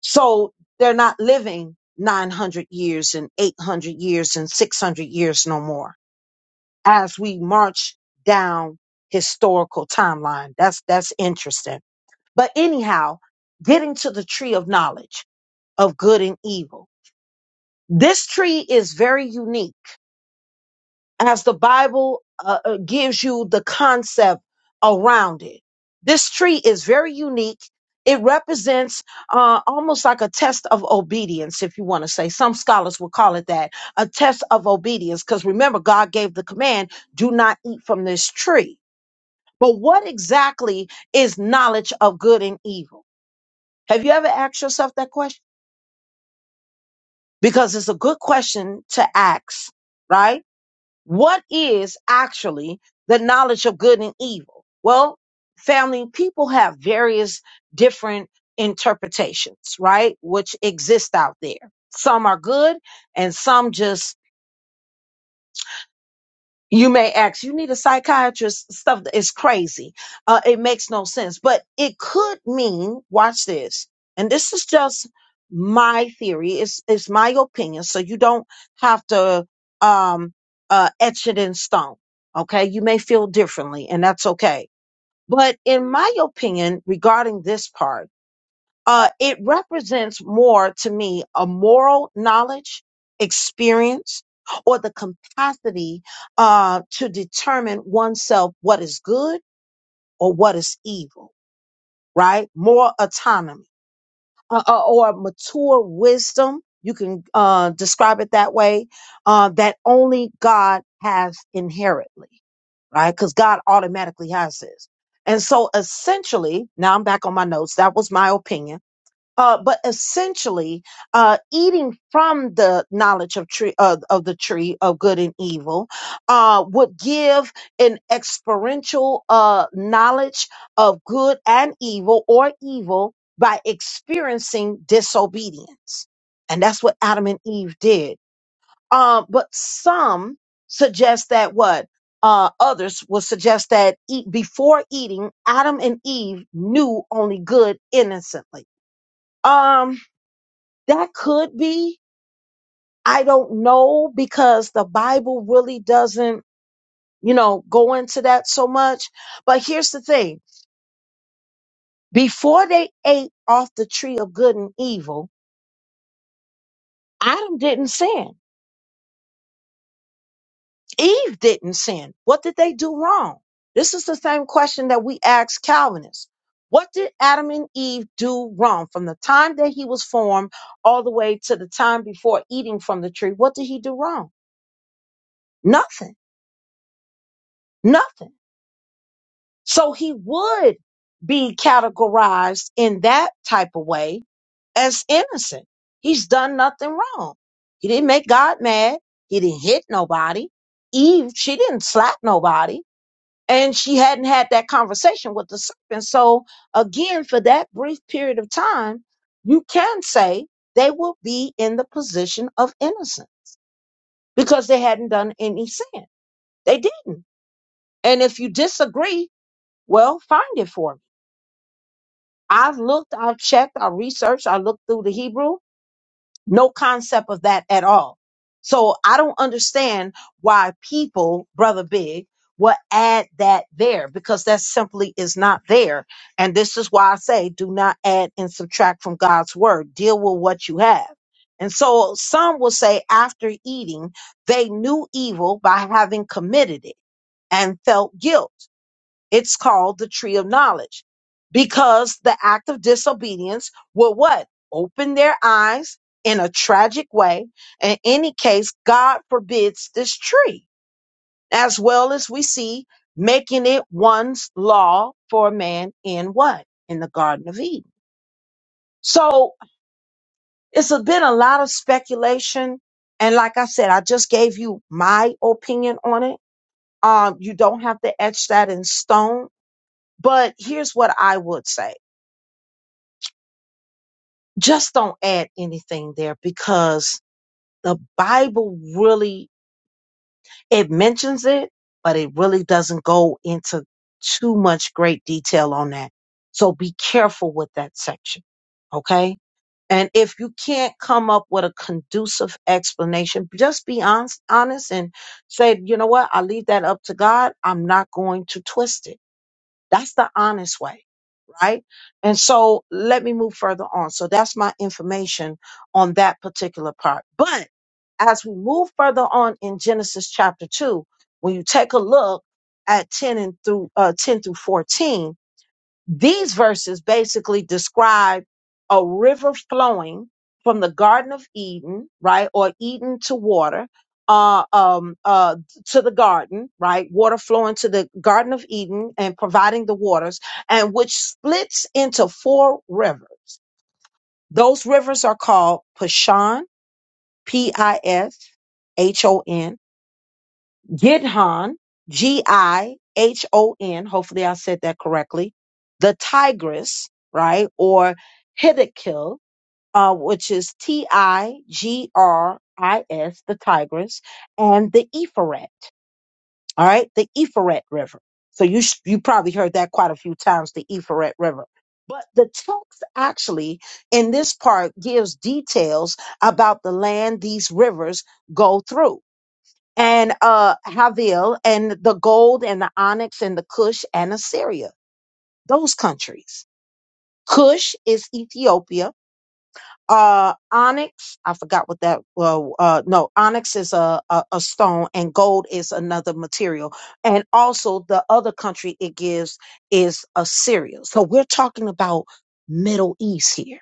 [SPEAKER 1] So they're not living 900 years and 800 years and 600 years no more. As we march down historical timeline, that's that's interesting. But anyhow, getting to the tree of knowledge of good and evil. This tree is very unique as the Bible uh, uh, gives you the concept around it. This tree is very unique. It represents uh, almost like a test of obedience, if you want to say. Some scholars will call it that a test of obedience, because remember, God gave the command do not eat from this tree. But what exactly is knowledge of good and evil? Have you ever asked yourself that question? Because it's a good question to ask, right? What is actually the knowledge of good and evil? Well, family, people have various different interpretations, right? Which exist out there. Some are good and some just you may ask you need a psychiatrist stuff that is crazy uh, it makes no sense but it could mean watch this and this is just my theory it's, it's my opinion so you don't have to um uh etch it in stone okay you may feel differently and that's okay but in my opinion regarding this part uh, it represents more to me a moral knowledge, experience, or the capacity uh, to determine oneself what is good or what is evil, right? More autonomy uh, uh, or mature wisdom. You can uh, describe it that way uh, that only God has inherently, right? Because God automatically has this. And so essentially, now I'm back on my notes. That was my opinion uh, but essentially uh, eating from the knowledge of tree of, of the tree of good and evil uh, would give an experiential uh, knowledge of good and evil or evil by experiencing disobedience and that's what adam and eve did uh, but some suggest that what uh, others will suggest that eat, before eating adam and eve knew only good innocently um that could be. I don't know because the Bible really doesn't, you know, go into that so much. But here's the thing before they ate off the tree of good and evil, Adam didn't sin, Eve didn't sin. What did they do wrong? This is the same question that we ask Calvinists. What did Adam and Eve do wrong from the time that he was formed all the way to the time before eating from the tree? What did he do wrong? Nothing. Nothing. So he would be categorized in that type of way as innocent. He's done nothing wrong. He didn't make God mad. He didn't hit nobody. Eve, she didn't slap nobody. And she hadn't had that conversation with the serpent. So again, for that brief period of time, you can say they will be in the position of innocent because they hadn't done any sin. They didn't. And if you disagree, well, find it for me. I've looked, I've checked, I researched, I looked through the Hebrew, no concept of that at all. So I don't understand why people, Brother Big, will add that there because that simply is not there. And this is why I say do not add and subtract from God's word. Deal with what you have. And so some will say after eating, they knew evil by having committed it and felt guilt. It's called the tree of knowledge because the act of disobedience will what? Open their eyes in a tragic way. In any case, God forbids this tree, as well as we see making it one's law for man in what? In the Garden of Eden. So it's a- been a lot of speculation. And like I said, I just gave you my opinion on it. Um, you don't have to etch that in stone. But here's what I would say. just don't add anything there because the Bible really it mentions it, but it really doesn't go into too much great detail on that. So be careful with that section, okay? And if you can't come up with a conducive explanation, just be honest, honest and say, you know what? I leave that up to God. I'm not going to twist it. That's the honest way right? And so let me move further on. So that's my information on that particular part. But as we move further on in Genesis chapter 2, when you take a look at 10 and through uh, 10 through 14, these verses basically describe a river flowing from the Garden of Eden, right, or Eden to water, uh, um, uh, to the garden, right, water flowing to the Garden of Eden and providing the waters, and which splits into four rivers. Those rivers are called Pishon, P I S H O N Gidhon, G I H O N, hopefully I said that correctly, the tigress, right? Or Hiddekel, uh, which is T I G R I S, the tigress, and the Ephrat, all right? The Ephrat River. So you, sh- you probably heard that quite a few times, the Ephrat River. But the text actually in this part gives details about the land these rivers go through and uh Havil and the gold and the onyx and the Cush and Assyria. Those countries. Cush is Ethiopia. Uh, onyx, I forgot what that. Well, uh, no, onyx is a, a a stone, and gold is another material. And also, the other country it gives is Assyria. So we're talking about Middle East here,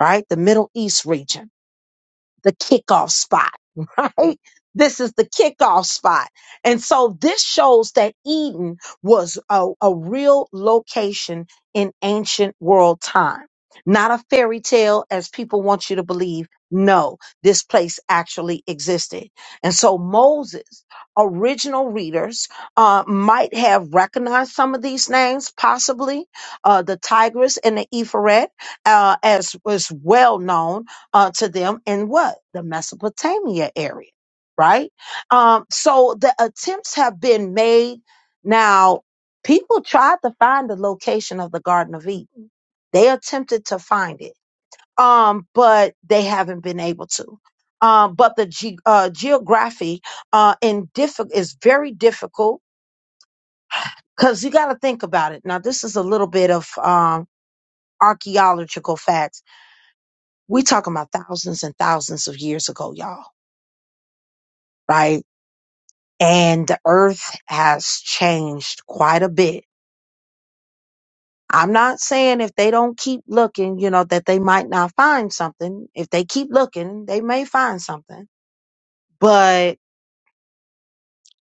[SPEAKER 1] right? The Middle East region. the kickoff spot, right? This is the kickoff spot. And so this shows that Eden was a, a real location in ancient world time, not a fairy tale as people want you to believe. No, this place actually existed. And so Moses, original readers, uh, might have recognized some of these names, possibly uh, the Tigris and the Ephraim, uh, as was well known uh, to them in what the Mesopotamia area, right? Um, so the attempts have been made. Now, people tried to find the location of the Garden of Eden. They attempted to find it, um, but they haven't been able to. Um, but the ge- uh, geography uh, in diffi- is very difficult because you got to think about it. Now, this is a little bit of um, archaeological facts. We talking about thousands and thousands of years ago, y'all right? and the earth has changed quite a bit. I'm not saying if they don't keep looking, you know, that they might not find something. If they keep looking, they may find something. But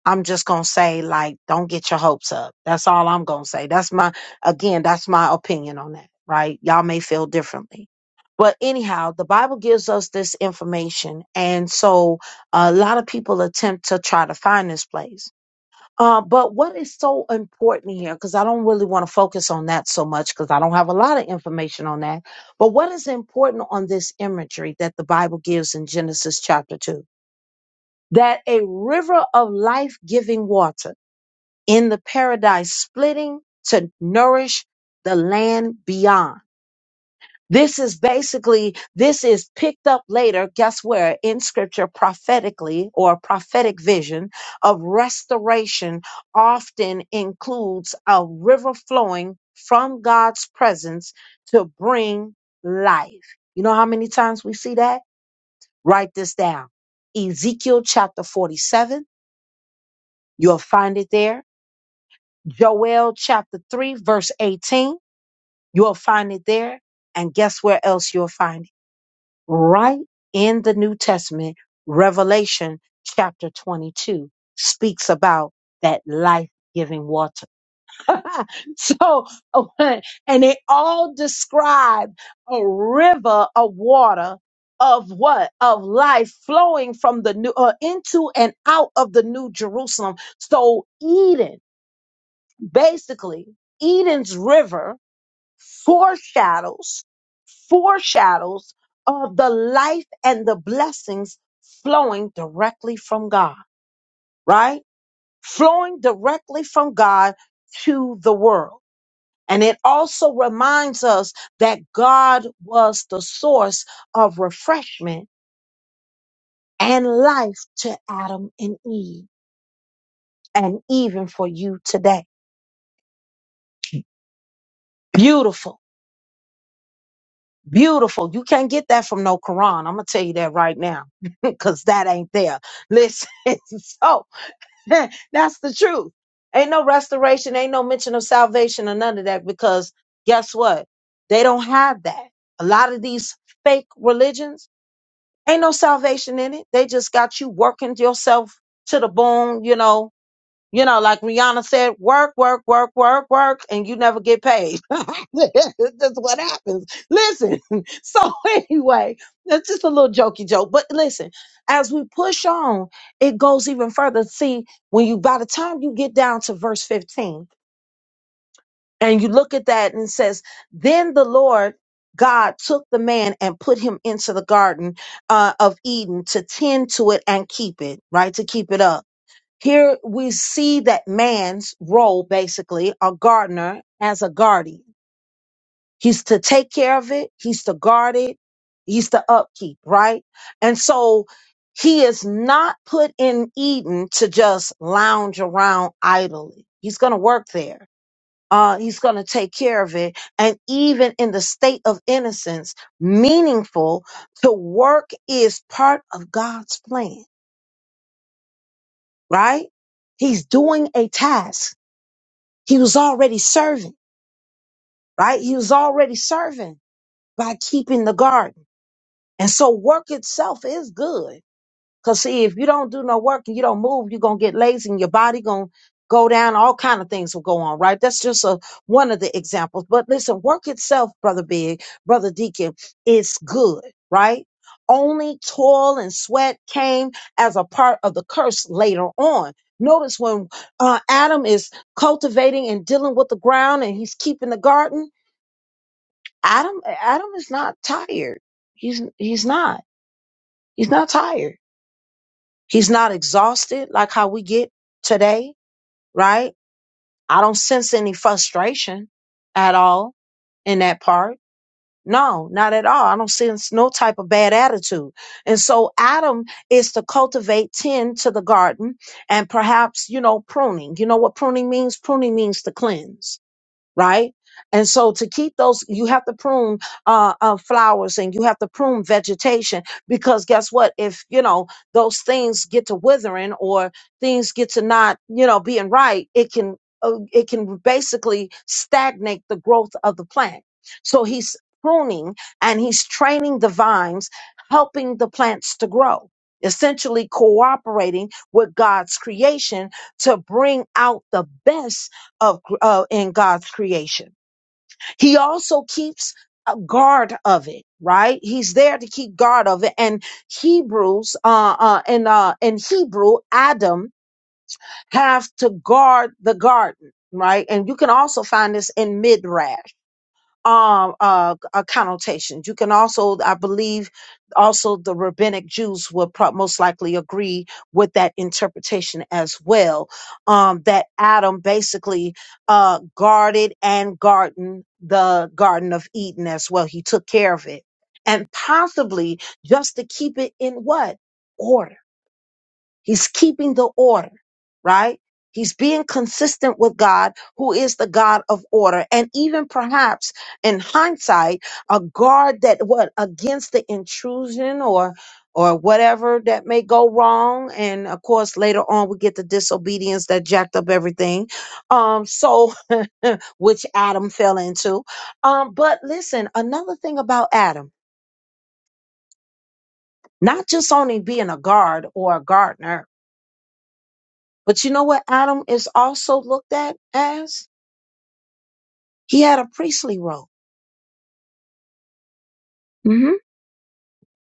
[SPEAKER 1] I'm just going to say, like, don't get your hopes up. That's all I'm going to say. That's my, again, that's my opinion on that, right? Y'all may feel differently. But anyhow, the Bible gives us this information. And so a lot of people attempt to try to find this place Uh, but what is so important here, because I don't really want to focus on that so much because I don't have a lot of information on that. But what is important on this imagery that the Bible gives in Genesis chapter 2? That a river of life giving water in the paradise splitting to nourish the land beyond. This is basically, this is picked up later, guess where, in scripture prophetically or prophetic vision of restoration often includes a river flowing from God's presence to bring life. You know how many times we see that? Write this down. Ezekiel chapter 47, you'll find it there. Joel chapter 3, verse 18, you'll find it there. And guess where else you'll find it? right in the New Testament, Revelation chapter 22 speaks about that life giving water. so, and they all describe a river of water of what? Of life flowing from the new, uh, into and out of the new Jerusalem. So Eden, basically, Eden's river foreshadows foreshadows of the life and the blessings flowing directly from God, right? Flowing directly from God to the world. And it also reminds us that God was the source of refreshment and life to Adam and Eve, and even for you today. Beautiful Beautiful. You can't get that from no Quran. I'm going to tell you that right now because that ain't there. Listen, so that's the truth. Ain't no restoration, ain't no mention of salvation or none of that because guess what? They don't have that. A lot of these fake religions ain't no salvation in it. They just got you working yourself to the bone, you know, you know, like Rihanna said, work, work, work, work, work, and you never get paid. That's what happens. Listen. So anyway, that's just a little jokey joke. But listen, as we push on, it goes even further. See, when you by the time you get down to verse 15 and you look at that and it says, Then the Lord God took the man and put him into the garden uh, of Eden to tend to it and keep it, right? To keep it up. Here we see that man's role, basically, a gardener as a guardian. He's to take care of it, he's to guard it, he's to upkeep, right? And so he is not put in Eden to just lounge around idly. He's going to work there. Uh, he's going to take care of it. And even in the state of innocence, meaningful to work is part of God's plan, right? He's doing a task He was already serving, right? He was already serving by keeping the garden. And so work itself is good. Cause see, if you don't do no work and you don't move, you're gonna get lazy and your body gonna go down, all kind of things will go on, right? That's just a one of the examples. But listen, work itself, brother Big, brother Deacon, is good, right? Only toil and sweat came as a part of the curse later on. Notice when uh, Adam is cultivating and dealing with the ground and he's keeping the garden. Adam, Adam is not tired. He's he's not. He's not tired He's not exhausted like how we get today, right? I don't sense any frustration at all in that part. No, not at all. I don't sense no type of bad attitude. And so Adam is to cultivate, tend to the garden and perhaps, you know, pruning. You know what pruning means? Pruning means to cleanse right? And so to keep those, you have to prune uh, uh, flowers and you have to prune vegetation because guess what? If you know those things get to withering or things get to not you know being right, it can uh, it can basically stagnate the growth of the plant. So he's pruning and he's training the vines, helping the plants to grow. Essentially cooperating with God's creation to bring out the best of uh, in God's creation. He also keeps a guard of it, right? He's there to keep guard of it. And Hebrews, uh, uh, in uh, in Hebrew, Adam have to guard the garden, right? And you can also find this in Midrash um uh, uh connotations you can also i believe also the rabbinic jews would prob most likely agree with that interpretation as well um that adam basically uh guarded and garden the garden of eden as well he took care of it and possibly just to keep it in what order He's keeping the order, right? He's being consistent with God, who is the God of order. And even perhaps in hindsight, a guard that what against the intrusion or or whatever that may go wrong. And of course, later on we get the disobedience that jacked up everything. Um, so which Adam fell into. Um, but listen, another thing about Adam, not just only being a guard or a gardener, But you know what Adam is also looked at as? He had a priestly role. hmm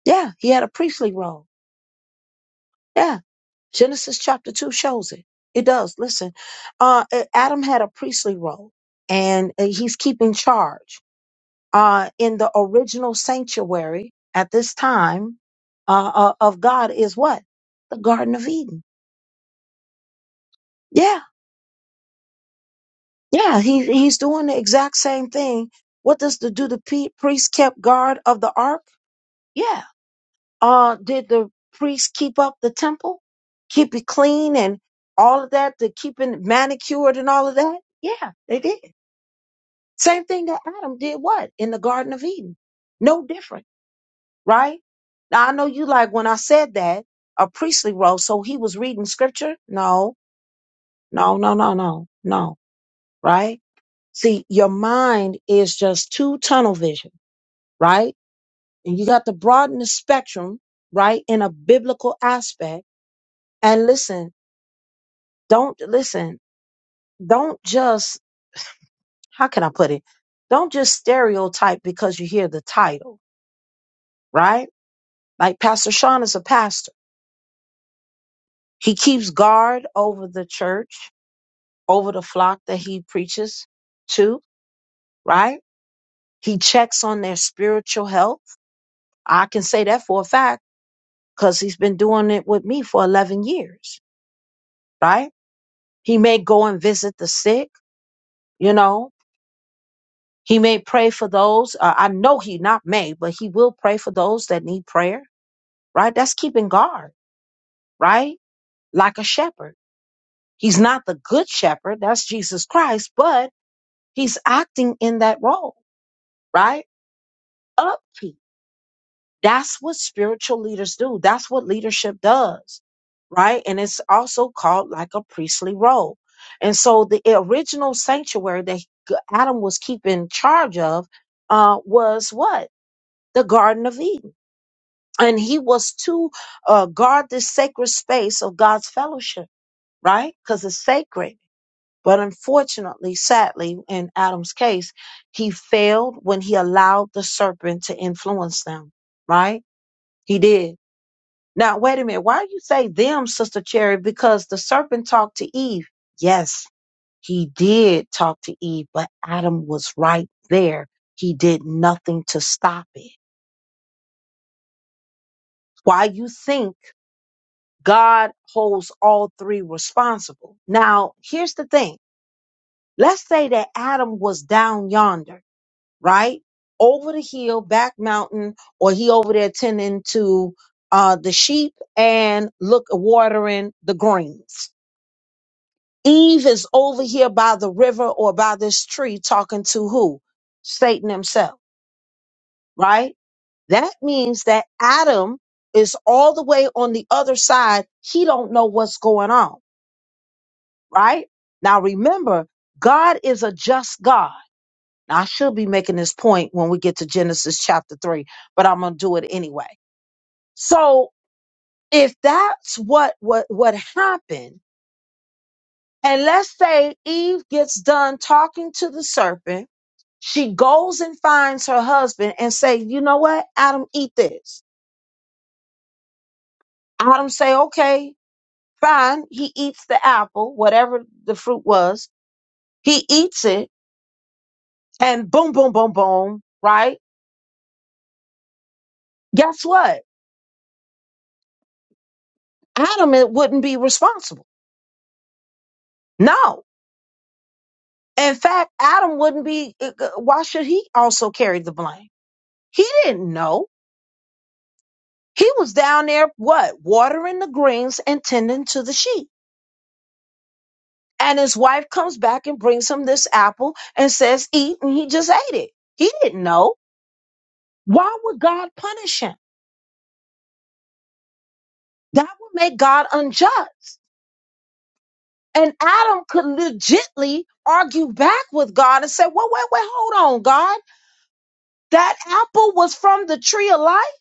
[SPEAKER 1] Yeah, he had a priestly role. Yeah. Genesis chapter 2 shows it. It does. Listen, uh, A- Adam had a priestly role and uh, he's keeping charge. Uh, in the original sanctuary at this time uh, uh, of God is what? The Garden of Eden. Yeah. Yeah. He, he's doing the exact same thing. What does the do? The pe- priest kept guard of the ark? Yeah uh did the priests keep up the temple keep it clean and all of that the keeping manicured and all of that yeah they did same thing that adam did what in the garden of eden no different right now i know you like when i said that a priestly role so he was reading scripture no no no no no no right see your mind is just too tunnel vision right and you got to broaden the spectrum right in a biblical aspect and listen Don't listen, don't just, how can I put it? Don't just stereotype because you hear the title, right? Like Pastor Sean is a pastor. He keeps guard over the church, over the flock that he preaches to, right? He checks on their spiritual health. I can say that for a fact because he's been doing it with me for 11 years, right? He may go and visit the sick, you know, He may pray for those, uh, I know he not may, but he will pray for those that need prayer, right? That's keeping guard, right? Like a shepherd. He's not the good shepherd, that's Jesus Christ, but he's acting in that role, right? Upkeep. That's what spiritual leaders do. That's what leadership does, right? And it's also called like a priestly role. And so the original sanctuary that Adam was keeping charge of uh, was what? The Garden of Eden and he was to uh, guard this sacred space of God's fellowship, right? Because it's sacred. But unfortunately, sadly, in Adam's case, he failed when he allowed the serpent to influence them, right? He did. Now, wait a minute. Why do you say them, Sister Cherry? Because the serpent talked to Eve. Yes, he did talk to Eve, but Adam was right there. He did nothing to stop it. Why you think? God holds all three responsible. Now, here's the thing. Let's say that Adam was down yonder, right? Over the hill, back mountain, or he over there tending to uh, the sheep and look watering the greens. Eve is over here by the river or by this tree talking to who? Satan himself, right? That means that Adam is all the way on the other side. He don't know what's going on right? Now remember, God is a just God. Now, I should be making this point when we get to Genesis chapter 3, but I'm going to do it anyway. So, if that's what what what happened, and let's say Eve gets done talking to the serpent, she goes and finds her husband and say, "You know what? Adam eat this." Adam say, "Okay, fine." He eats the apple, whatever the fruit was. He eats it and boom boom boom boom, right? guess what? Adam it wouldn't be responsible. No. In fact, Adam wouldn't be, uh, uh, why should he also carry the blame? He didn't know. He was down there, what? Watering the greens and tending to the sheep. And his wife comes back and brings him this apple and says, eat. And he just ate it. He didn't know. Why would God punish him? That would make God unjust. And Adam could legitly argue back with God and say, well, wait, wait, hold on, God. That apple was from the tree of life.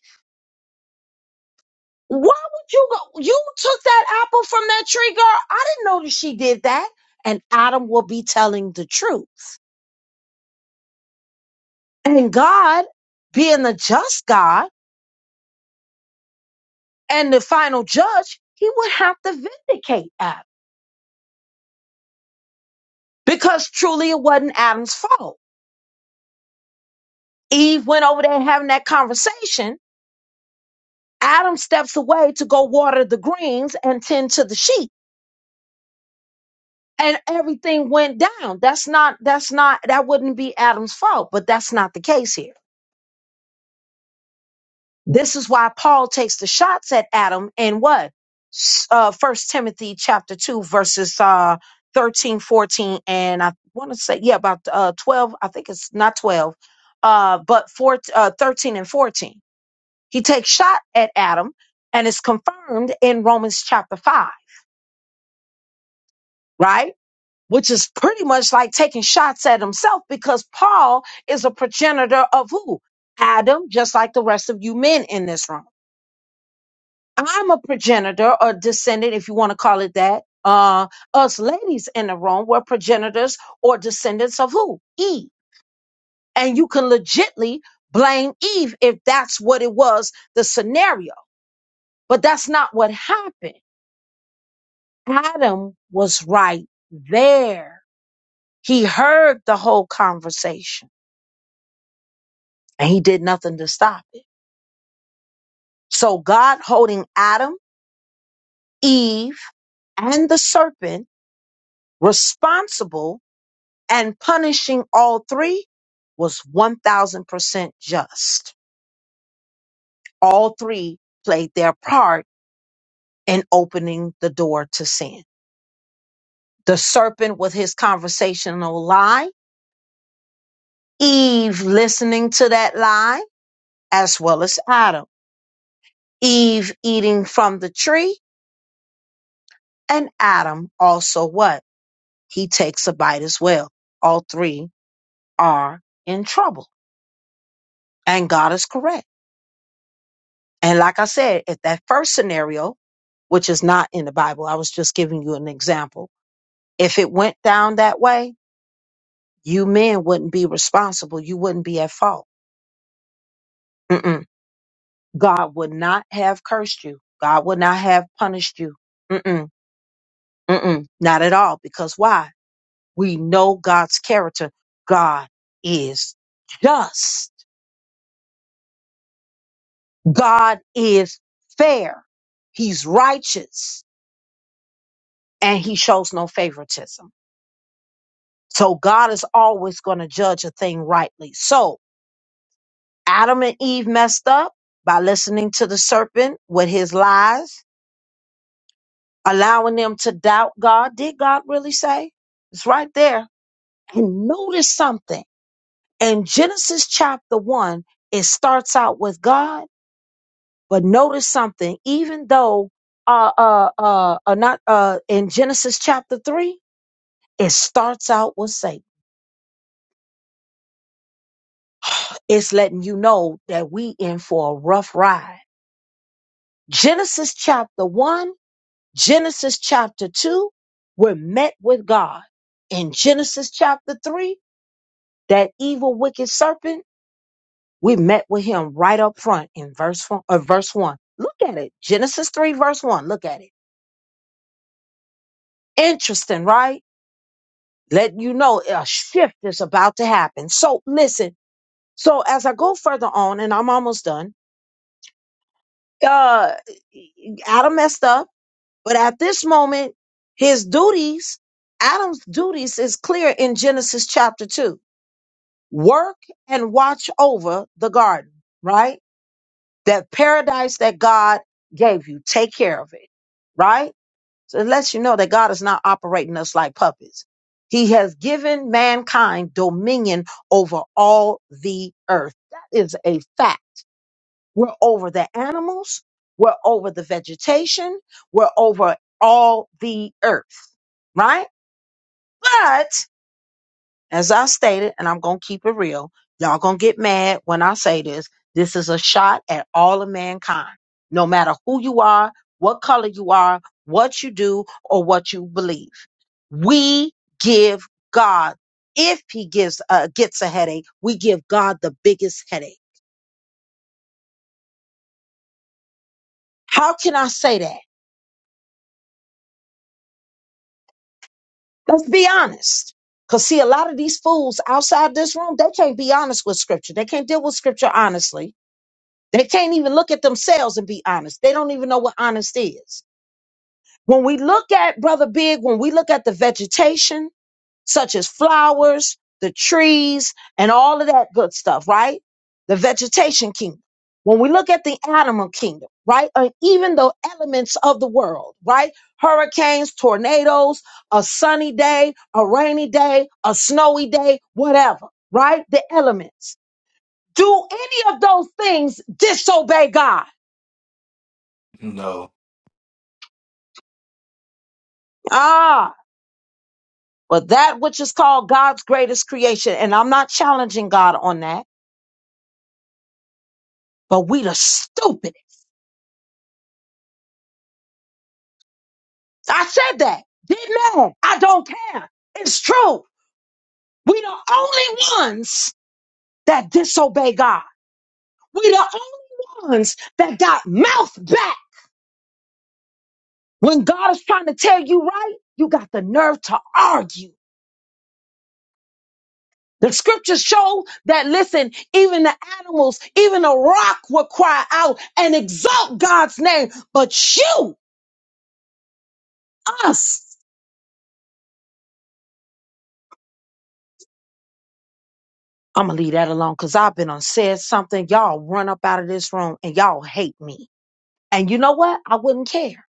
[SPEAKER 1] Why would you go? You took that apple from that tree, girl. I didn't know that she did that. And Adam will be telling the truth. And God, being the just God and the final judge, he would have to vindicate Adam because truly it wasn't Adam's fault. Eve went over there having that conversation. Adam steps away to go water the greens and tend to the sheep and everything went down. That's not that's not that wouldn't be Adam's fault, but that's not the case here. This is why Paul takes the shots at Adam in what? S- Uh First Timothy chapter 2 verses uh 13, fourteen, and I want to say yeah about uh 12, I think it's not 12. Uh but 4 uh 13 and 14. He takes shot at Adam and it's confirmed in Romans chapter 5, right? which is pretty much like taking shots at himself because Paul is a progenitor of who? Adam, just like the rest of you men in this room. I'm a progenitor or descendant, if you want to call it that. Uh, us ladies in the room were progenitors or descendants of who? Eve. And you can legitly blame Eve if that's what it was, the scenario. But that's not what happened. Adam was right there. He heard the whole conversation and he did nothing to stop it. So God holding Adam, Eve, and the serpent responsible and punishing all three was 1000% just. All three played their part in opening the door to sin. The serpent with his conversational lie, Eve listening to that lie, as well as Adam. Eve eating from the tree, and Adam also what? He takes a bite as well. All three are in trouble. And God is correct. And like I said, if that first scenario, which is not in the Bible, I was just giving you an example. If it went down that way, you men wouldn't be responsible. You wouldn't be at fault. Mm-mm. God would not have cursed you. God would not have punished you. Mm-mm. Mm-mm. Not at all. Because why? We know God's character. God is just. God is fair, He's righteous, and He shows no favoritism. So God is always going to judge a thing rightly. So Adam and Eve messed up by listening to the serpent with his lies, allowing them to doubt God. Did God really say? It's right there. And notice something. In Genesis chapter 1, it starts out with God But notice something, even though uh uh uh, uh not uh in Genesis chapter three, it starts out with Satan. It's letting you know that we in for a rough ride. Genesis chapter one, Genesis chapter two, we're met with God. In Genesis chapter three, that evil wicked serpent, we met with him right up front in verse one, uh, verse one. Look at it. Genesis three, verse one. Look at it. Interesting, right? Let you know a shift is about to happen. So listen. So as I go further on, and I'm almost done, uh, Adam messed up, but at this moment, his duties, Adam's duties is clear in Genesis chapter two. Work and watch over the garden, right? That paradise that God gave you. Take care of it, right? So it lets you know that God is not operating us like puppets. He has given mankind dominion over all the earth. That is a fact. We're over the animals, we're over the vegetation, we're over all the earth, right? But. As I stated, and I'm going to keep it real, y'all going to get mad when I say this. This is a shot at all of mankind, no matter who you are, what color you are, what you do, or what you believe. We give God, if He gives uh, gets a headache, we give God the biggest headache. How can I say that? Let's be honest. Because, see, a lot of these fools outside this room, they can't be honest with Scripture. They can't deal with Scripture honestly They can't even look at themselves and be honest. They don't even know what honest is. When we look at Brother Big, when we look at the vegetation, such as flowers, the trees, and all of that good stuff, right? The vegetation kingdom. When we look at the animal kingdom, right? Or even the elements of the world, right? Hurricanes, tornadoes, a sunny day, a rainy day, a snowy day, whatever, right? The elements. Do any of those things disobey God?
[SPEAKER 4] No,
[SPEAKER 1] Ah, well, that which is called God's greatest creation. And I'm not challenging God on that, but we the stupid. I said that. Didn't I? I don't care. It's true. We the only ones that disobey God. We the only ones that got mouth back. When God is trying to tell you right, you got the nerve to argue. The scriptures show that, listen, even the animals, even the rock will cry out and exalt God's name. But you us. I'm gonna leave that alone because I've been on said something. Y'all run up out of this room and y'all hate me. And you know what? I wouldn't care.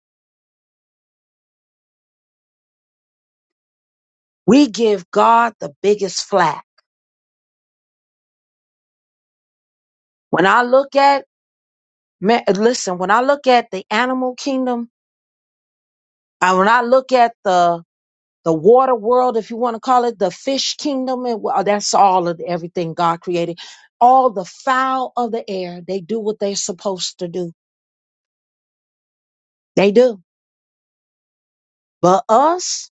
[SPEAKER 1] We give God the biggest flat. When I look at man, listen, when I look at the animal kingdom, and when I look at the the water world, if you want to call it the fish kingdom, and well, that's all of everything God created. All the fowl of the air, they do what they're supposed to do. They do. But us,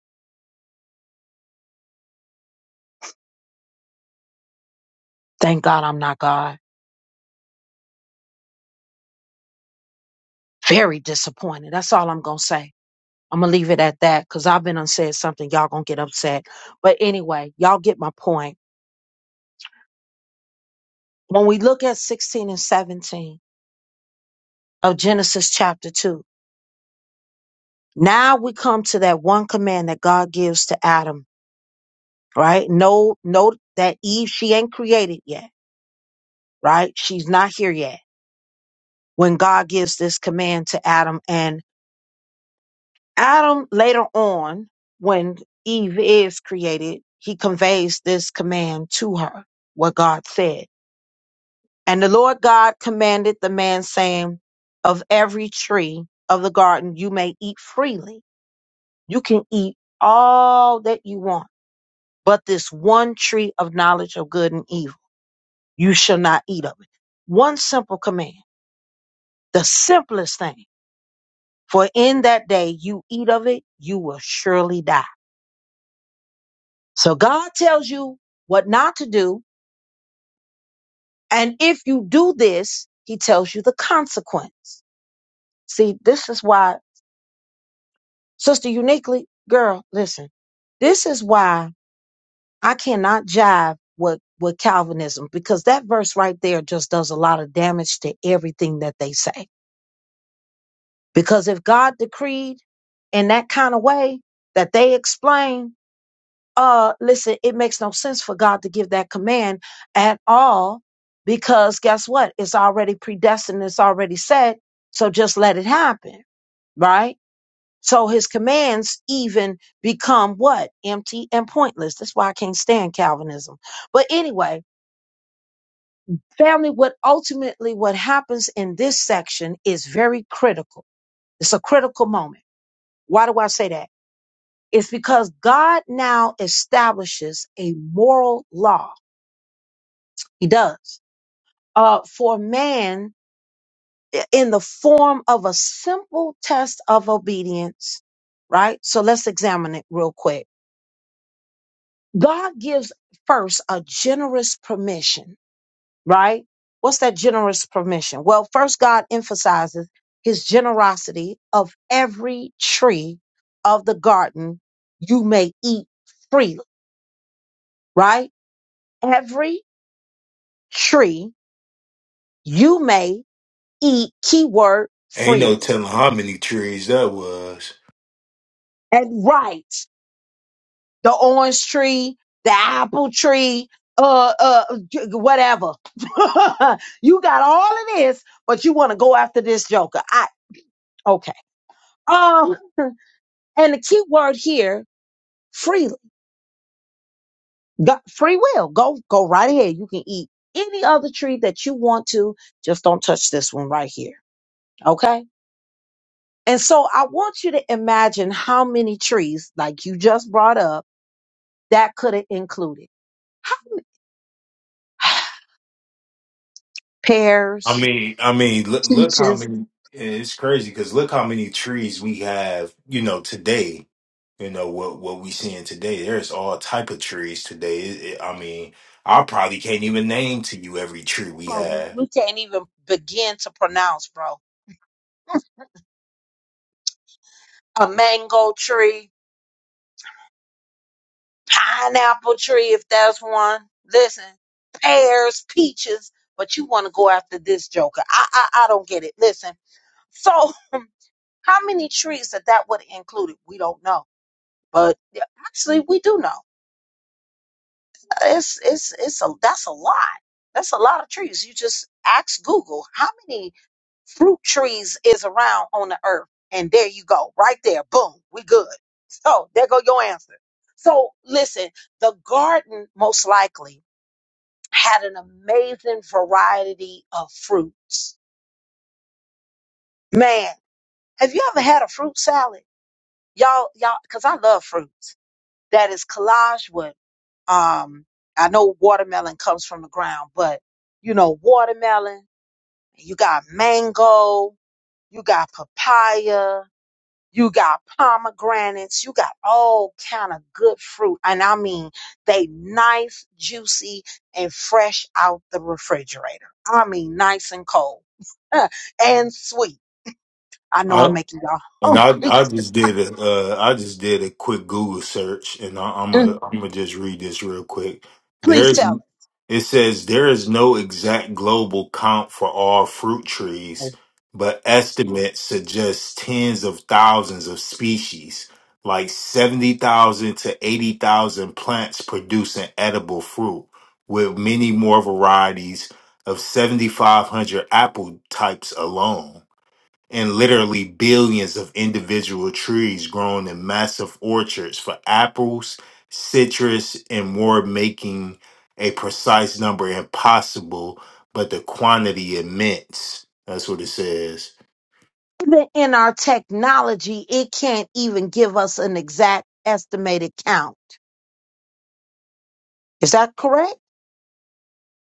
[SPEAKER 1] thank God I'm not God. very disappointed. That's all I'm gonna say. I'm gonna leave it at that because I've been unsaid something. Y'all gonna get upset. But anyway, y'all get my point. When we look at 16 and 17 of Genesis chapter 2, now we come to that one command that God gives to Adam, right? No, no, that Eve, she ain't created yet, right? She's not here yet. When God gives this command to Adam and Adam later on, when Eve is created, he conveys this command to her, what God said. And the Lord God commanded the man, saying, Of every tree of the garden you may eat freely. You can eat all that you want, but this one tree of knowledge of good and evil, you shall not eat of it. One simple command, the simplest thing. For in that day you eat of it, you will surely die So God tells you what not to do. And if you do this, he tells you the consequence. See, this is why, Sister Uniquely, girl, listen, this is why I cannot jive with, with Calvinism because that verse right there just does a lot of damage to everything that they say. Because if God decreed in that kind of way that they explain, uh listen it makes no sense for god to give that command at all because guess what it's already predestined it's already set so just let it happen right so his commands even become what empty and pointless that's why i can't stand calvinism but anyway family what ultimately what happens in this section is very critical it's a critical moment why do i say that it's because god now establishes a moral law he does uh, for man in the form of a simple test of obedience, right? So let's examine it real quick. God gives first a generous permission, right? What's that generous permission? Well, first, God emphasizes his generosity of every tree of the garden you may eat freely, right? Every tree you may eat, keyword,
[SPEAKER 4] ain't no
[SPEAKER 1] freely.
[SPEAKER 4] telling how many trees that was.
[SPEAKER 1] And right the orange tree, the apple tree, uh, uh, j- whatever. you got all of this, but you want to go after this joker. I okay. Um, and the key word here, freely, Go- free will. Go, go right ahead. You can eat any other tree that you want to. Just don't touch this one right here. Okay. And so I want you to imagine how many trees, like you just brought up, that could have included
[SPEAKER 4] I
[SPEAKER 1] pears,
[SPEAKER 4] mean, I mean, look, look how
[SPEAKER 1] peaches,
[SPEAKER 4] many. It's crazy because look how many trees we have. You know, today. You know what what we seeing today. There's all type of trees today. It- it- I mean, I probably can't even name to you every tree we
[SPEAKER 1] Some of 'em
[SPEAKER 4] have.
[SPEAKER 1] we can't even begin to pronounce, bro. A mango tree, pineapple tree, if that's one. Listen, pears, peaches, but you want to go after this joker. I, I, I don't get it. Listen, so how many trees that that would have included? We don't know, but yeah, actually we do know. It's, it's, it's a, that's a lot. That's a lot of trees. You just ask Google how many fruit trees is around on the earth. And there you go, right there. Boom, we good. So there go your answer. So listen, the garden most likely had an amazing variety of fruits. Man, have you ever had a fruit salad? Y'all, y'all, cause I love fruits. That is collage with um I know watermelon comes from the ground, but you know, watermelon, you got mango, you got papaya, You got pomegranates. You got all kind of good fruit. And I mean, they nice, juicy, and fresh out the refrigerator. I mean, nice and cold and sweet. I know I'm making y'all
[SPEAKER 4] And I,
[SPEAKER 1] hungry.
[SPEAKER 4] I just did a, uh, I just did a quick Google search, and I, I'm a,
[SPEAKER 1] Mhm.
[SPEAKER 4] I'm gonna just read this real quick.
[SPEAKER 1] Please
[SPEAKER 4] There's,
[SPEAKER 1] tell
[SPEAKER 4] it says there is no exact global count for all fruit
[SPEAKER 1] us.
[SPEAKER 4] trees, but estimates suggest tens of thousands of species, like seventy thousand to eighty thousand plants producing edible fruit, with many more varieties of seventy five hundred apple types alone and literally billions of individual trees grown in massive orchards for apples, citrus, and more, making a precise number impossible, but the quantity immense. That's what it says.
[SPEAKER 1] Even in our technology, it can't even give us an exact estimated count. Is that correct?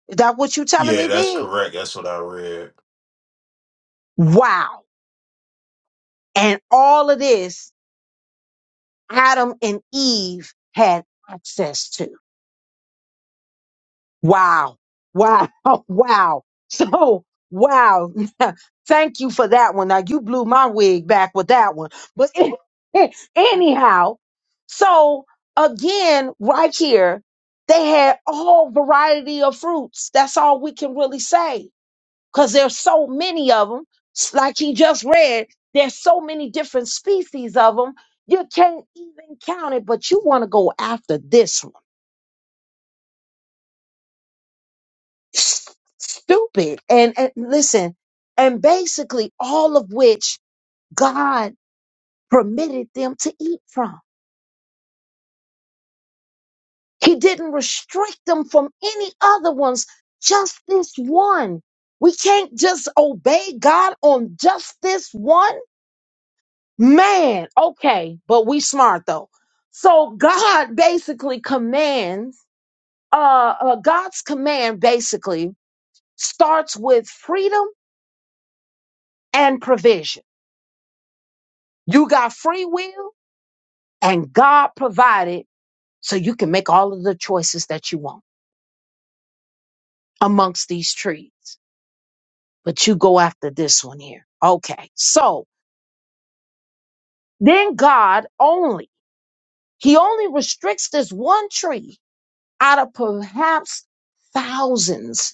[SPEAKER 1] Is that what you're telling
[SPEAKER 4] Yeah,
[SPEAKER 1] me,
[SPEAKER 4] that's
[SPEAKER 1] Big?
[SPEAKER 4] correct. That's what I read.
[SPEAKER 1] Wow. And all of this Adam and Eve had access to. Wow. Wow. Wow. So, wow. Thank you for that one. Now, you blew my wig back with that one. But anyhow, so again, right here, they had all variety of fruits. That's all we can really say because there's so many of them. Like he just read, there's so many different species of them. You can't even count it, but you want to go after this one. S- Stupid. And, and listen, and basically all of which God permitted them to eat from. He didn't restrict them from any other ones, just this one. We can't just obey God on just this one Man, okay, but we smart though. So God basically commands, uh, uh God's command basically starts with freedom and provision. You got free will and God provided so you can make all of the choices that you want amongst these trees. But you go after this one here. Okay. So then God only, he only restricts this one tree out of perhaps thousands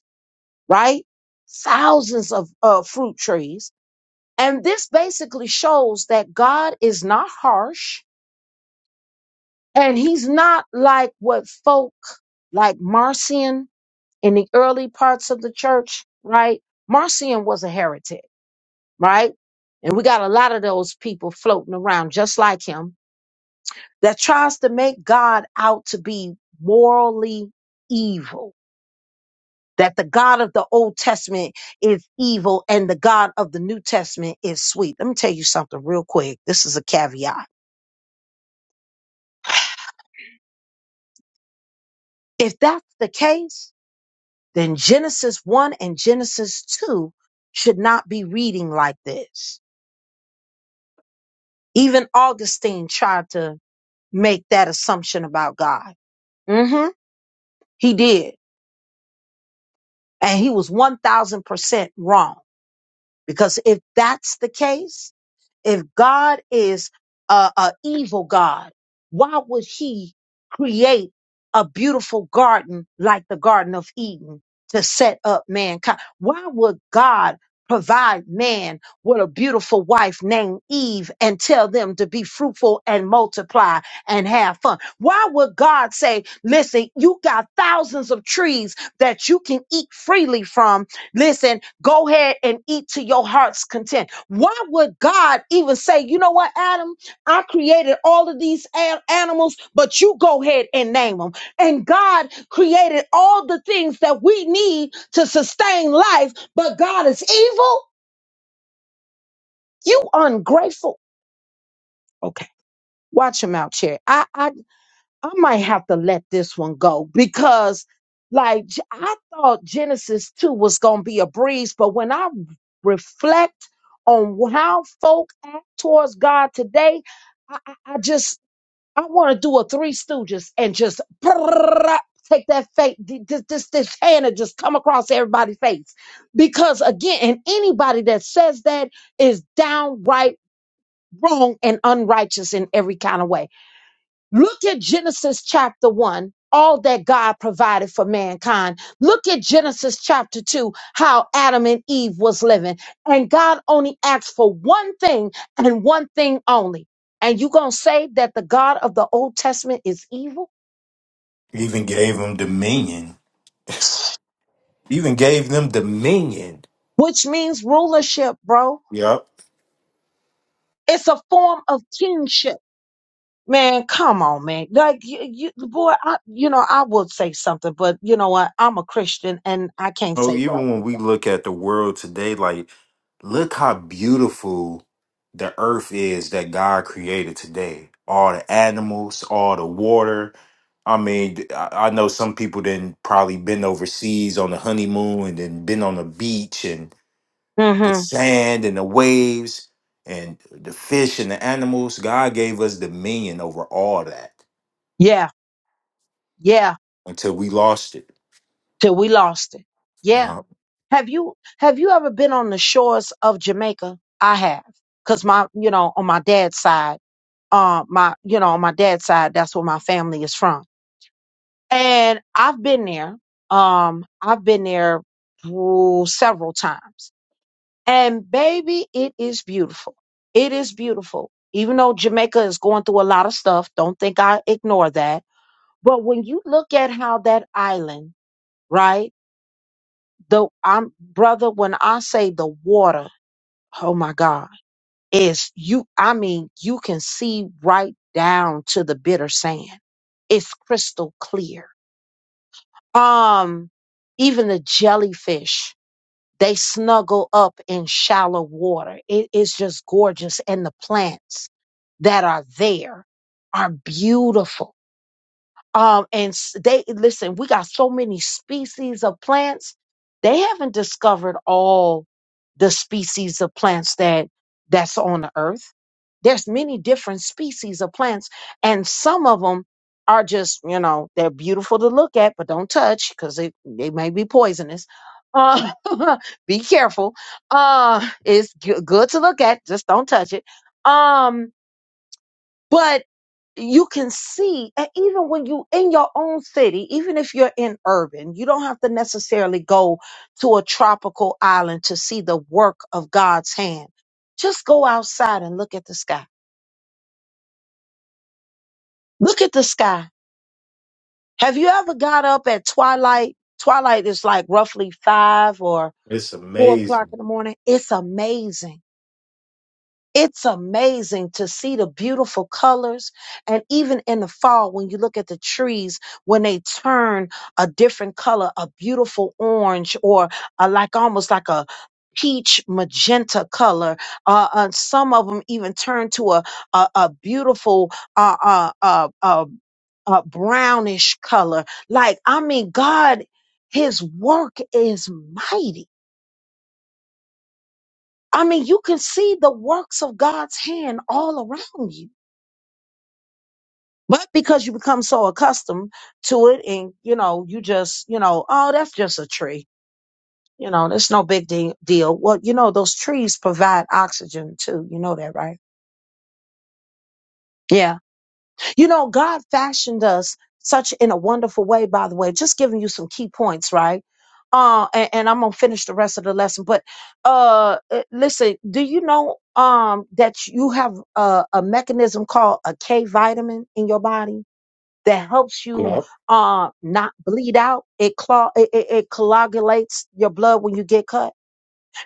[SPEAKER 1] right? Thousands of uh, fruit trees. And this basically shows that God is not harsh and he's not like what folk like Marcion in the early parts of the church, right? Marcion was a heretic, right? And we got a lot of those people floating around just like him that tries to make God out to be morally evil that the God of the Old Testament is evil and the God of the New Testament is sweet. Let me tell you something real quick. This is a caveat. If that's the case, then Genesis 1 and Genesis 2 should not be reading like this. Even Augustine tried to make that assumption about God. Mm hmm He did. And he was 1000% wrong. Because if that's the case, If God is a, a evil God, why would he create a beautiful garden like the Garden of Eden to set up mankind? Why would God provide man with a beautiful wife named Eve and tell them to be fruitful and multiply and have fun? Why would God say, listen, you got thousands of trees that you can eat freely from. Listen, go ahead and eat to your heart's content. Why would God even say, you know what, Adam, I created all of these a- animals, but you go ahead and name them. And God created all the things that we need to sustain life, but God is evil? You ungrateful. Okay, watch him out, Cherry. I, I I might have to let this one go because, like, J- I thought Genesis 2 was going to be a breeze, but when I reflect on how folk act towards God today, I, I, I just, I want to do a Three Stooges and just take that face, this, this, this hand and just come across everybody's face. Because again, and anybody that says that is downright wrong and unrighteous in every kind of way. Look at Genesis chapter 1, all that God provided for mankind. Look at Genesis chapter 2, how Adam and Eve was living. And God only asked for one thing and one thing only. And you going to say that the God of the Old Testament is evil,
[SPEAKER 4] Even gave them dominion. Even gave them dominion.
[SPEAKER 1] which means rulership, bro.
[SPEAKER 4] Yep.
[SPEAKER 1] It's a form of kingship. Man, come on, man. Like you, you boy, I, you know, I would say something, but you know what? I'm a Christian and I can't
[SPEAKER 4] know,
[SPEAKER 1] say what I
[SPEAKER 4] even when
[SPEAKER 1] want
[SPEAKER 4] we look at the world today, like, look how beautiful the earth is that God created today. All the animals, all the water. I mean, th- I I know some people then probably been overseas on the honeymoon and then been on the beach and
[SPEAKER 1] to say.
[SPEAKER 4] the
[SPEAKER 1] hmm
[SPEAKER 4] sand and the waves and the fish and the animals. God gave us dominion over all that
[SPEAKER 1] Yeah. Yeah,
[SPEAKER 4] until we lost it.
[SPEAKER 1] till we lost it.
[SPEAKER 4] You
[SPEAKER 1] Yeah.
[SPEAKER 4] know,
[SPEAKER 1] Have you have you ever been on the shores of Jamaica? I have. Cause my, you know, on my dad's side, uh, my, you know, on my dad's side, that's where my family is from. And I've been there. Um, I've been there ooh, several times. And baby, it is beautiful. It is beautiful. Even though Jamaica is going through a lot of stuff, don't think I ignore that. But when you look at how that island, right? the I'm brother, when I say the water, oh my God, is you I mean, you can see right down to the bitter sand. It's crystal clear. Um, even the jellyfish, they snuggle up in shallow water. It is just gorgeous. And the plants that are there are beautiful um, and s- they listen, we got so many species of plants. They haven't discovered all the species of plants that that's on the earth. There's many different species of plants, and some of them are just, you know, they're beautiful to look at, but don't touch because they, they may be poisonous. Uh, be careful. Uh, it's g- good to look at, just don't touch it. Um, but you can see, and even when you in your own city, even if you're in urban, you don't have to necessarily go to a tropical island to see the work of God's hand. Just go outside and look at the sky. Look at the sky. Have you ever got up at twilight? Twilight is like roughly five or
[SPEAKER 4] It's
[SPEAKER 1] four o'clock
[SPEAKER 4] amazing.
[SPEAKER 1] in the morning. It's amazing It's amazing to see the beautiful colors. And even in the fall, when you look at the trees, when they turn a different color, a beautiful orange or a, like almost like a peach magenta color. Uh, uh, some of them even turn to a, a, a beautiful, uh, uh, uh, uh, uh, brownish color. Like, I mean, God, his work is mighty. I mean, you can see the works of God's hand all around you But because you become so accustomed to it and, you know, you just, you know, oh, that's just a tree. You know, that's no big de- deal. Well, you know, those trees provide oxygen too. You know that, right? Yeah. You know, God fashioned us such in a wonderful way, by the way, just giving you some key points, right? Uh, and, and I'm gonna finish the rest of the lesson, but uh, uh, listen, do you know um that you have a, a mechanism called a K vitamin in your body? that helps you uh, not bleed out. It, clog, it, it, it coagulates your blood when you get cut.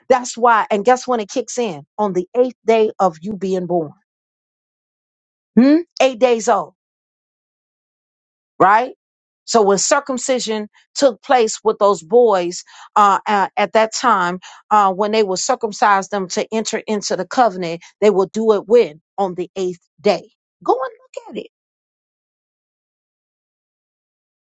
[SPEAKER 1] That's why. And guess when it kicks in? On the eighth day of you being born. Hmm? Eight days old, right? So when circumcision took place with those boys uh, uh, at that time, uh, when they would circumcise them to enter into the covenant, they will do it when? On the eighth day. Go and look at it.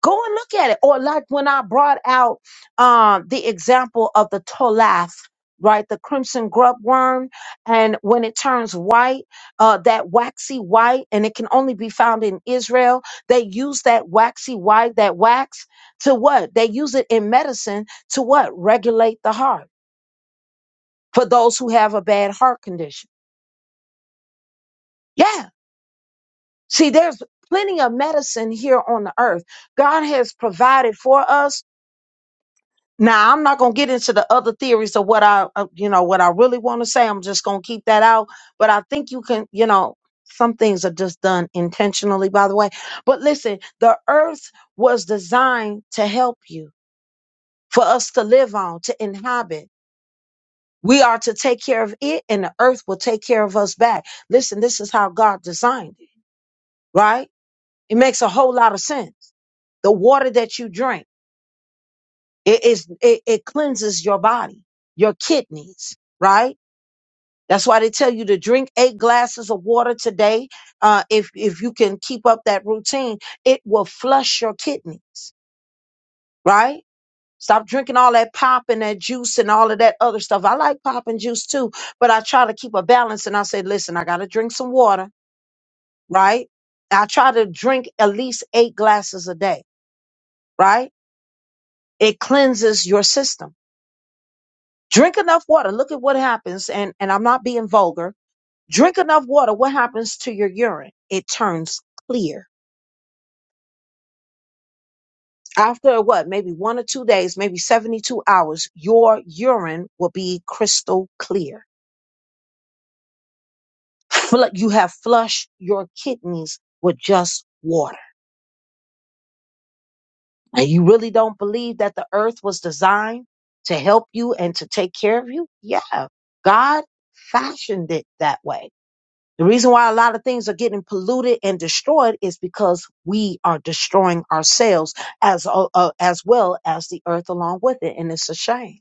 [SPEAKER 1] Go and look at it. Or like when I brought out um, the example of the tolath, right, the crimson grub worm, and when it turns white, uh, that waxy white, and it can only be found in Israel. They use that waxy white, that wax, to what? They use it in medicine to what? Regulate the heart for those who have a bad heart condition. Yeah. See, there's plenty of medicine here on the earth. God has provided for us Now I'm not gonna get into the other theories of what I, uh, you know, what I really want to say. I'm just gonna keep that out. But I think you can, you know, some things are just done intentionally, by the way. But listen, the earth was designed to help you, for us to live on, to inhabit. We are to take care of it, and the earth will take care of us back. Listen, this is how God designed it, right? It makes a whole lot of sense. The water that you drink. It is it, it cleanses your body, your kidneys, right? That's why they tell you to drink eight glasses of water today. Uh, if if you can keep up that routine, it will flush your kidneys, right? Stop drinking all that pop and that juice and all of that other stuff. I like pop and juice too, but I try to keep a balance and I say, listen, I gotta drink some water, right? I try to drink at least eight glasses a day, right? It cleanses your system drink enough water look at what happens and and i'm not being vulgar drink enough water what happens to your urine it turns clear after what maybe one or two days maybe 72 hours your urine will be crystal clear Fl- you have flushed your kidneys with just water and you really don't believe that the earth was designed to help you and to take care of you yeah god fashioned it that way The reason why a lot of things are getting polluted and destroyed is because we are destroying ourselves as uh, uh, as well as the earth along with it, and it's a shame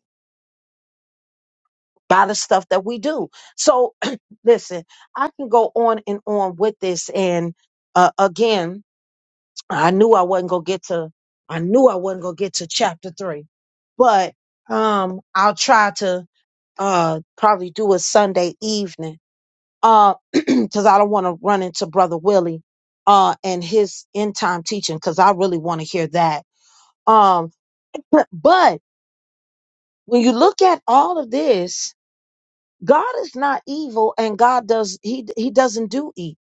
[SPEAKER 1] by the stuff that we do. So, listen, I can go on and on with this, and uh, again, I knew I wasn't gonna get to, I knew I wasn't gonna get to chapter three, but um, I'll try to uh probably do a Sunday evening uh because i don't want to run into brother willie uh and his end time teaching because i really want to hear that um but, but when you look at all of this god is not evil and god does he he doesn't do evil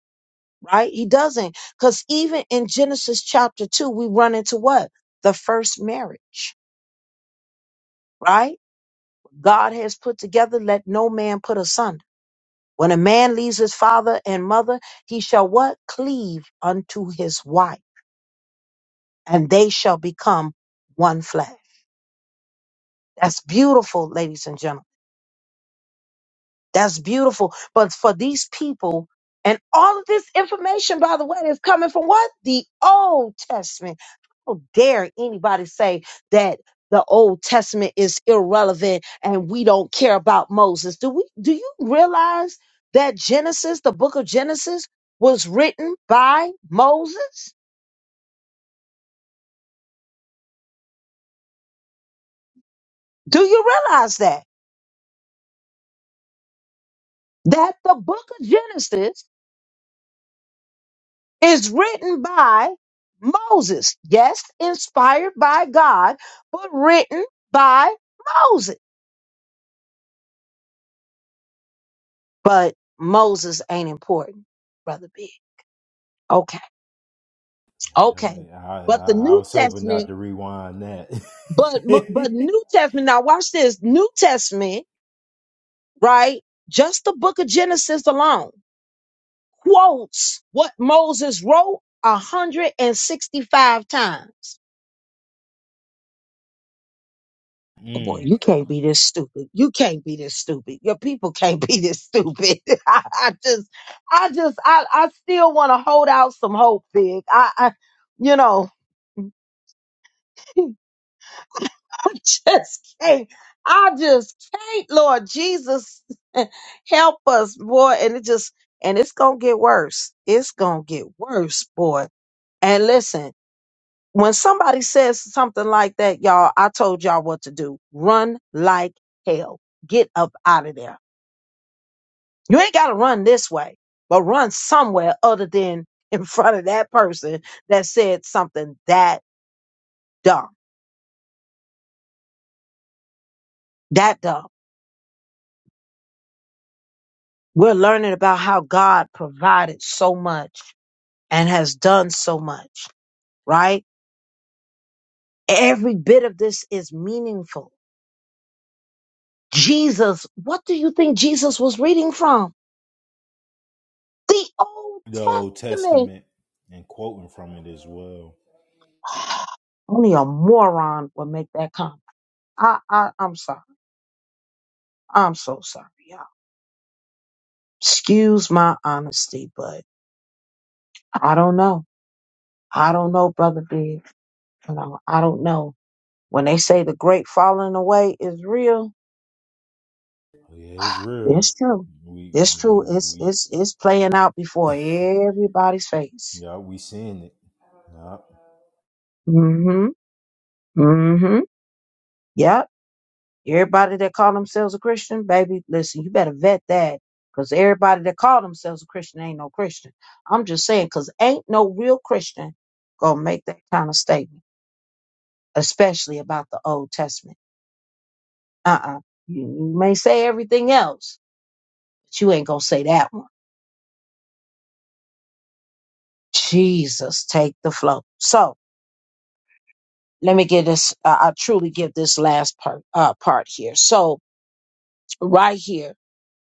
[SPEAKER 1] right he doesn't because even in genesis chapter 2 we run into what the first marriage right god has put together let no man put asunder when a man leaves his father and mother he shall what cleave unto his wife and they shall become one flesh. That's beautiful, ladies and gentlemen. That's beautiful. But for these people, and all of this information, by the way, is coming from what? The Old Testament. How dare anybody say that the Old Testament is irrelevant and we don't care about Moses? Do we do you realize that Genesis, the book of Genesis, was written by Moses? Do you realize that? That the book of Genesis is written by Moses. Yes, inspired by God, but written by Moses. But Moses ain't important, brother Big. Okay, okay.
[SPEAKER 4] Uh, I,
[SPEAKER 1] But the
[SPEAKER 4] I, I
[SPEAKER 1] New
[SPEAKER 4] was hoping not
[SPEAKER 1] Testament,
[SPEAKER 4] to rewind that.
[SPEAKER 1] but Mo- but New Testament. Now watch this. New Testament, right? Just the Book of Genesis alone quotes what Moses wrote a hundred and sixty-five times. Oh boy,
[SPEAKER 4] mm,
[SPEAKER 1] you can't be this stupid. You can't be this stupid. Your people can't be this stupid. I, I just, I just, I, I still want to hold out some hope, Big. I, I you know, I just can't. I just can't, Lord Jesus, help us, boy. And it just, and it's gonna get worse. It's gonna get worse, boy. And listen. when somebody says something like that, y'all, I told y'all what to do. Run like hell. Get up out of there. You ain't got to run this way, but run somewhere other than in front of that person that said something that dumb. That dumb. We're learning about how God provided so much and has done so much, right? Every bit of this is meaningful. Jesus, what do you think Jesus was reading from? The Old
[SPEAKER 4] the Old
[SPEAKER 1] Testament.
[SPEAKER 4] Testament and quoting from it as well.
[SPEAKER 1] Only a moron would make that comment. I, I, I'm sorry. I'm so sorry, y'all. Excuse my honesty, but I don't know. I don't know, brother Big. You know, I don't know. When they say the great falling away is real,
[SPEAKER 4] Yeah, it's real.
[SPEAKER 1] it's true.
[SPEAKER 4] We, I
[SPEAKER 1] It's true.
[SPEAKER 4] mean,
[SPEAKER 1] It's
[SPEAKER 4] we,
[SPEAKER 1] it's it's playing out before everybody's face.
[SPEAKER 4] yeah, we seeing it. Yeah.
[SPEAKER 1] Mm-hmm. Mm-hmm. Yep. Everybody that call themselves a Christian, baby, listen, you better vet that. Because everybody that call themselves a Christian ain't no Christian. I'm just saying, because ain't no real Christian gonna make that kind of statement, especially about the Old Testament. Uh-uh. You, you may say everything else, but you ain't gonna say that one. Jesus, take the flow. So let me get this. Uh, I truly give this last part uh, part here. So right here,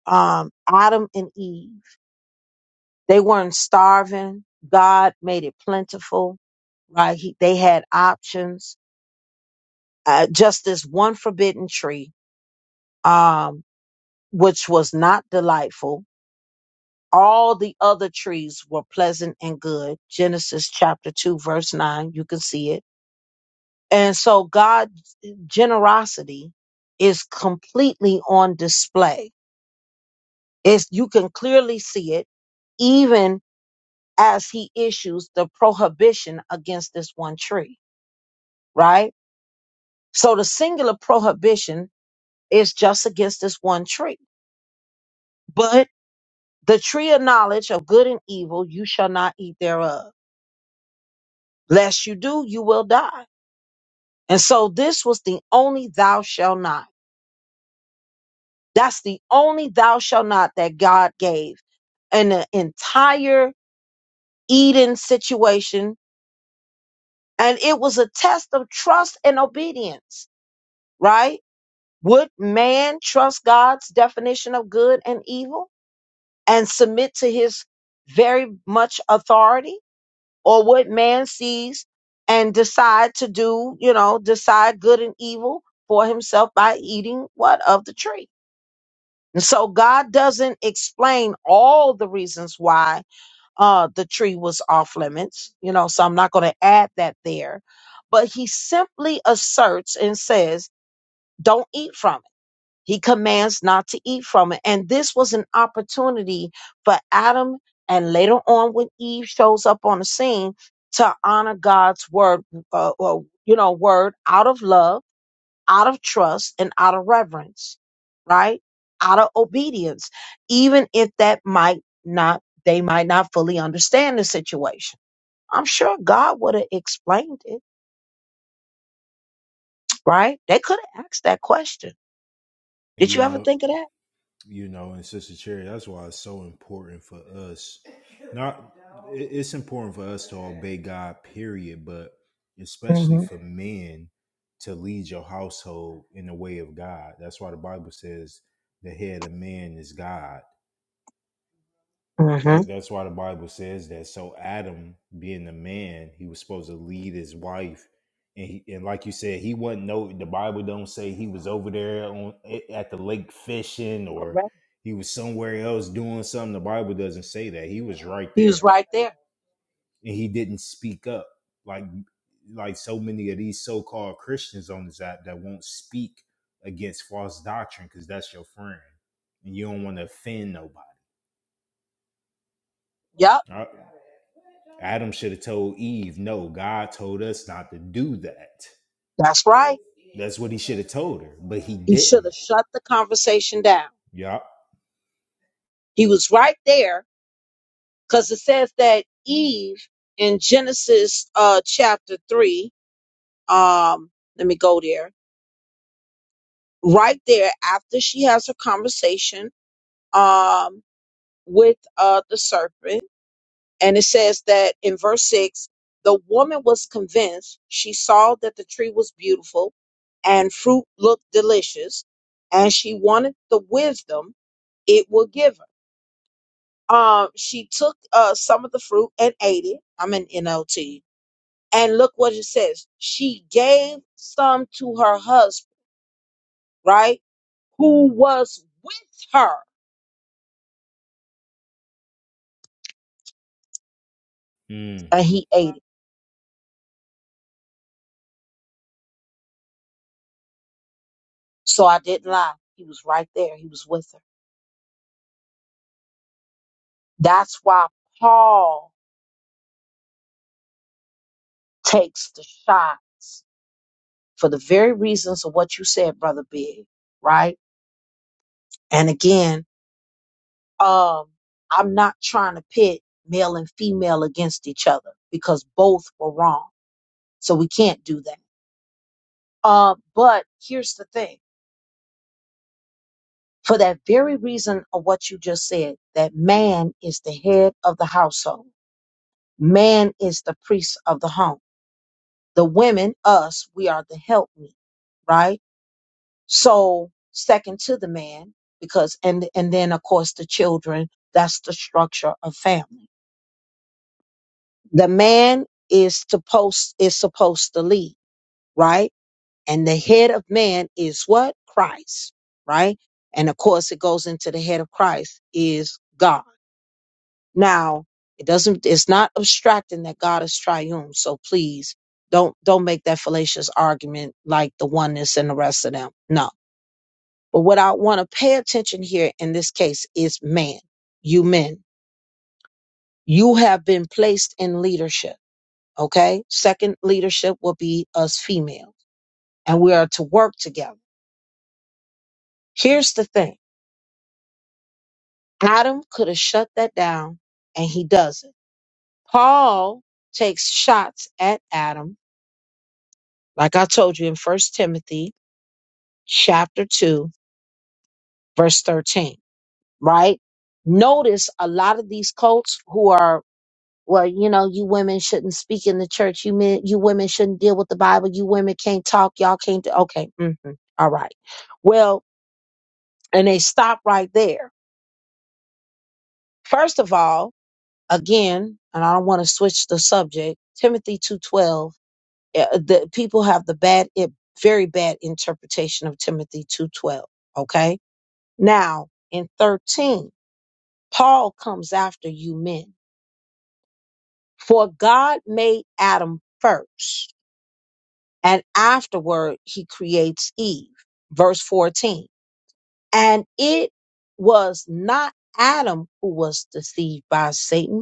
[SPEAKER 1] um, Adam and Eve. They weren't starving. God made it plentiful, right? He, they had options. Uh, just this one forbidden tree, um, which was not delightful. All the other trees were pleasant and good. Genesis chapter 2, verse 9, you can see it. And so God's generosity is completely on display. It's, you can clearly see it even as he issues the prohibition against this one tree right? So the singular prohibition is just against this one tree. But the tree of knowledge of good and evil, you shall not eat thereof. Lest you do, you will die. And so this was the only thou shall not. That's the only thou shall not that God gave in the entire Eden situation. And it was a test of trust and obedience, right? Would man trust God's definition of good and evil? and submit to his very much authority or what man sees and decide to do, you know, decide good and evil for himself by eating what of the tree. And so God doesn't explain all the reasons why uh, the tree was off limits, you know, so I'm not going to add that there. But he simply asserts and says, don't eat from it he commands not to eat from it. And this was an opportunity for Adam, and later on when Eve shows up on the scene, to honor God's word, uh, well, you know, word out of love, out of trust, and out of reverence, right? Out of obedience, even if that might not, they might not fully understand the situation. I'm sure God would have explained it, right? They could have asked that question. Did
[SPEAKER 4] You
[SPEAKER 1] you ever
[SPEAKER 4] know,
[SPEAKER 1] think of that?
[SPEAKER 4] you know, and Sister Cherry, that's why it's so important for us. Not, it's important for us to obey God, period, but especially
[SPEAKER 1] Mm-hmm.
[SPEAKER 4] for men to lead your household in the way of God. That's why the Bible says the head of man is God.
[SPEAKER 1] hmm
[SPEAKER 4] That, that's why the Bible says that. So Adam, being a man, he was supposed to lead his wife, and he, and like you said, he wasn't no. The Bible don't say he was over there on at the lake fishing
[SPEAKER 1] hmm
[SPEAKER 4] or he was somewhere else doing something. The Bible doesn't say that. He was right
[SPEAKER 1] He was
[SPEAKER 4] there,
[SPEAKER 1] right there.
[SPEAKER 4] and he didn't speak up like like so many of these so called Christians on this app that won't speak against false doctrine because that's your friend, and you don't want to offend nobody.
[SPEAKER 1] Yep,
[SPEAKER 4] Adam should have told Eve, no, God told us not to do that.
[SPEAKER 1] that's right.
[SPEAKER 4] That's what he should have told her, but he
[SPEAKER 1] He should
[SPEAKER 4] didn't.
[SPEAKER 1] have shut the conversation down.
[SPEAKER 4] Yup.
[SPEAKER 1] He was right there because it says that Eve in Genesis uh, chapter 3, um, let me go there, right there after she has her conversation um, with uh, the serpent. And it says that in verse 6, the woman was convinced she saw that the tree was beautiful and fruit looked delicious, and she wanted the wisdom it will give her. Um, she took uh, some of the fruit and ate it. I'm an NLT. And look what it says. She gave some to her husband, right? Who was with her,
[SPEAKER 4] Mm.
[SPEAKER 1] and he ate it. So I didn't lie. He was right there. He was with her. That's why Paul takes the shots for the very reasons of what you said, Brother Big, right? And again, Um, I'm not trying to pit male and female against each other because both were wrong. So we can't do that. Um, but here's the thing. For that very reason of what you just said, that man is the head of the household. Man is the priest of the home. The women, us, we are the helpmeet, right? So second to the man, because and and then of course the children, that's the structure of family the man is supposed is supposed to lead, right? And the head of man is what? Christ, right? And of course it goes into the head of Christ is God. Now, it doesn't it's not abstracting that God is triune. So please don't don't make that fallacious argument like the oneness and the rest of them. No. But what I want to pay attention here in this case is man, you men. You have been placed in leadership Okay. Second leadership will be us females, and we are to work together. Here's the thing Adam could have shut that down, and he doesn't. Paul takes shots at Adam, like I told you in First Timothy chapter 2, verse 13, right? Notice a lot of these cults who are well, you know, you women shouldn't speak in the church. You men, you women shouldn't deal with the Bible. You women can't talk. Y'all can't. do-" Okay, hmm all right. Well, and they stop right there. First of all, again, and I don't want to switch the subject. Timothy two twelve. eh, Uh, The people have the bad, it, very bad interpretation of Timothy two twelve. Okay, now in thirteen, Paul comes after you men. For God made Adam first, and afterward He creates Eve. Verse fourteen, and it was not Adam who was deceived by Satan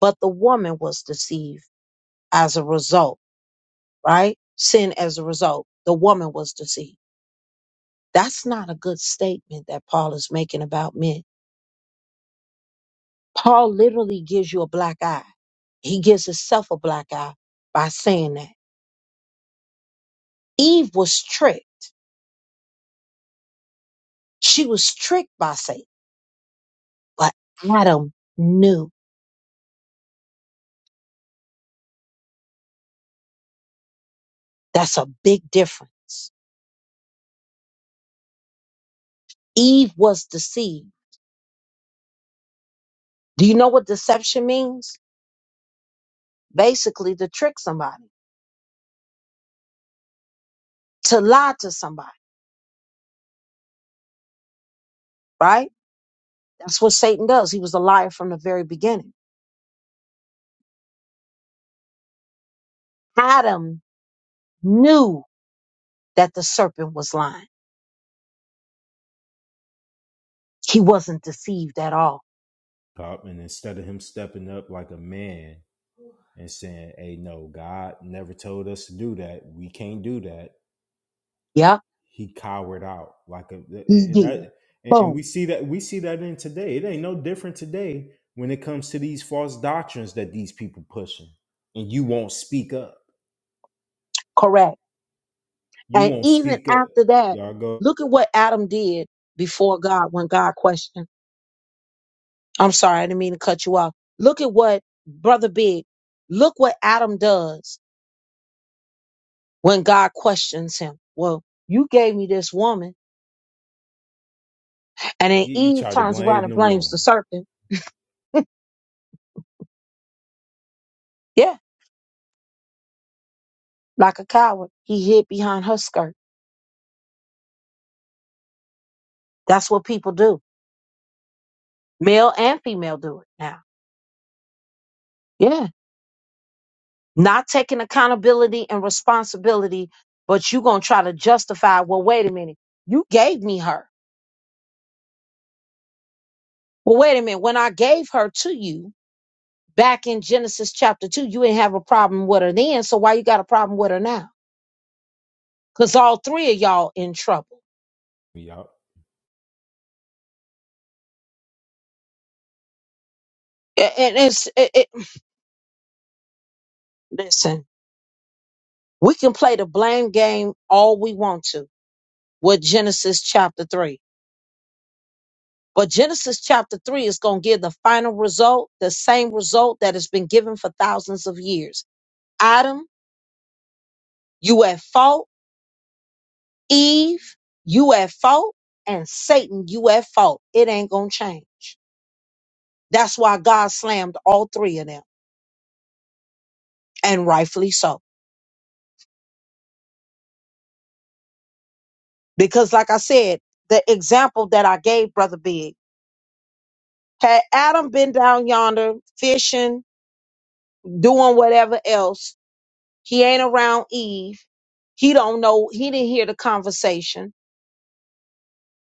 [SPEAKER 1] but the woman was deceived as a result, right? Sin as a result. The woman was deceived. That's not a good statement that Paul is making about men. Paul literally gives you a black eye. He gives himself a black eye by saying that. Eve was tricked. She was tricked by Satan, but Adam knew. That's a big difference. Eve was deceived. Do you know what deception means? Basically, to trick somebody, to lie to somebody, right? That's what Satan does. He was a liar from the very beginning. Adam knew that the serpent was lying. He wasn't deceived at all.
[SPEAKER 4] Yup. And instead of him stepping up like a man and saying, hey, no, God never told us to do that. We can't do that.
[SPEAKER 1] Yeah,
[SPEAKER 4] He cowered out like a,
[SPEAKER 1] he
[SPEAKER 4] and
[SPEAKER 1] did.
[SPEAKER 4] that, and we
[SPEAKER 1] Boom.
[SPEAKER 4] see that, we see that in today. It ain't no different today when it comes to these false doctrines that these people pushing and you won't speak up.
[SPEAKER 1] Correct.
[SPEAKER 4] You
[SPEAKER 1] And
[SPEAKER 4] won't
[SPEAKER 1] even
[SPEAKER 4] speak up.
[SPEAKER 1] after that,
[SPEAKER 4] Y'all go.
[SPEAKER 1] look at what Adam did before God when God questioned. I'm sorry, I didn't mean to cut you off. Look at what Brother Big, look what Adam does when God questions him. Well, you gave me this woman. And then
[SPEAKER 4] He you
[SPEAKER 1] Eve
[SPEAKER 4] try to
[SPEAKER 1] turns around
[SPEAKER 4] blame
[SPEAKER 1] and
[SPEAKER 4] the
[SPEAKER 1] blames the
[SPEAKER 4] woman.
[SPEAKER 1] serpent. Yeah. Like a coward, he hid behind her skirt. That's what people do. Male and female do it now. Yeah. Not taking accountability and responsibility, but you going to try to justify, well, wait a minute. You gave me her. Well, wait a minute. When I gave her to you back in Genesis chapter 2, you didn't have a problem with her then. So why you got a problem with her now? Because all three of y'all in trouble.
[SPEAKER 4] Yup.
[SPEAKER 1] A- And it's, it, it, listen, we can play the blame game all we want to with Genesis chapter 3 But Genesis chapter 3 is going to give the final result, the same result that has been given for thousands of years. Adam, you at fault. Eve, you at fault. And Satan, you at fault. It ain't going to change. That's why God slammed all three of them, and rightfully so. Because, like I said, the example that I gave, Brother Big, had Adam been down yonder fishing, doing whatever else, he ain't around Eve. He don't know, he didn't hear the conversation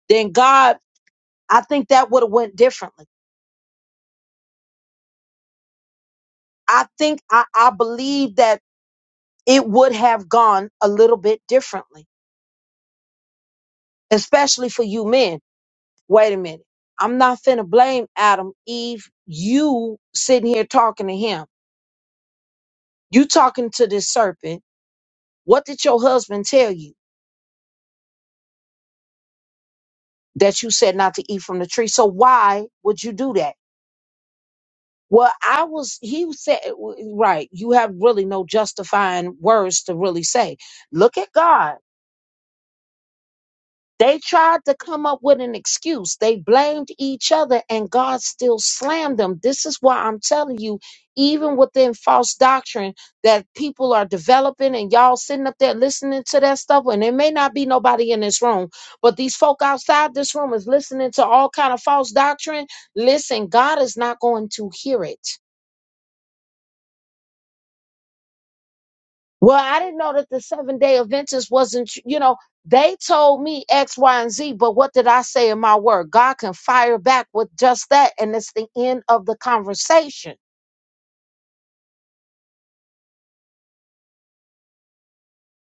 [SPEAKER 1] then God, I think that would have went differently. I think I, I believe that it would have gone a little bit differently, especially for you men. Wait a minute. I'm not finna blame Adam, Eve, you sitting here talking to him. You talking to this serpent. What did your husband tell you that you said not to eat from the tree? So why would you do that? Well, I was, he said, right, you have really no justifying words to really say. Look at God. They tried to come up with an excuse. They blamed each other, and God still slammed them. This is why I'm telling you, even within false doctrine that people are developing, and y'all sitting up there listening to that stuff, and there may not be nobody in this room, but these folk outside this room is listening to all kind of false doctrine. Listen, God is not going to hear it. Well, I didn't know that the seven day Adventist wasn't, tr- you know, they told me X, Y, and Z, but what did I say in my word? God can fire back with just that, and it's the end of the conversation.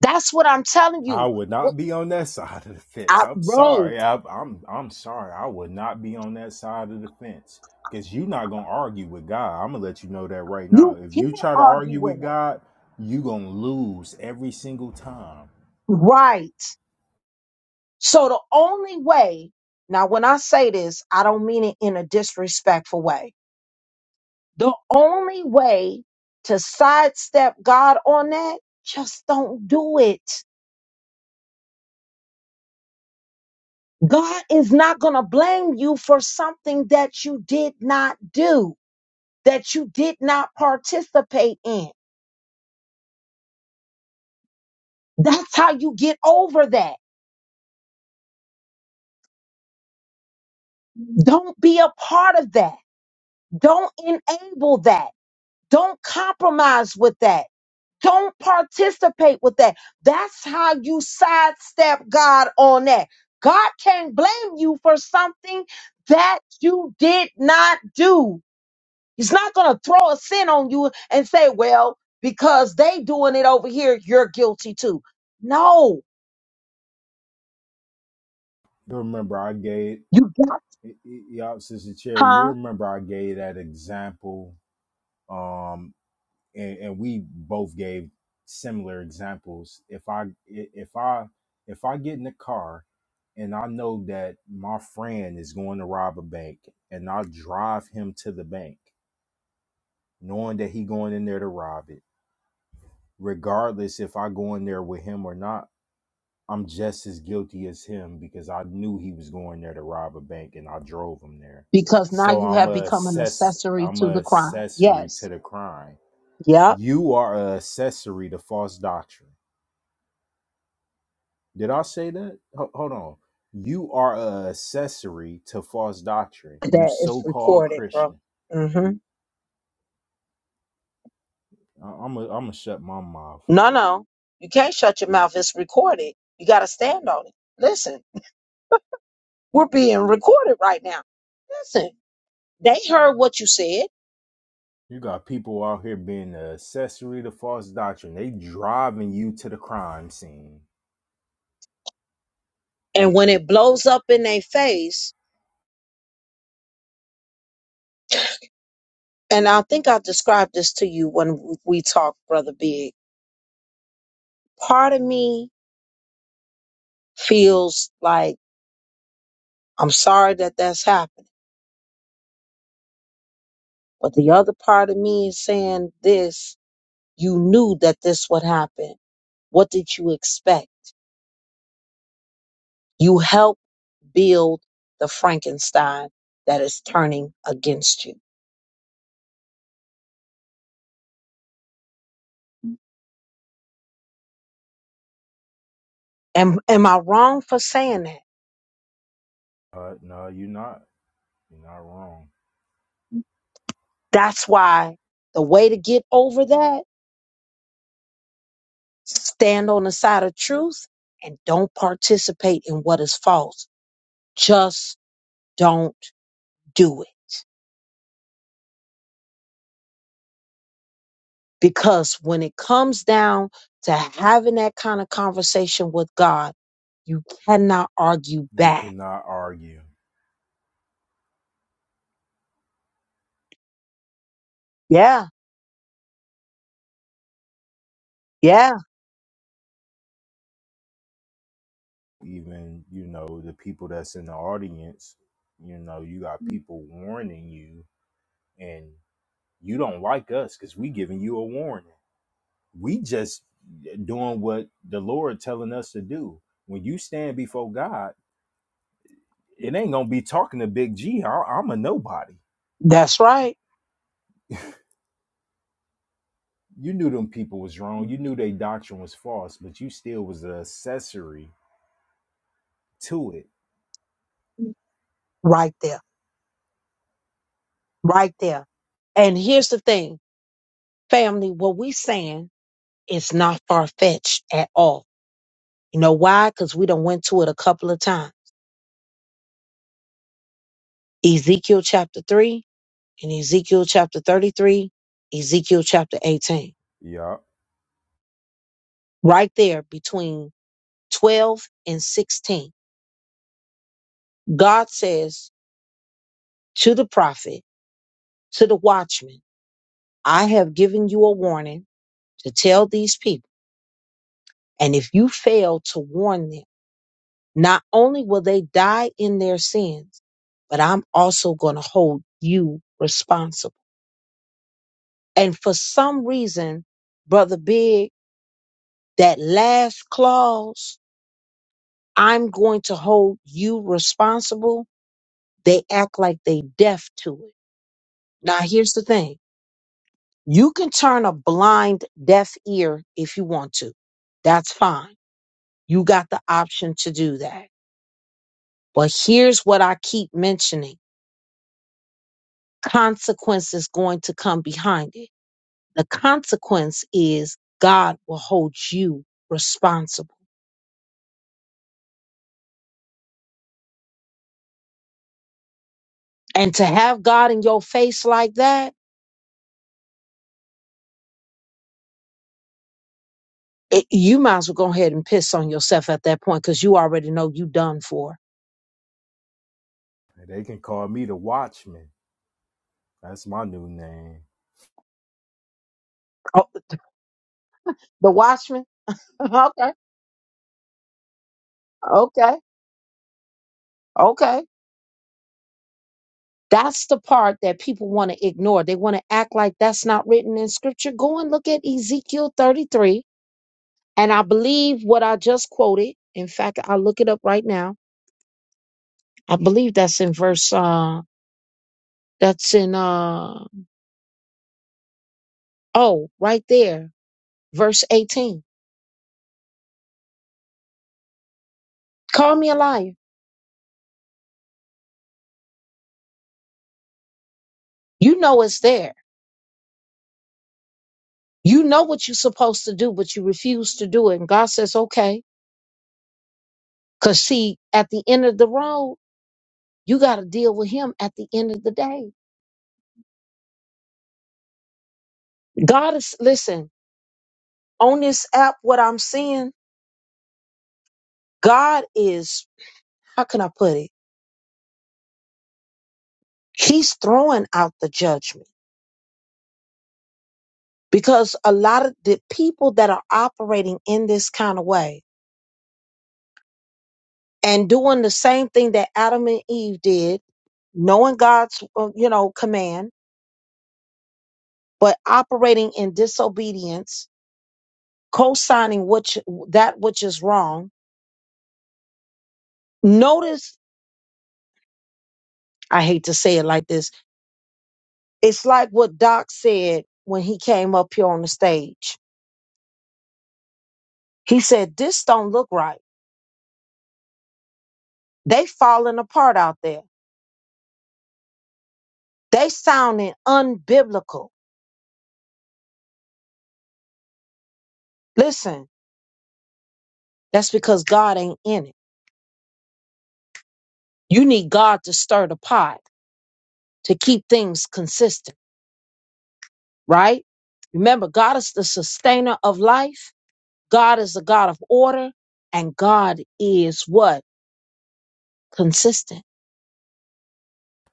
[SPEAKER 1] That's what I'm telling
[SPEAKER 4] I
[SPEAKER 1] you.
[SPEAKER 4] would
[SPEAKER 1] What
[SPEAKER 4] not be on that side of the fence.
[SPEAKER 1] I
[SPEAKER 4] I'm
[SPEAKER 1] wrong.
[SPEAKER 4] sorry. I, I'm I'm sorry. I would not be on that side of the fence because you're not gonna argue with God. I'm gonna let you know that right now.
[SPEAKER 1] You
[SPEAKER 4] If
[SPEAKER 1] can't
[SPEAKER 4] you try to
[SPEAKER 1] argue
[SPEAKER 4] argue with
[SPEAKER 1] with it.
[SPEAKER 4] God, you are gonna lose every single time.
[SPEAKER 1] Right. So the only way, now when I say this, I don't mean it in a disrespectful way. The only way to sidestep God on that, just don't do it God is not going to blame you for something that you did not do, that you did not participate in. That's how you get over that. Don't be a part of that. Don't enable that. Don't compromise with that. Don't participate with that. That's how you sidestep God on that. God can't blame you for something that you did not do. He's not going to throw a sin on you and say, well, because they doing it over here, you're guilty too. No,
[SPEAKER 4] You remember I gave
[SPEAKER 1] you got,
[SPEAKER 4] y'all sister Cherry. You
[SPEAKER 1] huh?
[SPEAKER 4] remember I gave that example. Um, and, and we both gave similar examples if i if i if i get in the car and i know that my friend is going to rob a bank and i drive him to the bank knowing that he going in there to rob it regardless if i go in there with him or not i'm just as guilty as him because i knew he was going there to rob a bank and i drove him there
[SPEAKER 1] Because now
[SPEAKER 4] so
[SPEAKER 1] you
[SPEAKER 4] i'm
[SPEAKER 1] have
[SPEAKER 4] a
[SPEAKER 1] become an
[SPEAKER 4] assess
[SPEAKER 1] accessory
[SPEAKER 4] i'm
[SPEAKER 1] to
[SPEAKER 4] a
[SPEAKER 1] the crime.
[SPEAKER 4] accessory to
[SPEAKER 1] Yes.
[SPEAKER 4] the crime
[SPEAKER 1] Yep.
[SPEAKER 4] You are an accessory to false doctrine. Did I say that? Ho- hold on. You are an accessory to false doctrine. You
[SPEAKER 1] That is
[SPEAKER 4] so-called
[SPEAKER 1] recorded, bro.
[SPEAKER 4] Christian.
[SPEAKER 1] hmm
[SPEAKER 4] I'm i am gonna, i gonna shut my mouth.
[SPEAKER 1] No, no. You can't shut your mouth. It's recorded. You got to stand on it. Listen, we're being recorded right now. Listen, they heard what you said.
[SPEAKER 4] You got people out here being an accessory to false doctrine. They driving you to the crime scene.
[SPEAKER 1] And when it blows up in their face, and I think i described this to you when we talked, Brother Big. Part of me feels like I'm sorry that that's happened, but the other part of me is saying this. You knew that this would happen. What did you expect? You helped build the Frankenstein that is turning against you. Am, am I wrong for saying that?
[SPEAKER 4] Uh, no, you're not. You're not wrong.
[SPEAKER 1] That's why the way to get over that, stand on the side of truth and don't participate in what is false just don't do it. Because when it comes down to having that kind of conversation with God, you cannot argue
[SPEAKER 4] You
[SPEAKER 1] back.
[SPEAKER 4] cannot argue.
[SPEAKER 1] Yeah, yeah,
[SPEAKER 4] Even you know the people that's in the audience. You know you got people warning you, and You don't like us because we giving you a warning. We just eh, doing what the Lord telling us to do. When you stand before God, it ain't gonna be talking to Big G. I, I'm a nobody.
[SPEAKER 1] that's right.
[SPEAKER 4] You knew them people was wrong. You knew their doctrine was false, but you still was an accessory to it.
[SPEAKER 1] Right there, right there. And here's the thing, family, what we saying is not far fetched at all. You know why? Because we done went to it a couple of times. Ezekiel chapter 3 and Ezekiel chapter 33, Ezekiel chapter 18.
[SPEAKER 4] Yup.
[SPEAKER 1] Right there between 12 and 16. God says to the prophet, to the watchman, I have given you a warning to tell these people. And if you fail to warn them, not only will they die in their sins, but I'm also going to hold you responsible. And for some reason, Brother Big, that last clause, I'm going to hold you responsible, they act like they deaf to it. Now, here's the thing You can turn a blind, deaf ear if you want to. That's fine. You got the option to do that. But here's what I keep mentioning consequence is going to come behind it. The consequence is God will hold you responsible. And to have God in your face like that, it, you might as well go ahead and piss on yourself at that point because you already know you done for.
[SPEAKER 4] They can call me the Watchman. That's my new name.
[SPEAKER 1] Oh, the watchman? okay, okay, okay. That's the part that people want to ignore. They want to act like that's not written in scripture. Go and look at Ezekiel 33. And I believe what I just quoted. In fact, I'll look it up right now. I believe that's in verse, uh, that's in, uh, oh, right there, verse 18. Call me a liar. You know it's there. You know what you're supposed to do, but you refuse to do it. And God says, okay. Cause see, at the end of the road, you got to deal with him at the end of the day. God is, listen, on this app, what I'm seeing, God is, how can I put it? He's throwing out the judgment because a lot of the people that are operating in this kind of way and doing the same thing that Adam and Eve did, knowing God's, uh, you know, command, but operating in disobedience, co-signing which, that which is wrong. Notice, I hate to say it like this. It's like what Doc said when he came up here on the stage He said, This don't look right. They falling apart out there. They sounding unbiblical. Listen, that's because God ain't in it. You need God to stir the pot to keep things consistent, right? Remember, God is the sustainer of life. God is the God of order. And God is what? Consistent.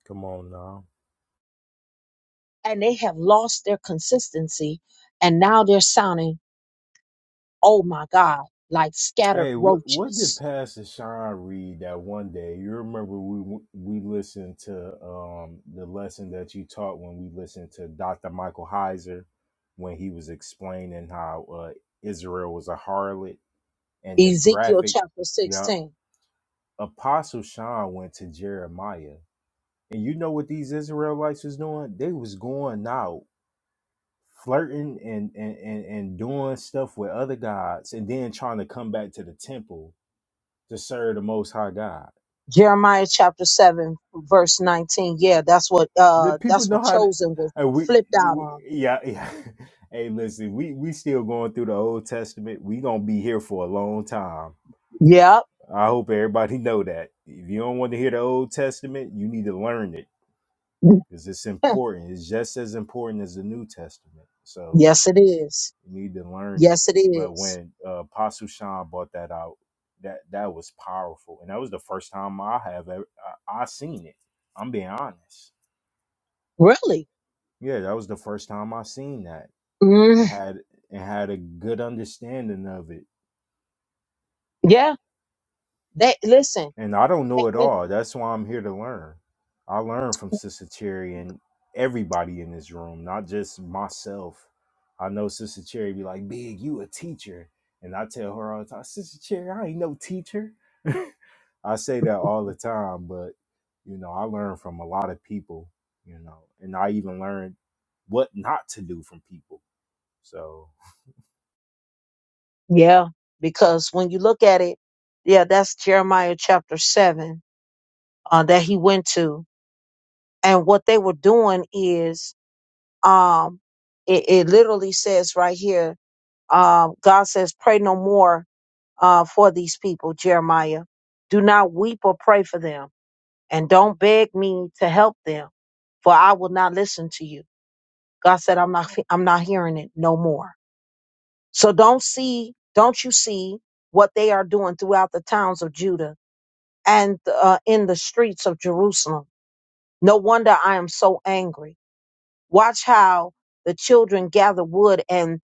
[SPEAKER 4] Come on now.
[SPEAKER 1] And they have lost their consistency. And now they're sounding, oh my God, like scattered
[SPEAKER 4] Hey, what what did
[SPEAKER 1] roaches.
[SPEAKER 4] Pastor Sean read that one day? You remember we we listened to um the lesson that you taught when we listened to Dr. Michael Heiser when he was explaining how uh, Israel was a harlot and the
[SPEAKER 1] Ezekiel
[SPEAKER 4] graphic.
[SPEAKER 1] chapter
[SPEAKER 4] Yeah,
[SPEAKER 1] 16.
[SPEAKER 4] Apostle Sean went to Jeremiah, and you know what these Israelites was doing? They was going out flirting and and and, and doing stuff with other gods, and then trying to come back to the temple to serve the Most High God.
[SPEAKER 1] Jeremiah chapter 7 verse 19. Yeah, that's what
[SPEAKER 4] The
[SPEAKER 1] uh
[SPEAKER 4] people
[SPEAKER 1] that's
[SPEAKER 4] know
[SPEAKER 1] what
[SPEAKER 4] how. To,
[SPEAKER 1] chosen was
[SPEAKER 4] uh, we,
[SPEAKER 1] flipped out
[SPEAKER 4] we
[SPEAKER 1] on.
[SPEAKER 4] yeah yeah. hey, listen, we we still going through the Old Testament. We gonna be here for a long time.
[SPEAKER 1] Yep.
[SPEAKER 4] I hope everybody know that. If you don't want to hear the Old Testament, you need to learn it because it's important. It's just as important as the New Testament. So
[SPEAKER 1] yes it is.
[SPEAKER 4] you need to learn it.
[SPEAKER 1] Yes it
[SPEAKER 4] But
[SPEAKER 1] is.
[SPEAKER 4] when uh, Apostle Sean brought that out, that that was powerful, and that was the first time I have ever I, I seen it. I'm being honest.
[SPEAKER 1] Really?
[SPEAKER 4] Yeah, that was the first time I seen that and
[SPEAKER 1] Mm,
[SPEAKER 4] had and had a good understanding of it.
[SPEAKER 1] yeah. They listen.
[SPEAKER 4] And I don't
[SPEAKER 1] And,
[SPEAKER 4] know it
[SPEAKER 1] and
[SPEAKER 4] all. That's why I'm here to learn. I learn from Sister Cherry and everybody in this room, not just myself. I know Sister Cherry be like, "Big, you a teacher," and I tell her all the time, "Sister Cherry, I ain't no teacher." I say that all the time, but you know, I learn from a lot of people. You know, and I even learned what not to do from people. So.
[SPEAKER 1] Yeah, because when you look at it, yeah, that's Jeremiah chapter 7. uh, that he went to. And what they were doing is, um, it, it literally says right here, um, God says, pray no more uh, for these people, Jeremiah. Do not weep or pray for them, and don't beg me to help them, for I will not listen to you. God said, I'm not, I'm not hearing it no more. So don't see, don't you see what they are doing throughout the towns of Judah and uh, in the streets of Jerusalem? No wonder I am so angry. Watch how the children gather wood and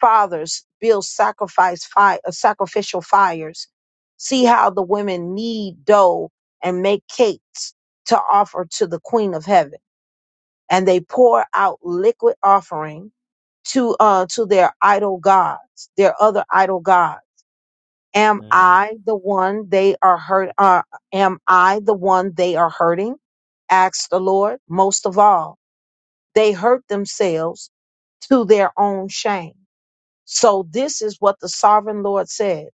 [SPEAKER 1] fathers build sacrifice fire, sacrificial fires. See how the women knead dough and make cakes to offer to the queen of heaven. And they pour out liquid offering to uh to their idol gods, their other idol gods. Am I the one they are hurt? Uh, am I the one they are hurting? Asked the Lord. Most of all, they hurt themselves to their own shame. So this is what the sovereign Lord said.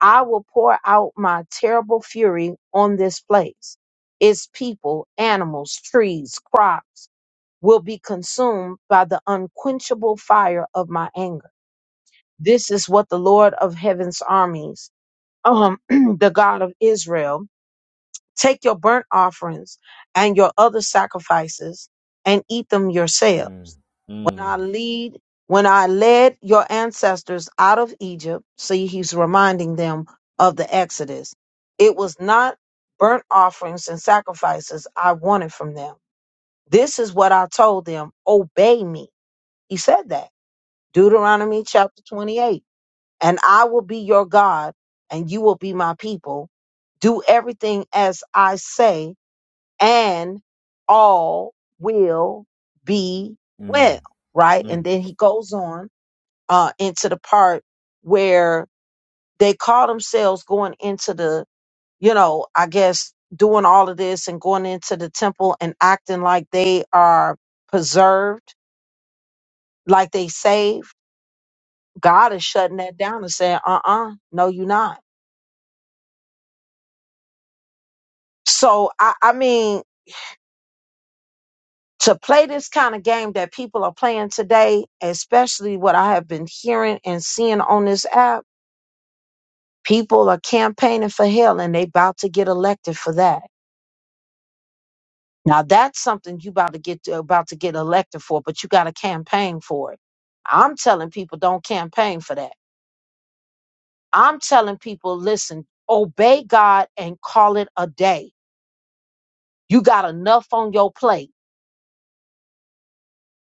[SPEAKER 1] I will pour out my terrible fury on this place. Its people, animals, trees, crops will be consumed by the unquenchable fire of my anger. This is what the Lord of heaven's armies, um, the God of Israel, take your burnt offerings and your other sacrifices and eat them yourselves.
[SPEAKER 4] Mm,
[SPEAKER 1] when
[SPEAKER 4] mm,
[SPEAKER 1] I lead, when I led your ancestors out of Egypt, see, he's reminding them of the Exodus. It was not burnt offerings and sacrifices I wanted from them. This is what I told them obey me. He said that. Deuteronomy chapter 28. And I will be your God, and you will be my people. Do everything as I say, and all will be
[SPEAKER 4] mm,
[SPEAKER 1] well, right? And
[SPEAKER 4] mm.
[SPEAKER 1] then he goes on uh, into the part where they call themselves going into the, you know, I guess doing all of this and going into the temple and acting like they are preserved, like they saved. God is shutting that down and saying, uh uh no, you're not. So, I, I mean, to play this kind of game that people are playing today, especially what I have been hearing and seeing on this app, people are campaigning for hell and they about to get elected for that Now that's something you about to get about to get elected for, but you got to campaign for it. I'm telling people don't campaign for that. I'm telling people listen, obey God and call it a day. You got enough on your plate.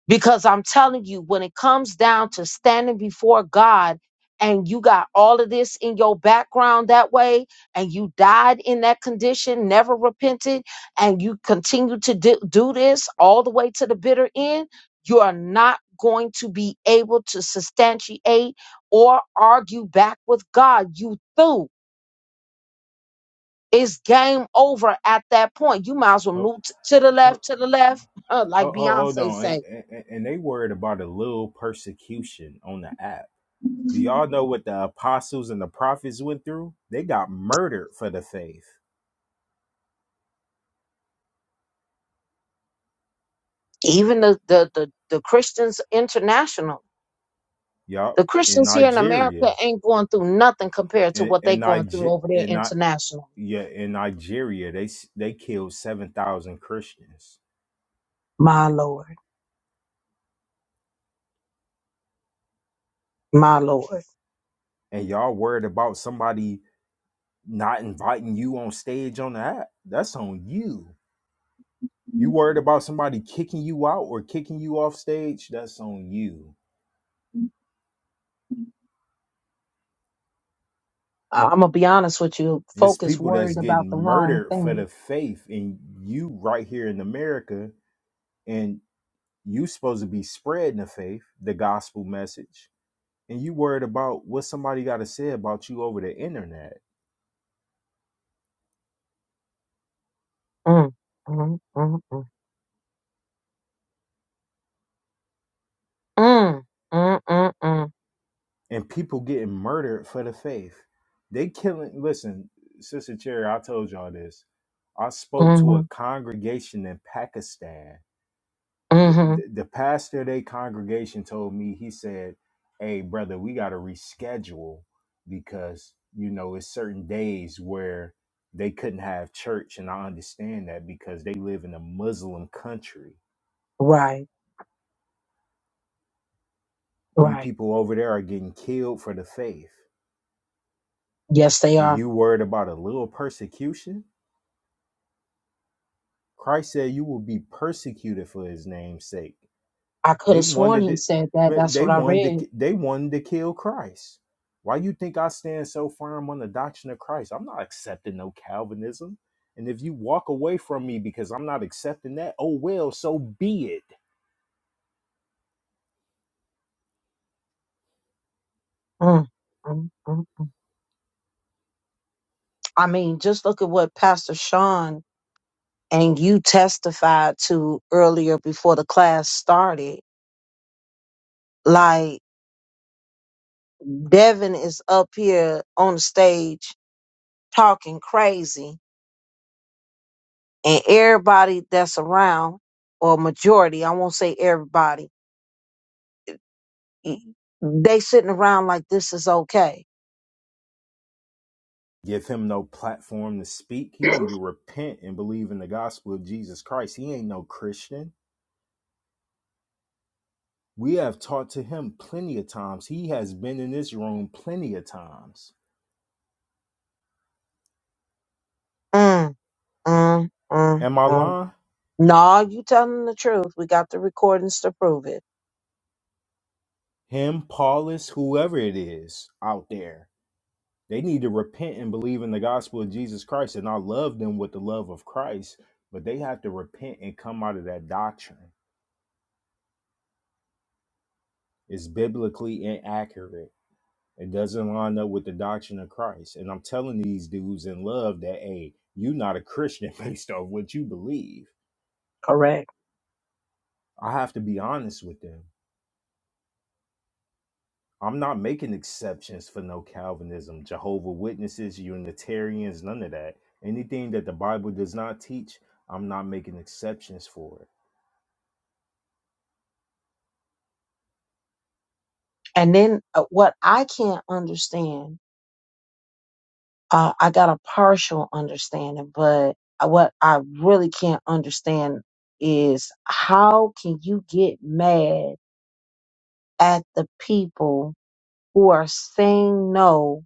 [SPEAKER 1] Because I'm telling you, when it comes down to standing before God and you got all of this in your background that way, and you died in that condition, never repented, and you continue to do, do this all the way to the bitter end, you are not going to be able to substantiate or argue back with God. You through. It's game over at that point. You might as well
[SPEAKER 4] Ho- ho-
[SPEAKER 1] move t- to the
[SPEAKER 4] ho-
[SPEAKER 1] left, to the left, like
[SPEAKER 4] ho- Hold
[SPEAKER 1] Beyonce
[SPEAKER 4] on,
[SPEAKER 1] say
[SPEAKER 4] and, and and they worried about a little persecution on the app. Do y'all know what the apostles and the prophets went through? They got murdered for the faith.
[SPEAKER 1] even the the the, the Christians international.
[SPEAKER 4] Yup,
[SPEAKER 1] The
[SPEAKER 4] in
[SPEAKER 1] Christians here in
[SPEAKER 4] Nigeria,
[SPEAKER 1] America ain't going through nothing compared to
[SPEAKER 4] in
[SPEAKER 1] what they
[SPEAKER 4] in
[SPEAKER 1] going through
[SPEAKER 4] Niger,
[SPEAKER 1] over there
[SPEAKER 4] in Ni-
[SPEAKER 1] internationally.
[SPEAKER 4] yeah, in Nigeria, they s- they killed seven thousand Christians,
[SPEAKER 1] My Lord, my Lord.
[SPEAKER 4] and y'all worried about somebody not inviting you on stage on the app? That's on you. You worried about somebody kicking you out or kicking you off stage? That's on you.
[SPEAKER 1] I- I'm gonna be honest with you.
[SPEAKER 4] It's
[SPEAKER 1] Focus
[SPEAKER 4] people that's
[SPEAKER 1] worried about
[SPEAKER 4] getting
[SPEAKER 1] the wrong
[SPEAKER 4] murdered for the
[SPEAKER 1] thing.
[SPEAKER 4] faith, and you right here in America, and you supposed to be spreading the faith, the gospel message, and you worried about what somebody got to say about you over the internet,
[SPEAKER 1] Mm, mm, mm, mm, mm, mm, mm,
[SPEAKER 4] and people getting murdered for the faith. They killing. Listen, Sister Cherry, I told y'all this. I spoke to a
[SPEAKER 1] mm, mhm,
[SPEAKER 4] congregation in Pakistan the, the
[SPEAKER 1] mhm.
[SPEAKER 4] pastor of their congregation told me he said hey brother we got to reschedule because you know it's certain days where they couldn't have church and i understand that because they live in a muslim country
[SPEAKER 1] Right,
[SPEAKER 4] them
[SPEAKER 1] right.
[SPEAKER 4] people over there are getting killed for the faith
[SPEAKER 1] Yes, they
[SPEAKER 4] and
[SPEAKER 1] are.
[SPEAKER 4] you worried about a little persecution christ said you will be persecuted for his name's sake
[SPEAKER 1] I could
[SPEAKER 4] They
[SPEAKER 1] have sworn
[SPEAKER 4] wanted
[SPEAKER 1] he
[SPEAKER 4] it.
[SPEAKER 1] said that. That's
[SPEAKER 4] They
[SPEAKER 1] what I
[SPEAKER 4] wanted
[SPEAKER 1] read.
[SPEAKER 4] to. They wanted to kill Christ. Why you think I stand so firm on the doctrine of Christ? I'm not accepting no Calvinism. And if you walk away from me because I'm not accepting that, oh well, so be it.
[SPEAKER 1] Mm, mm, mm, mm. I mean, just look at what Pastor Sean and you testified to earlier before the class started. Like, Devin is up here on the stage talking crazy and everybody that's around or majority i won't say everybody y- they sitting around like this is okay
[SPEAKER 4] Give him no platform to speak. He need to repent and believe in the gospel of Jesus Christ. He ain't no Christian. We have taught to him plenty of times. He has been in this room plenty of times.
[SPEAKER 1] mm, mm, mm,
[SPEAKER 4] Am I
[SPEAKER 1] mm.
[SPEAKER 4] lying?
[SPEAKER 1] No, you telling the truth. We got the recordings to prove it.
[SPEAKER 4] Him, Paulus, whoever it is out there They need to repent and believe in the gospel of Jesus Christ. And I love them with the love of Christ, but they have to repent and come out of that doctrine. It's biblically inaccurate. It doesn't line up with the doctrine of Christ. And I'm telling these dudes in love that, hey, you're not a Christian based on what you believe.
[SPEAKER 1] Correct.
[SPEAKER 4] I have to be honest with them. I'm not making exceptions for no Calvinism, Jehovah Witnesses, Unitarians, none of that. Anything that the Bible does not teach, I'm not making exceptions for
[SPEAKER 1] And then uh, what I can't understand uh, I got a partial understanding, but I- what I really can't understand is how can you get mad at the people who are saying no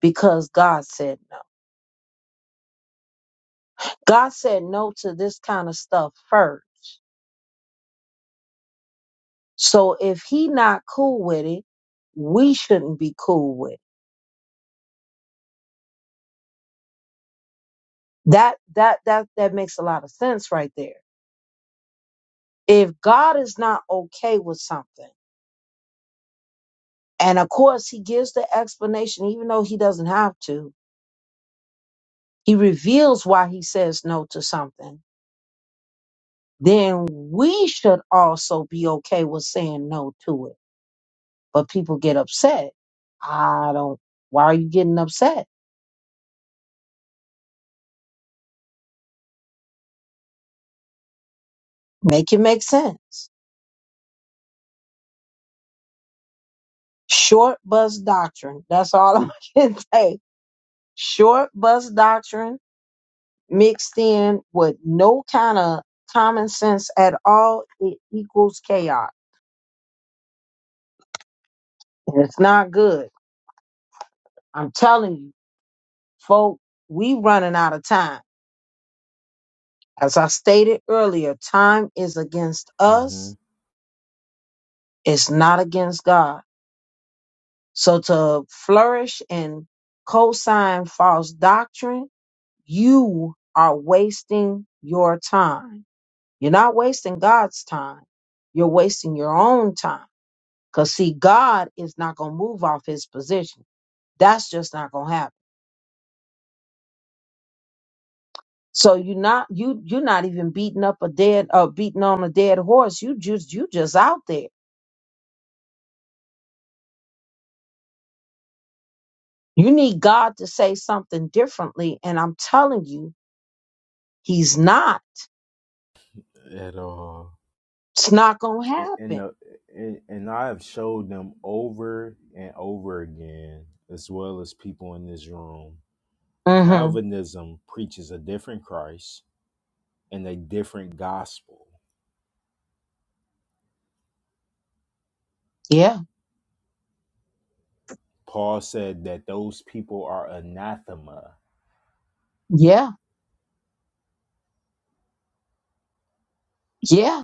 [SPEAKER 1] because God said no? God said no to this kind of stuff first. So if he not cool with it, we shouldn't be cool with it. That that that that makes a lot of sense right there. If God is not okay with something And of course, he gives the explanation, even though he doesn't have to. He reveals why he says no to something. Then we should also be okay with saying no to it. But people get upset. I don't, why are you getting upset? Make it make sense. Short bus doctrine. That's all I can say. Short bus doctrine mixed in with no kind of common sense at all. It equals chaos. And It's not good. I'm telling you. Folk, we running out of time. As I stated earlier, time is against
[SPEAKER 4] it.
[SPEAKER 1] us. It's not against God. So to flourish and co-sign false doctrine, you are wasting your time. You're not wasting God's time. You're wasting your own time. Cause see, God is not going to move off his position. That's just not going to happen. So you're not you you're not even beating up a dead uh beating on a dead horse. You just you just out there. You need God to say something differently, and I'm telling you, He's not.
[SPEAKER 4] at all.
[SPEAKER 1] It's not gonna
[SPEAKER 4] and and,
[SPEAKER 1] happen.
[SPEAKER 4] the, and and I have showed them over and over again, as well as people in this room.
[SPEAKER 1] hmm
[SPEAKER 4] Calvinism preaches a different Christ and a different gospel.
[SPEAKER 1] Yeah,
[SPEAKER 4] Paul said that those people are anathema.
[SPEAKER 1] yeah, yeah.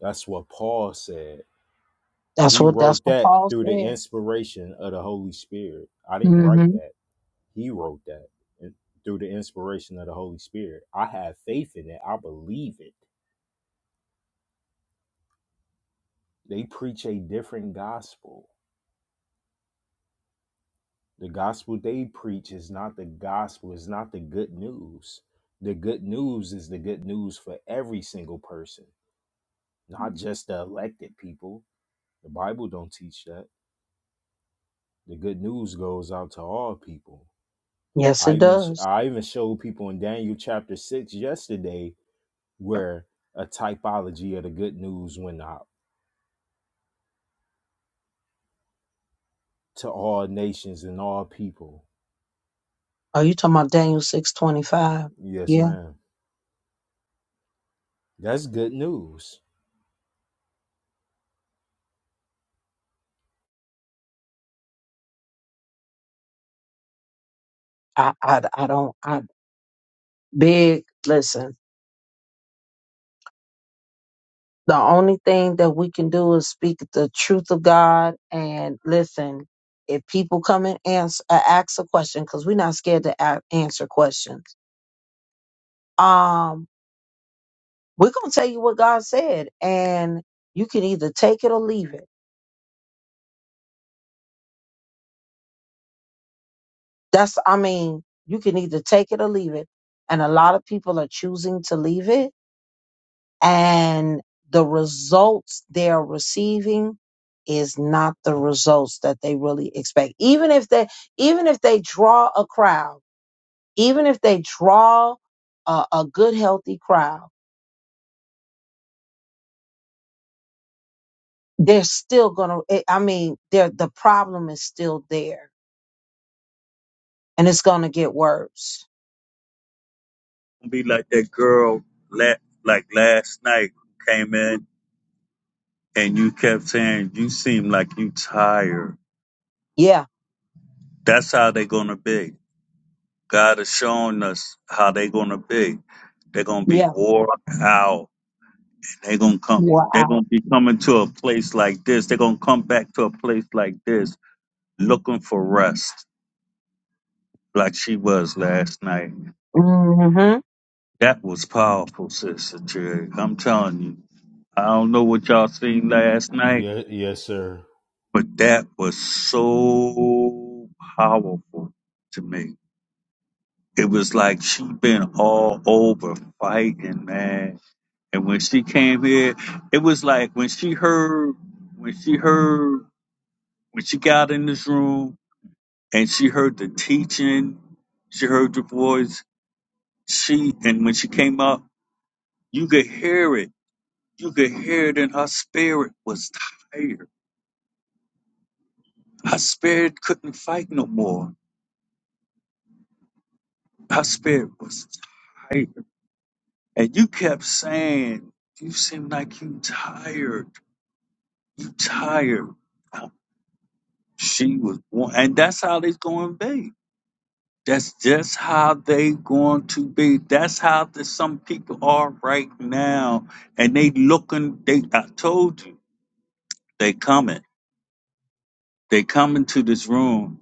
[SPEAKER 4] That's what Paul said.
[SPEAKER 1] That's
[SPEAKER 4] He
[SPEAKER 1] what that's
[SPEAKER 4] wrote
[SPEAKER 1] what
[SPEAKER 4] that
[SPEAKER 1] Paul
[SPEAKER 4] through the
[SPEAKER 1] said.
[SPEAKER 4] inspiration of the Holy Spirit. I didn't
[SPEAKER 1] hmm
[SPEAKER 4] write that. He wrote that eh, through the inspiration of the Holy Spirit. I have faith in it. I believe it They preach a different gospel. The gospel they preach is not the gospel, it's not the good news. The good news is the good news for every single person, not just the elected people. The Bible don't teach that. The good news goes out to all people.
[SPEAKER 1] Yes,
[SPEAKER 4] I
[SPEAKER 1] it
[SPEAKER 4] even
[SPEAKER 1] does.
[SPEAKER 4] I even showed people in Daniel chapter 6 yesterday where a typology of the good news went out to all nations and all people.
[SPEAKER 1] Are you talking about Daniel six twenty five?
[SPEAKER 4] Yes,
[SPEAKER 1] Yeah.
[SPEAKER 4] ma'am. That's good news.
[SPEAKER 1] I, I I don't I big listen. The only thing that we can do is speak the truth of God and listen. If people come and ans uh, ask a question, because we're not scared to a- answer questions, um, we're gonna tell you what God said, and you can either take it or leave it. That's, I mean, you can either take it or leave it, and a lot of people are choosing to leave it and the results they are receiving is not the results that they really expect even if they even if they draw a crowd even if they draw a, a good healthy crowd they're still gonna i I mean they're, the problem is still there and it's gonna get worse
[SPEAKER 5] Don't be like that girl la- like last night who came in and you kept saying you seem like you tired
[SPEAKER 1] yeah
[SPEAKER 5] that's how they gonna be god is showing us how they gonna be they're gonna be
[SPEAKER 1] yeah
[SPEAKER 5] worn out and they gonna come they're
[SPEAKER 1] wow
[SPEAKER 5] gonna be coming to a place like this they're gonna come back to a place like this looking for rest like she was last night
[SPEAKER 1] mm-hmm.
[SPEAKER 5] that was powerful sister Jerry. i'm telling you i don't know what y'all seen last night but that was so powerful to me. It was like she been all over fighting, man. And when she came here, it was like when she heard, when she heard, when she got in this room and she heard the teaching, she heard the voice. She and when she came up, you could hear it. You could hear it, and her spirit was tired. Her spirit couldn't fight no more. Her spirit was tired And you kept saying, You seem like you tired. You tired. Oh, She was one and that's how they gonna be. That's just how they going to be. That's how the, some people are right now. And they looking, they I told you, they coming. They coming to this room.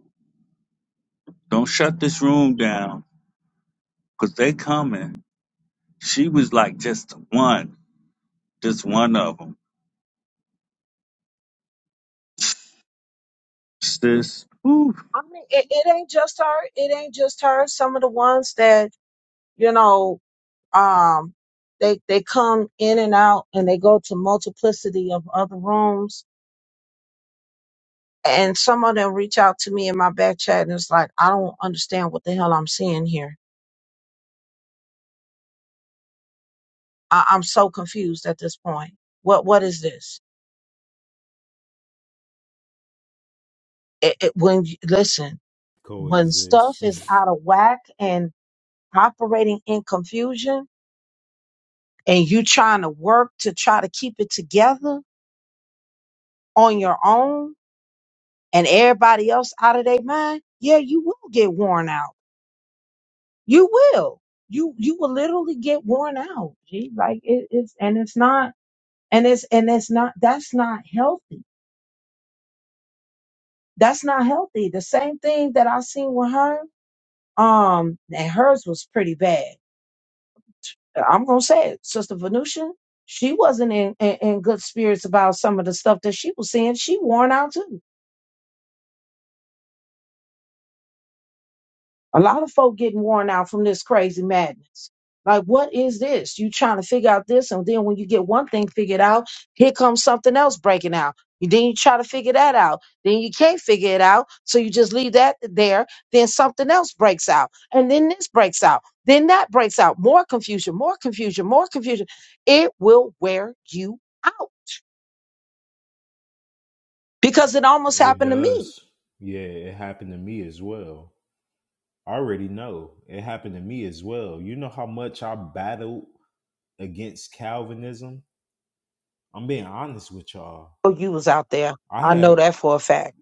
[SPEAKER 5] Don't shut this room down. Cause they coming. She was like just one, just one of them. Sis, whew,
[SPEAKER 1] I mean, it, it ain't just her. It ain't just her. Some of the ones that you know um they they come in and out and they go to multiplicity of other rooms and some of them reach out to me in my back chat and it's like i don't understand what the hell i'm seeing here I, i'm so confused at this point what what is this it, it, when you- listen when stuff
[SPEAKER 4] coexist.
[SPEAKER 1] is out of whack and operating in confusion and you trying to work to try to keep it together on your own and everybody else out of their mind yeah you will get worn out You will. You you will literally get worn out. G. Like it, it's and it's not and it's and it's not that's not healthy. That's not healthy. The same thing that I seen with her, um, and hers was pretty bad. I'm gonna say it, Sister Venusia, she wasn't in, in, in good spirits about some of the stuff that she was seeing. She worn out too A lot of folk getting worn out from this crazy madness. Like, what is this? You trying to figure out this, and then when you get one thing figured out, here comes something else breaking out. You then you try to figure that out. Then you can't figure it out, so you just leave that there. Then something else breaks out, and then this breaks out, then that breaks out. More confusion, more confusion, more confusion. It will wear you out because it almost
[SPEAKER 4] it
[SPEAKER 1] happened to me.
[SPEAKER 4] does. Yeah, it happened to me as well. I already know it happened to me as well. You know how much I battled against Calvinism? I'm being honest with y'all.
[SPEAKER 1] know you was out there.
[SPEAKER 4] I
[SPEAKER 1] I know
[SPEAKER 4] had
[SPEAKER 1] that for a fact.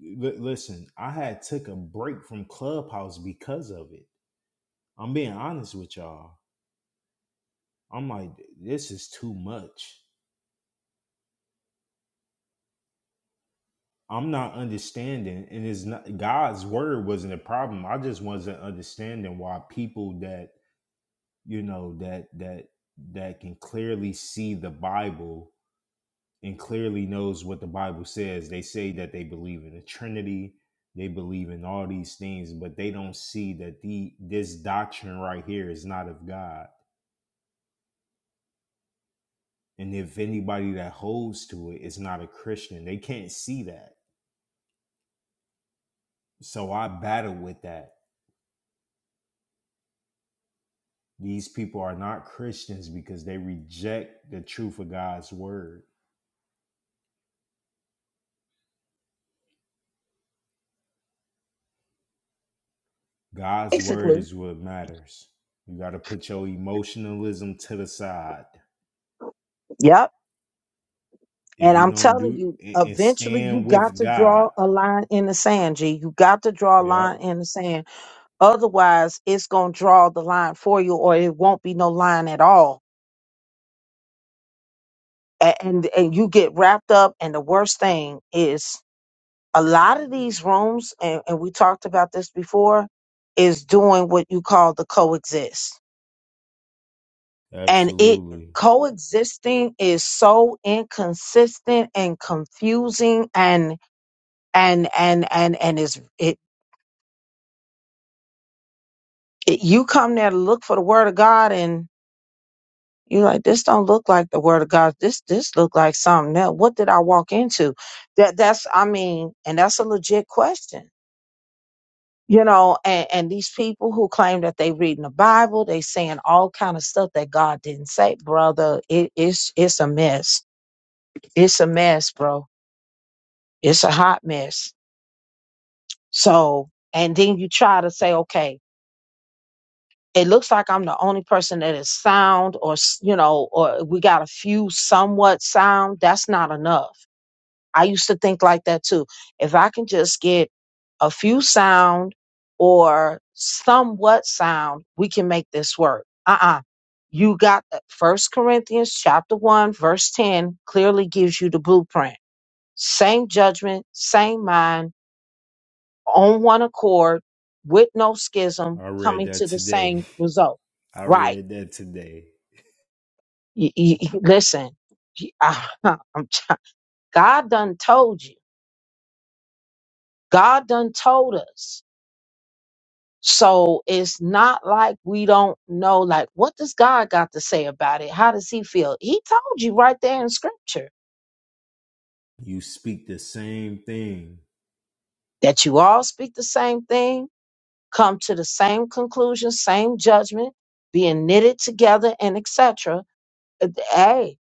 [SPEAKER 4] li- listen, I had took a break from Clubhouse because of it. I'm being honest with y'all. I'm like this is too much. I'm not understanding and it's not God's word wasn't a problem. I just wasn't understanding why people that you know that that that can clearly see the bible and clearly knows what the bible says they say that they believe in the trinity they believe in all these things but they don't see that the this doctrine right here is not of god and if anybody that holds to it is not a christian they can't see that so i battle with that these people are not christians because they reject the truth of god's word God's word
[SPEAKER 1] Basically.
[SPEAKER 4] is what matters. You got to put your emotionalism to the side.
[SPEAKER 1] Yep.
[SPEAKER 4] If
[SPEAKER 1] And
[SPEAKER 4] you
[SPEAKER 1] I'm
[SPEAKER 4] don't
[SPEAKER 1] telling
[SPEAKER 4] do
[SPEAKER 1] you,
[SPEAKER 4] and and
[SPEAKER 1] eventually you
[SPEAKER 4] stand
[SPEAKER 1] got
[SPEAKER 4] with
[SPEAKER 1] to
[SPEAKER 4] God.
[SPEAKER 1] draw a line in the sand, G. You got to draw a
[SPEAKER 4] Yep.
[SPEAKER 1] line in the sand Otherwise, it's going to draw the line for you, or it won't be no line at all. A- And, and you get wrapped up. And the worst thing is a lot of these rooms, and, and we talked about this before, is doing what you call the coexist. And it
[SPEAKER 4] Absolutely.
[SPEAKER 1] coexisting is so inconsistent and confusing and and and and and is it, it you come there to look for the word of God and. You like this don't look like the word of God. This this look like something else. What did I walk into? That that's I mean, and that's a legit question. You know, and, and these people who claim that they reading the Bible, they saying all kind of stuff that God didn't say, brother. It, it's it's a mess. It's a mess, bro. It's a hot mess. So, and then you try to say, okay, it looks like I'm the only person that is sound, or s- you know, or we got a few somewhat sound. That's not enough I used to think like that too. If I can just get a few sound or somewhat sound, we can make this work. Uh uh You got the First Corinthians chapter one, verse ten clearly gives you the blueprint. Same judgment, same mind, on one accord, with no schism,
[SPEAKER 4] I read
[SPEAKER 1] coming
[SPEAKER 4] that
[SPEAKER 1] to the
[SPEAKER 4] today.
[SPEAKER 1] same result.
[SPEAKER 4] I
[SPEAKER 1] Right.
[SPEAKER 4] read that today.
[SPEAKER 1] Y- y- y- listen, y- I'm try- God done told you. God done told us So it's not like we don't know, like, what does God got to say about it? How does he feel? He told you right there in scripture
[SPEAKER 4] You speak the same thing.
[SPEAKER 1] that you all speak the same thing, come to the same conclusion, same judgment, being knitted together and etc. Hey,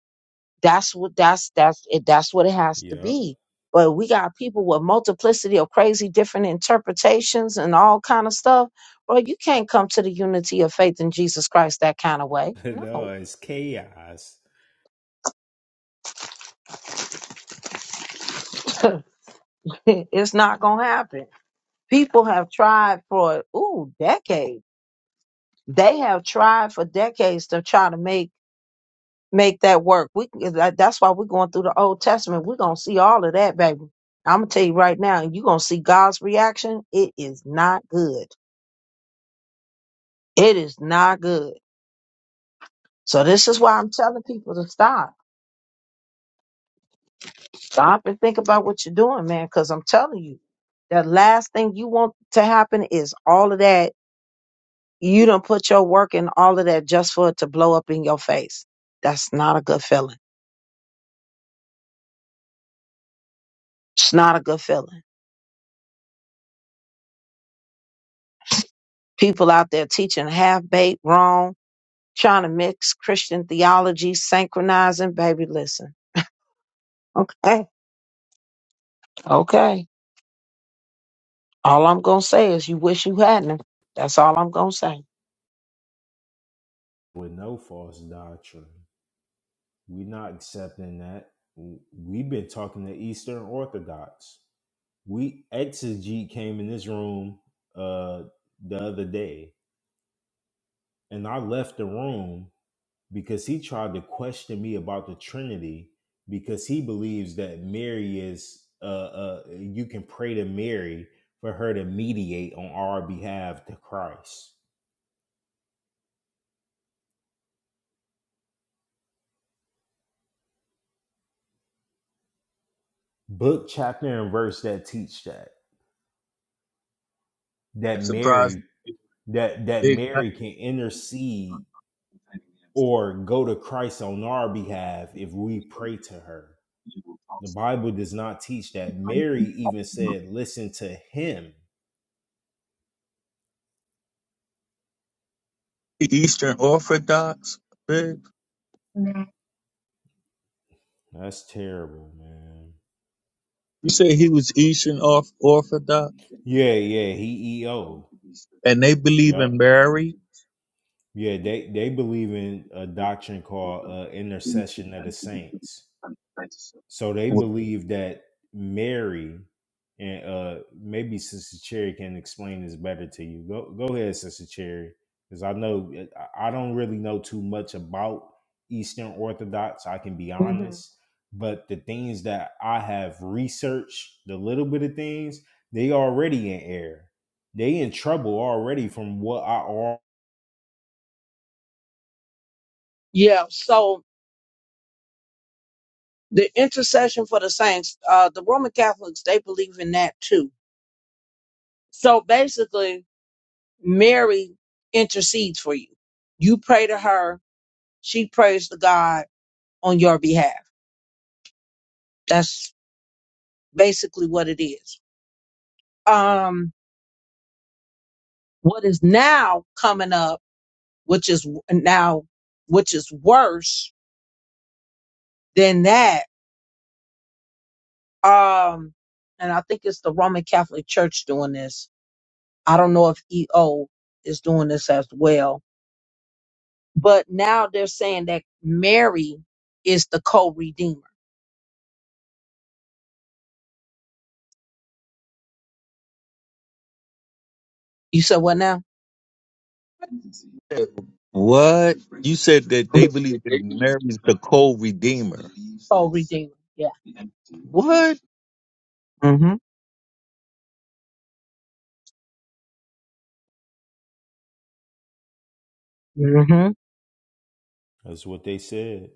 [SPEAKER 1] that's what that's that's it that's what it has to
[SPEAKER 4] Yep.
[SPEAKER 1] be. But we got people with multiplicity of crazy different interpretations and all kind of stuff. Bro, you can't come to the unity of faith in Jesus Christ that kind of way.
[SPEAKER 4] no,
[SPEAKER 1] No.
[SPEAKER 4] it's chaos
[SPEAKER 1] it's not gonna happen. People have tried for ooh decades. They have tried for decades to try to make make that work. We can- that- that's why we're going through the Old Testament. We're gonna see all of that, baby. I'm gonna tell you right now, you're gonna see God's reaction. It is not good. It is not good. So this is why I'm telling people to stop, stop and think about what you're doing, man. Because I'm telling you, the last thing you want to happen is all of that You don't put your work in all of that just for it to blow up in your face. That's not a good feeling. It's not a good feeling. People out there teaching half baked, wrong, trying to mix Christian theology, synchronizing. Baby, listen. Okay. Okay. All I'm going to say is you wish you hadn't. That's all I'm going to say.
[SPEAKER 4] with no false doctrine. We're not accepting that. We've been talking to Eastern Orthodox. We exegete came in this room uh the other day, and I left the room because he tried to question me about the Trinity because he believes that Mary is uh, uh you can pray to Mary for her to mediate on our behalf to Christ. Book, chapter, and verse that teach that that
[SPEAKER 5] that surprised
[SPEAKER 4] Mary
[SPEAKER 5] me.
[SPEAKER 4] that that
[SPEAKER 5] Big.
[SPEAKER 4] Mary can intercede or go to Christ on our behalf if we pray to her. The Bible does not teach that. Mary even said, listen to him.
[SPEAKER 5] The Eastern Orthodox, Big?
[SPEAKER 4] That's terrible, man.
[SPEAKER 5] You say he was Eastern Orth- Orthodox,
[SPEAKER 4] Yeah, yeah, he EO.
[SPEAKER 5] and they believe
[SPEAKER 4] Yep.
[SPEAKER 5] in Mary.
[SPEAKER 4] Yeah, they, they believe in a doctrine called uh, intercession of the saints. So they believe that Mary and uh maybe Sister Cherry can explain this better to you. Go go ahead, Sister Cherry, because I know eh, I I don't really know too much about Eastern Orthodox. I can be
[SPEAKER 1] hmm
[SPEAKER 4] honest, but the things that I have researched, the little bit of things, they already in error. They in trouble already from what I al-
[SPEAKER 1] Yeah. So the intercession for the saints, uh, the Roman Catholics, they believe in that too. So basically, Mary intercedes for you. You pray to her, she prays to God on your behalf. That's basically what it is. Um, what is now coming up, which is w- now, which is worse than that. Um, and I think it's the Roman Catholic Church doing this. I don't know if EO is doing this as well, but now they're saying that Mary is the co-redeemer. You said what now?
[SPEAKER 5] What? You said that they believe that Mary's the co-redeemer.
[SPEAKER 1] Oh, Redeemer. Yeah.
[SPEAKER 5] What?
[SPEAKER 1] hmm hmm
[SPEAKER 4] That's what they said.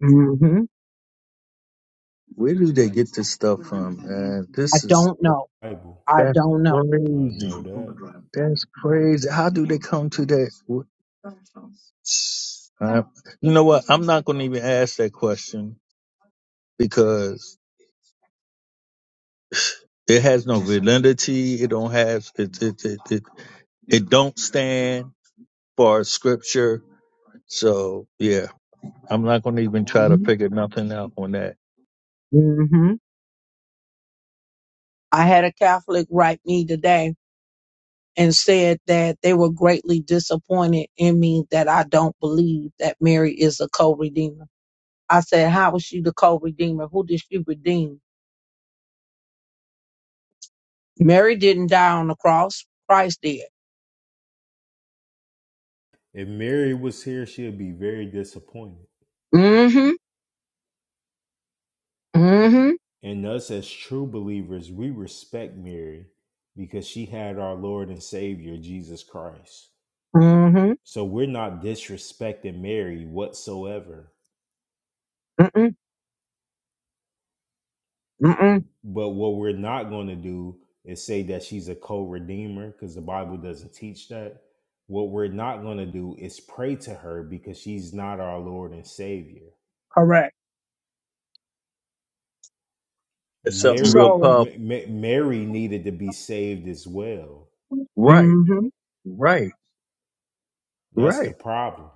[SPEAKER 1] hmm
[SPEAKER 5] Where do they get this stuff from, man?
[SPEAKER 1] I
[SPEAKER 5] This is
[SPEAKER 1] don't know.
[SPEAKER 4] Bible.
[SPEAKER 1] I
[SPEAKER 5] That's
[SPEAKER 1] don't know.
[SPEAKER 4] I
[SPEAKER 5] crazy.
[SPEAKER 4] know that.
[SPEAKER 5] That's crazy. How do they come to that? Uh, you know what? I'm not going to even ask that question because it has no validity. It don't have it. It it it, it don't stand for scripture. So yeah, I'm not going to even try to
[SPEAKER 1] hmm
[SPEAKER 5] figure nothing out on that.
[SPEAKER 1] hmm I had a Catholic write me today and said that they were greatly disappointed in me that I don't believe that Mary is a co-redeemer. I said, how is she the co-redeemer? Who did she redeem? Mary didn't die on the cross. Christ did.
[SPEAKER 4] If Mary was here, she'd be very disappointed.
[SPEAKER 1] Mm-hmm. Mm-hmm.
[SPEAKER 4] And us as true believers, we respect Mary because she had our Lord and Savior, Jesus Christ.
[SPEAKER 1] Mm-hmm.
[SPEAKER 4] So we're not disrespecting Mary whatsoever.
[SPEAKER 1] Mm-mm. Mm-mm.
[SPEAKER 4] But what we're not going to do is say that she's a co redeemer because the Bible doesn't teach that. What we're not going to do is pray to her because she's not our Lord and Savior.
[SPEAKER 1] Correct.
[SPEAKER 5] It's something real
[SPEAKER 4] Mary,
[SPEAKER 1] So,
[SPEAKER 5] powerful,
[SPEAKER 4] M- M- Mary needed to be saved as well.
[SPEAKER 5] Right.
[SPEAKER 1] mm-hmm.
[SPEAKER 5] Right.
[SPEAKER 4] That's the
[SPEAKER 5] Right.
[SPEAKER 4] problem.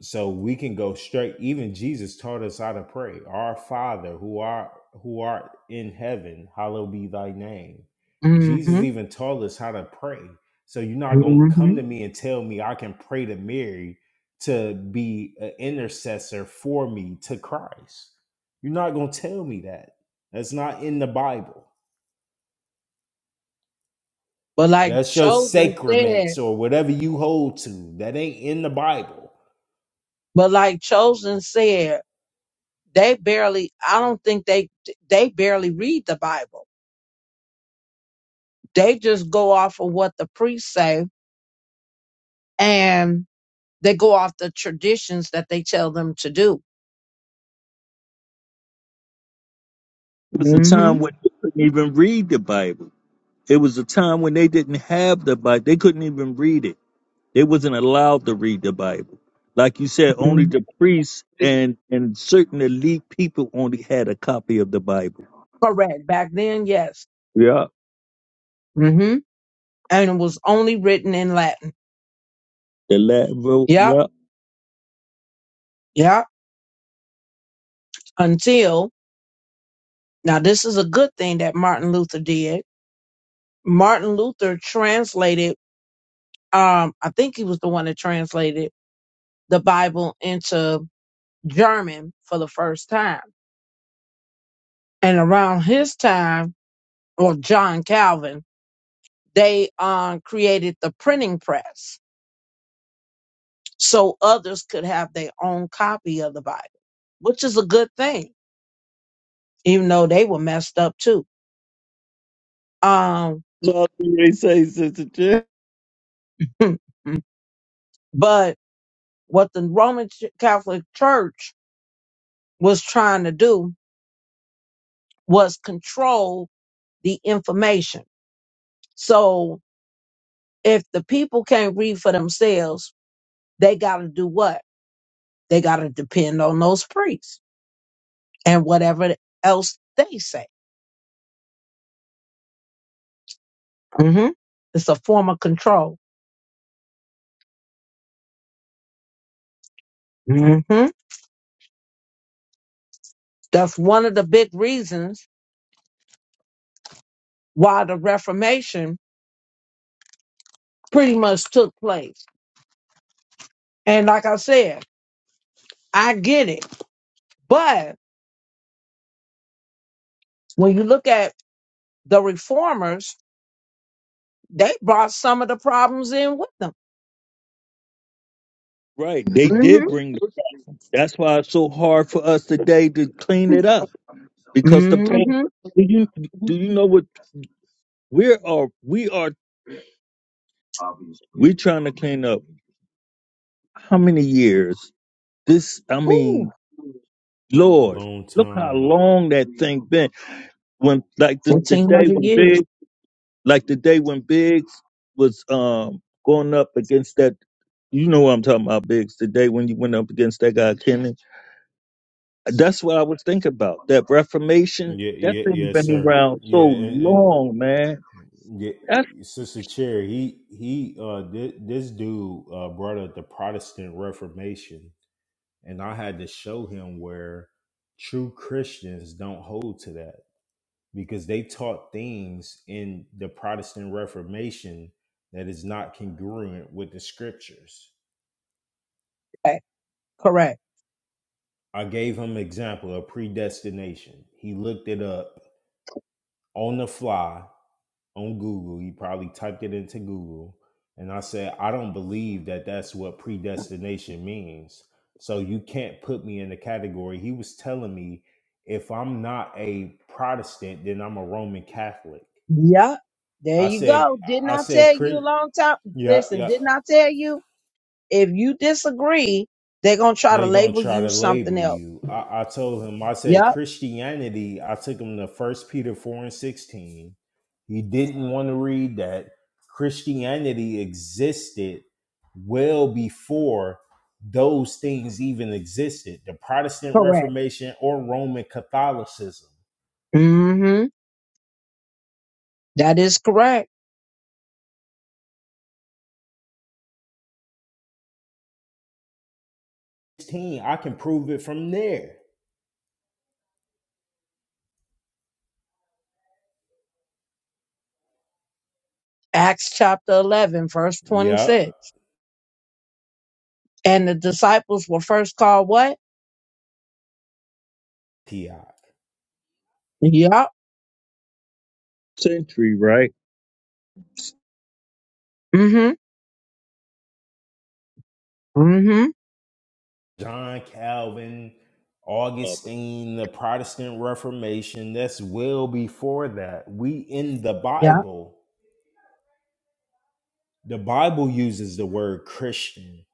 [SPEAKER 4] so we can go straight even jesus taught us how to pray our father who art who art in heaven hallowed be thy name jesus
[SPEAKER 1] Mm-hmm.
[SPEAKER 4] even taught us how to pray so you're not going to
[SPEAKER 1] Mm-hmm.
[SPEAKER 4] come to me and tell me i can pray to mary to be an intercessor for me to christ you're not going to tell me that that's not in the bible
[SPEAKER 1] But like
[SPEAKER 4] that's your
[SPEAKER 1] Chosen said,
[SPEAKER 4] sacraments or whatever you hold to that ain't in the bible
[SPEAKER 1] but like Chosen said, they barely, I don't think they, they barely read the Bible They just go off of what the priests say and they go off the traditions that they tell them to do.
[SPEAKER 5] It was a
[SPEAKER 1] hmm
[SPEAKER 5] time when they couldn't even read the Bible. It was a time when they didn't have the Bible. They couldn't even read it. They wasn't allowed to read the Bible. Like you said, only the priests and, and certain elite people only had a copy of the Bible.
[SPEAKER 1] Correct. Back then, yes.
[SPEAKER 5] Yeah.
[SPEAKER 1] hmm And it was only written in Latin.
[SPEAKER 5] The Latin vote.
[SPEAKER 1] Yep.
[SPEAKER 5] Yeah.
[SPEAKER 1] Yep. Until now, this is a good thing that Martin Luther did. Martin Luther translated. Um, I think he was the one that translated the Bible into German for the first time. And around his time, or John Calvin, they um, created the printing press so others could have their own copy of the Bible, which is a good thing, even though they were messed up too. Um,
[SPEAKER 5] That's what they say, Sister Jen.
[SPEAKER 1] but what the Roman Ch- Catholic Church was trying to do was control the information. So if the people can't read for themselves, they got to do what? They got to depend on those priests and whatever else they say. hmm It's a form of control. hmm That's one of the big reasons why the Reformation pretty much took place. And like I said, I get it. But when you look at the reformers, they brought some of the problems in with them.
[SPEAKER 5] Right. They did
[SPEAKER 1] hmm
[SPEAKER 5] bring the, that's why it's so hard for us today to clean it up. Because the problem
[SPEAKER 1] hmm
[SPEAKER 5] do you do you know what we are we are we're trying to clean up how many years? This I mean,
[SPEAKER 1] Ooh,
[SPEAKER 4] A
[SPEAKER 5] Lord,
[SPEAKER 4] long
[SPEAKER 5] look how
[SPEAKER 4] time.
[SPEAKER 5] long that thing been. when like the, the day
[SPEAKER 1] 1500
[SPEAKER 5] when
[SPEAKER 1] years
[SPEAKER 5] Big like the day when Biggs was um going up against that you know what I'm talking about, Biggs, the day when you went up against that guy Kenny. That's what I was thinking about. That Reformation,
[SPEAKER 4] Yeah,
[SPEAKER 5] that
[SPEAKER 4] yeah,
[SPEAKER 5] thing
[SPEAKER 4] yes,
[SPEAKER 5] been
[SPEAKER 4] sir.
[SPEAKER 5] around
[SPEAKER 4] Yeah,
[SPEAKER 5] so
[SPEAKER 4] and, and
[SPEAKER 5] long, man.
[SPEAKER 4] yeah,
[SPEAKER 5] That's
[SPEAKER 4] Sister Cherry, he he uh thi- this dude uh brought up the Protestant Reformation and I had to show him where true Christians don't hold to that. because they taught things in the Protestant Reformation that is not congruent with the scriptures.
[SPEAKER 1] back. Correct.
[SPEAKER 4] I gave him an example of predestination. He looked it up on the fly on Google. He probably typed it into Google. And I said, I don't believe that that's what predestination means. So you can't put me in the category. He was telling me if I'm not a Protestant, then I'm a Roman Catholic.
[SPEAKER 1] Yep. There
[SPEAKER 4] I
[SPEAKER 1] you
[SPEAKER 4] said,
[SPEAKER 1] go. Didn't
[SPEAKER 4] I
[SPEAKER 1] I
[SPEAKER 4] said,
[SPEAKER 1] tell you a
[SPEAKER 4] "Cre-
[SPEAKER 1] long time?
[SPEAKER 4] yeah,
[SPEAKER 1] Listen,
[SPEAKER 4] yeah.
[SPEAKER 1] didn't I tell you? If you disagree, they're gonna try to
[SPEAKER 4] They're gonna
[SPEAKER 1] label
[SPEAKER 4] try
[SPEAKER 1] you
[SPEAKER 4] to
[SPEAKER 1] something
[SPEAKER 4] label
[SPEAKER 1] else.
[SPEAKER 4] you. I, I told him, I said
[SPEAKER 1] Yep,
[SPEAKER 4] Christianity, I took him to first Peter four and sixteen. He didn't want to read that. Christianity existed well before those things even existed. The Protestant
[SPEAKER 1] correct.
[SPEAKER 4] Reformation or Roman Catholicism.
[SPEAKER 1] Mm-hmm. That is correct.
[SPEAKER 4] 16, I can prove it from there.
[SPEAKER 1] Acts chapter eleven, verse
[SPEAKER 4] Yup.
[SPEAKER 1] twenty-six. And the disciples were first called what?
[SPEAKER 4] Ti.
[SPEAKER 1] Yep.
[SPEAKER 5] a century, right?
[SPEAKER 1] Mm-hmm. Mm-hmm.
[SPEAKER 4] John Calvin,
[SPEAKER 5] Uh,
[SPEAKER 4] Augustine, the Protestant Reformation. That's well before that. We in the
[SPEAKER 1] Yeah.
[SPEAKER 4] Bible, the Bible uses the word Christian,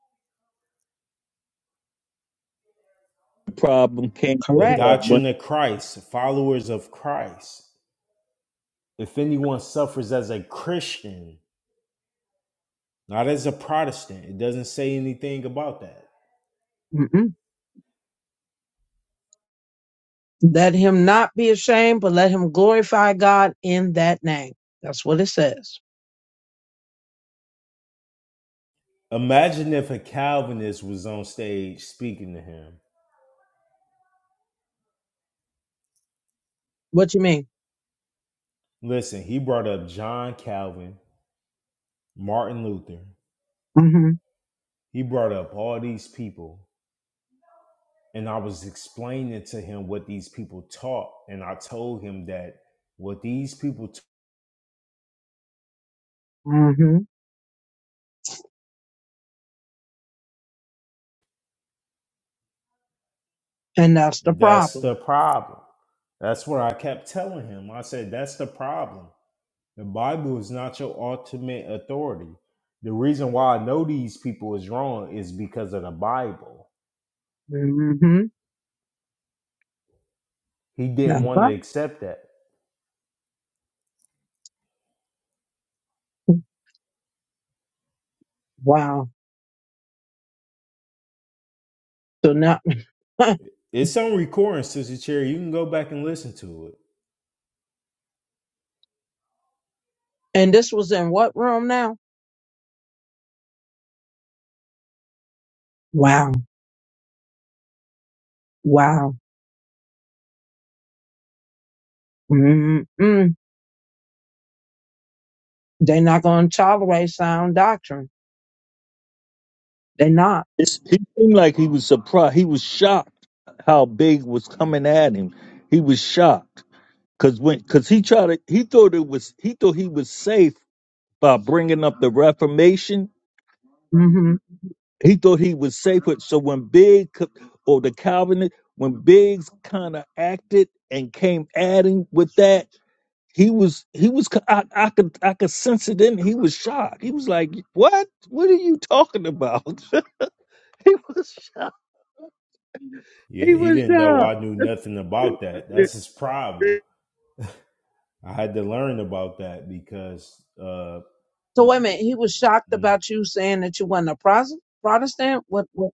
[SPEAKER 5] The problem came from
[SPEAKER 4] the
[SPEAKER 1] Correct.
[SPEAKER 5] that but
[SPEAKER 4] doctrine of Christ, followers of Christ. If anyone suffers as a Christian, not as a Protestant, it doesn't say anything about that.
[SPEAKER 1] Mm-mm. Let him not be ashamed, but let him glorify God in that name. That's what it says.
[SPEAKER 4] Imagine if a Calvinist was on stage speaking to him.
[SPEAKER 1] What you mean?
[SPEAKER 4] Listen, he brought up John Calvin, Martin Luther.
[SPEAKER 1] Mm-hmm.
[SPEAKER 4] He brought up all these people, and I was explaining to him what these people taught, and I told him that what these people t-
[SPEAKER 1] Mm-hmm. And that's the
[SPEAKER 4] that's
[SPEAKER 1] problem.
[SPEAKER 4] the problem. That's what I kept telling him. I said that's the problem. The Bible is not your ultimate authority. The reason why I know these people is wrong is because of the Bible.
[SPEAKER 1] Mm-hmm.
[SPEAKER 4] He didn't
[SPEAKER 1] That's
[SPEAKER 4] want to
[SPEAKER 1] right.
[SPEAKER 4] accept that.
[SPEAKER 1] Wow. So now
[SPEAKER 4] It's on recording, Sister Cherry. You can go back and listen to it.
[SPEAKER 1] And this was in what room now? Wow. Wow. Mm-mm. They're not going to tolerate sound doctrine. They're not.
[SPEAKER 5] it's he seemed like he was surprised he was shocked how big was coming at him. He was shocked. Cause when cause he tried to he thought it was he thought he was safe by bringing up the Reformation.
[SPEAKER 1] hmm
[SPEAKER 5] He thought he was safe. with- So when Big co- or the Calvinist, when Biggs kind of acted and came adding with that, he was he was co- I, I could I could sense it in. He was shocked. He was like, "What? What are you talking about?" he was shocked.
[SPEAKER 4] Yeah,
[SPEAKER 5] He
[SPEAKER 4] he
[SPEAKER 5] was
[SPEAKER 4] didn't know
[SPEAKER 5] shocked.
[SPEAKER 4] I knew nothing about that. That's his problem. I had to learn about that because uh,
[SPEAKER 1] So
[SPEAKER 4] w-
[SPEAKER 1] wait a
[SPEAKER 4] w-
[SPEAKER 1] minute. He was shocked
[SPEAKER 4] mm,
[SPEAKER 1] about you saying that you wasn't a pros- Protestant. What, what?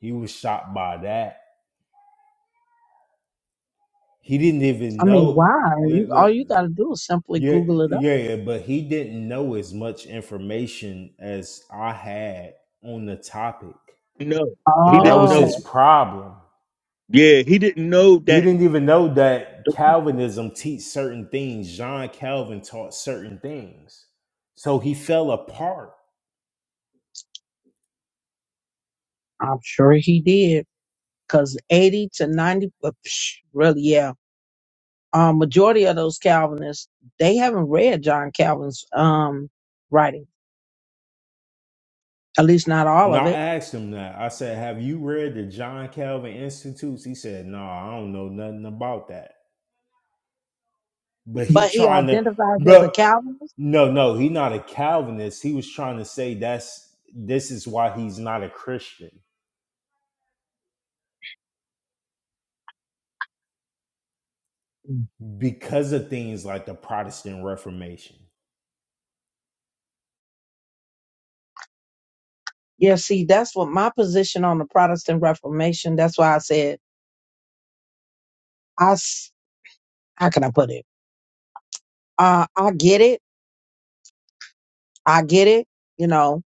[SPEAKER 4] he was shocked by that. He didn't even
[SPEAKER 1] I mean,
[SPEAKER 4] know.
[SPEAKER 1] why?
[SPEAKER 4] Yeah,
[SPEAKER 1] You, all
[SPEAKER 4] li-
[SPEAKER 1] you got to do is simply
[SPEAKER 4] yeah,
[SPEAKER 1] Google it up.
[SPEAKER 4] yeah, yeah, but he didn't know as much information as I had on the topic.
[SPEAKER 5] No, he
[SPEAKER 4] That
[SPEAKER 5] didn't
[SPEAKER 4] was
[SPEAKER 5] know.
[SPEAKER 4] his
[SPEAKER 1] Oh,
[SPEAKER 4] problem.
[SPEAKER 5] Yeah, he didn't know
[SPEAKER 4] He
[SPEAKER 5] that.
[SPEAKER 4] didn't even know that Calvinism teach certain things. John Calvin taught certain things, so he fell apart
[SPEAKER 1] I'm sure he did. Cause 80 to 90, uh, psh, really, yeah. Um, majority of those Calvinists, they haven't read John Calvin's, um, writing. At least not all
[SPEAKER 4] And
[SPEAKER 1] of it
[SPEAKER 4] I asked him that. I said, Have you read the John Calvin Institutes? He said, No, I don't know nothing about that. But he
[SPEAKER 1] but he
[SPEAKER 4] trying to
[SPEAKER 1] identifies as a
[SPEAKER 4] but
[SPEAKER 1] Calvinist.
[SPEAKER 4] no, no, he not a Calvinist. He was trying to say that's this is why he's not a Christian. Because of things like the Protestant Reformation.
[SPEAKER 1] Yeah, see, that's what my position on the Protestant Reformation. That's why I said I. s- How can I put it? Uh, I get it. I get it. You know.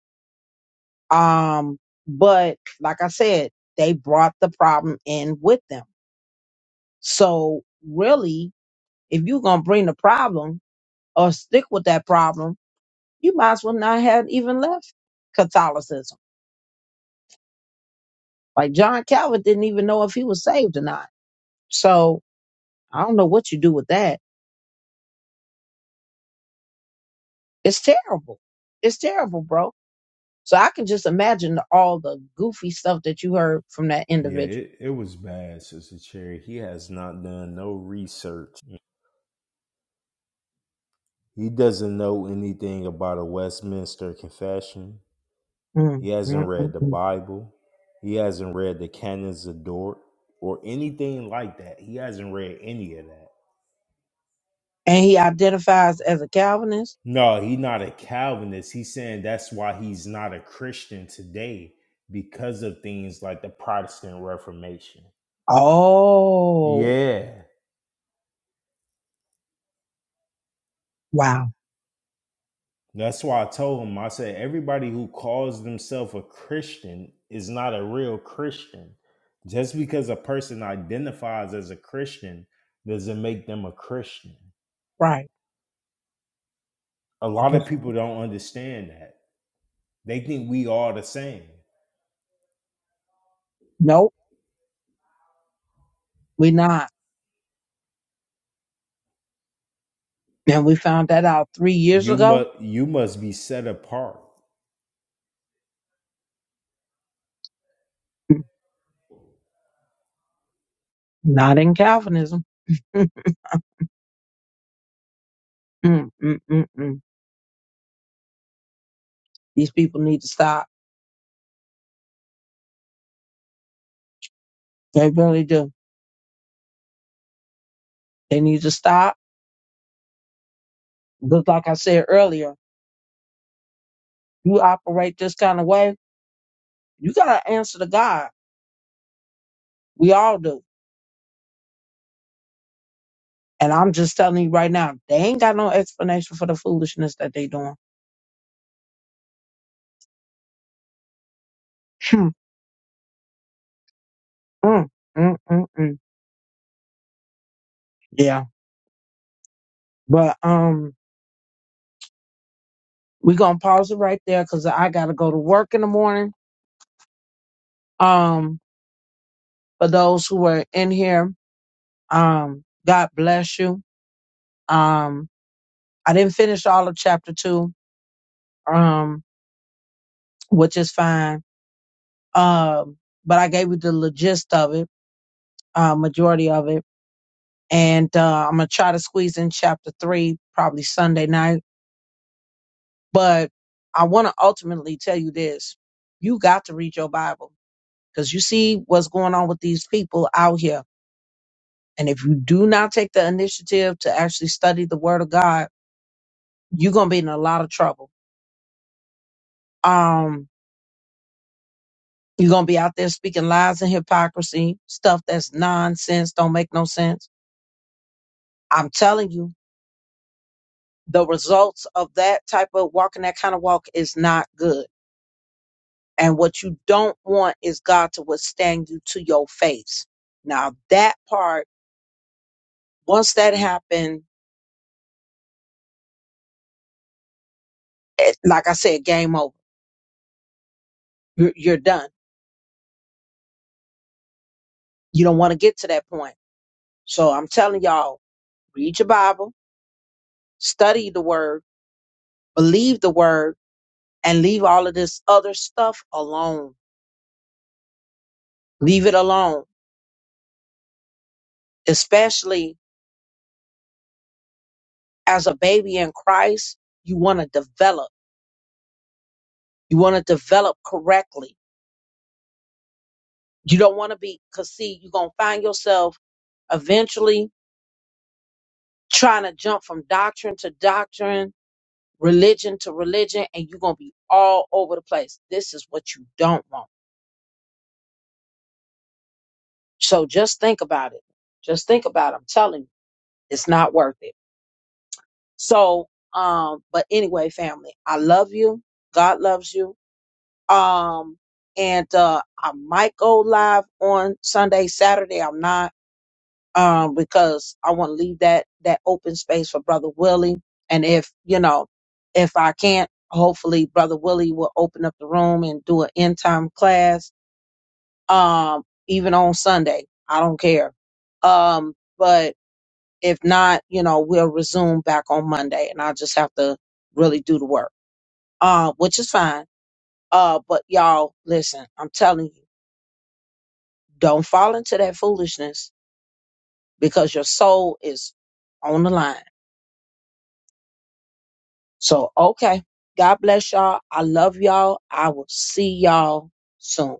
[SPEAKER 1] Um, but like I said, they brought the problem in with them. So really, if you're gonna bring the problem or stick with that problem, you might as well not have even left Catholicism. Like John Calvin didn't even know if he was saved or not. So I don't know what you do with that It's terrible. It's terrible, bro. So I can just imagine all the goofy stuff that you heard from that
[SPEAKER 4] Yeah,
[SPEAKER 1] individual.
[SPEAKER 4] it, it was bad, Sister Cherry. He has not done no research. He doesn't know anything about a Westminster Confession.
[SPEAKER 1] Mm,
[SPEAKER 4] He
[SPEAKER 1] mm,
[SPEAKER 4] hasn't
[SPEAKER 1] mm,
[SPEAKER 4] read the
[SPEAKER 1] mm.
[SPEAKER 4] Bible. He hasn't read the Canons of Dort or anything like that. He hasn't read any of that.
[SPEAKER 1] And he identifies as a Calvinist.
[SPEAKER 4] No, he's not a Calvinist. He's saying that's why he's not a Christian today because of things like the Protestant Reformation.
[SPEAKER 1] Oh,
[SPEAKER 4] Yeah.
[SPEAKER 1] wow.
[SPEAKER 4] That's why I told him, I said, everybody who calls themselves a Christian is not a real Christian. Just because a person identifies as a Christian doesn't make them a Christian.
[SPEAKER 1] Right.
[SPEAKER 4] A
[SPEAKER 1] And
[SPEAKER 4] lot of
[SPEAKER 1] just-
[SPEAKER 4] people don't understand that. They think we are the same.
[SPEAKER 1] Nope, we're not. And we found that out three years
[SPEAKER 4] You
[SPEAKER 1] ago.
[SPEAKER 4] must you must be set apart.
[SPEAKER 1] Mm, Not in Calvinism. Mm, mm, mm, mm, mm. These people need to stop. They really do. They need to stop. Just like I said earlier, you operate this kind of way, you got to answer to God. We all do. And I'm just telling you right now, they ain't got no explanation for the foolishness that they doing. Hmm. Mm, mm, mm, mm. Yeah. But um we gonna pause it right there because I gotta go to work in the morning. Um for those who are in here, um, God bless you. Um I didn't finish all of chapter two, um, which is fine. Um, but I gave you the gist of it, uh, majority of it and uh, I'm gonna try to squeeze in chapter three probably Sunday night. But I want to ultimately tell you this: you got to read your Bible because you see what's going on with these people out here, and if you do not take the initiative to actually study the Word of God, you're gonna be in a lot of trouble. Um, you're gonna be out there speaking lies and hypocrisy, stuff that's nonsense, don't make no sense. I'm telling you, the results of that type of walking, that kind of walk, is not good And what you don't want is God to withstand you to your face. Now that part, once that happened, it, like I said, game over. You're, you're done. You don't want to get to that point. So I'm telling y'all, read your Bible, study the word, believe the word, and leave all of this other stuff alone. Leave it alone. Especially as a baby in Christ, you want to develop. You want to develop correctly You don't want to be, because see, you're going to find yourself eventually trying to jump from doctrine to doctrine, religion to religion, and you're going to be all over the place. This is what you don't want. So just think about it. Just think about it. I'm telling you, it's not worth it. So, um, but anyway, family, I love you. God loves you. Um, and uh, I might go live on Sunday, Saturday. I'm not. um, because I want to leave that that open space for Brother Willie. And if you know, if I can't, hopefully Brother Willie will open up the room and do an end time class, um, even on Sunday. I don't care. Um, but if not, you know, we'll resume back on Monday, and I'll just have to really do the work, uh, which is fine. Uh, but y'all, listen, I'm telling you, don't fall into that foolishness because your soul is on the line So, okay. God bless y'all. I love y'all. I will see y'all soon.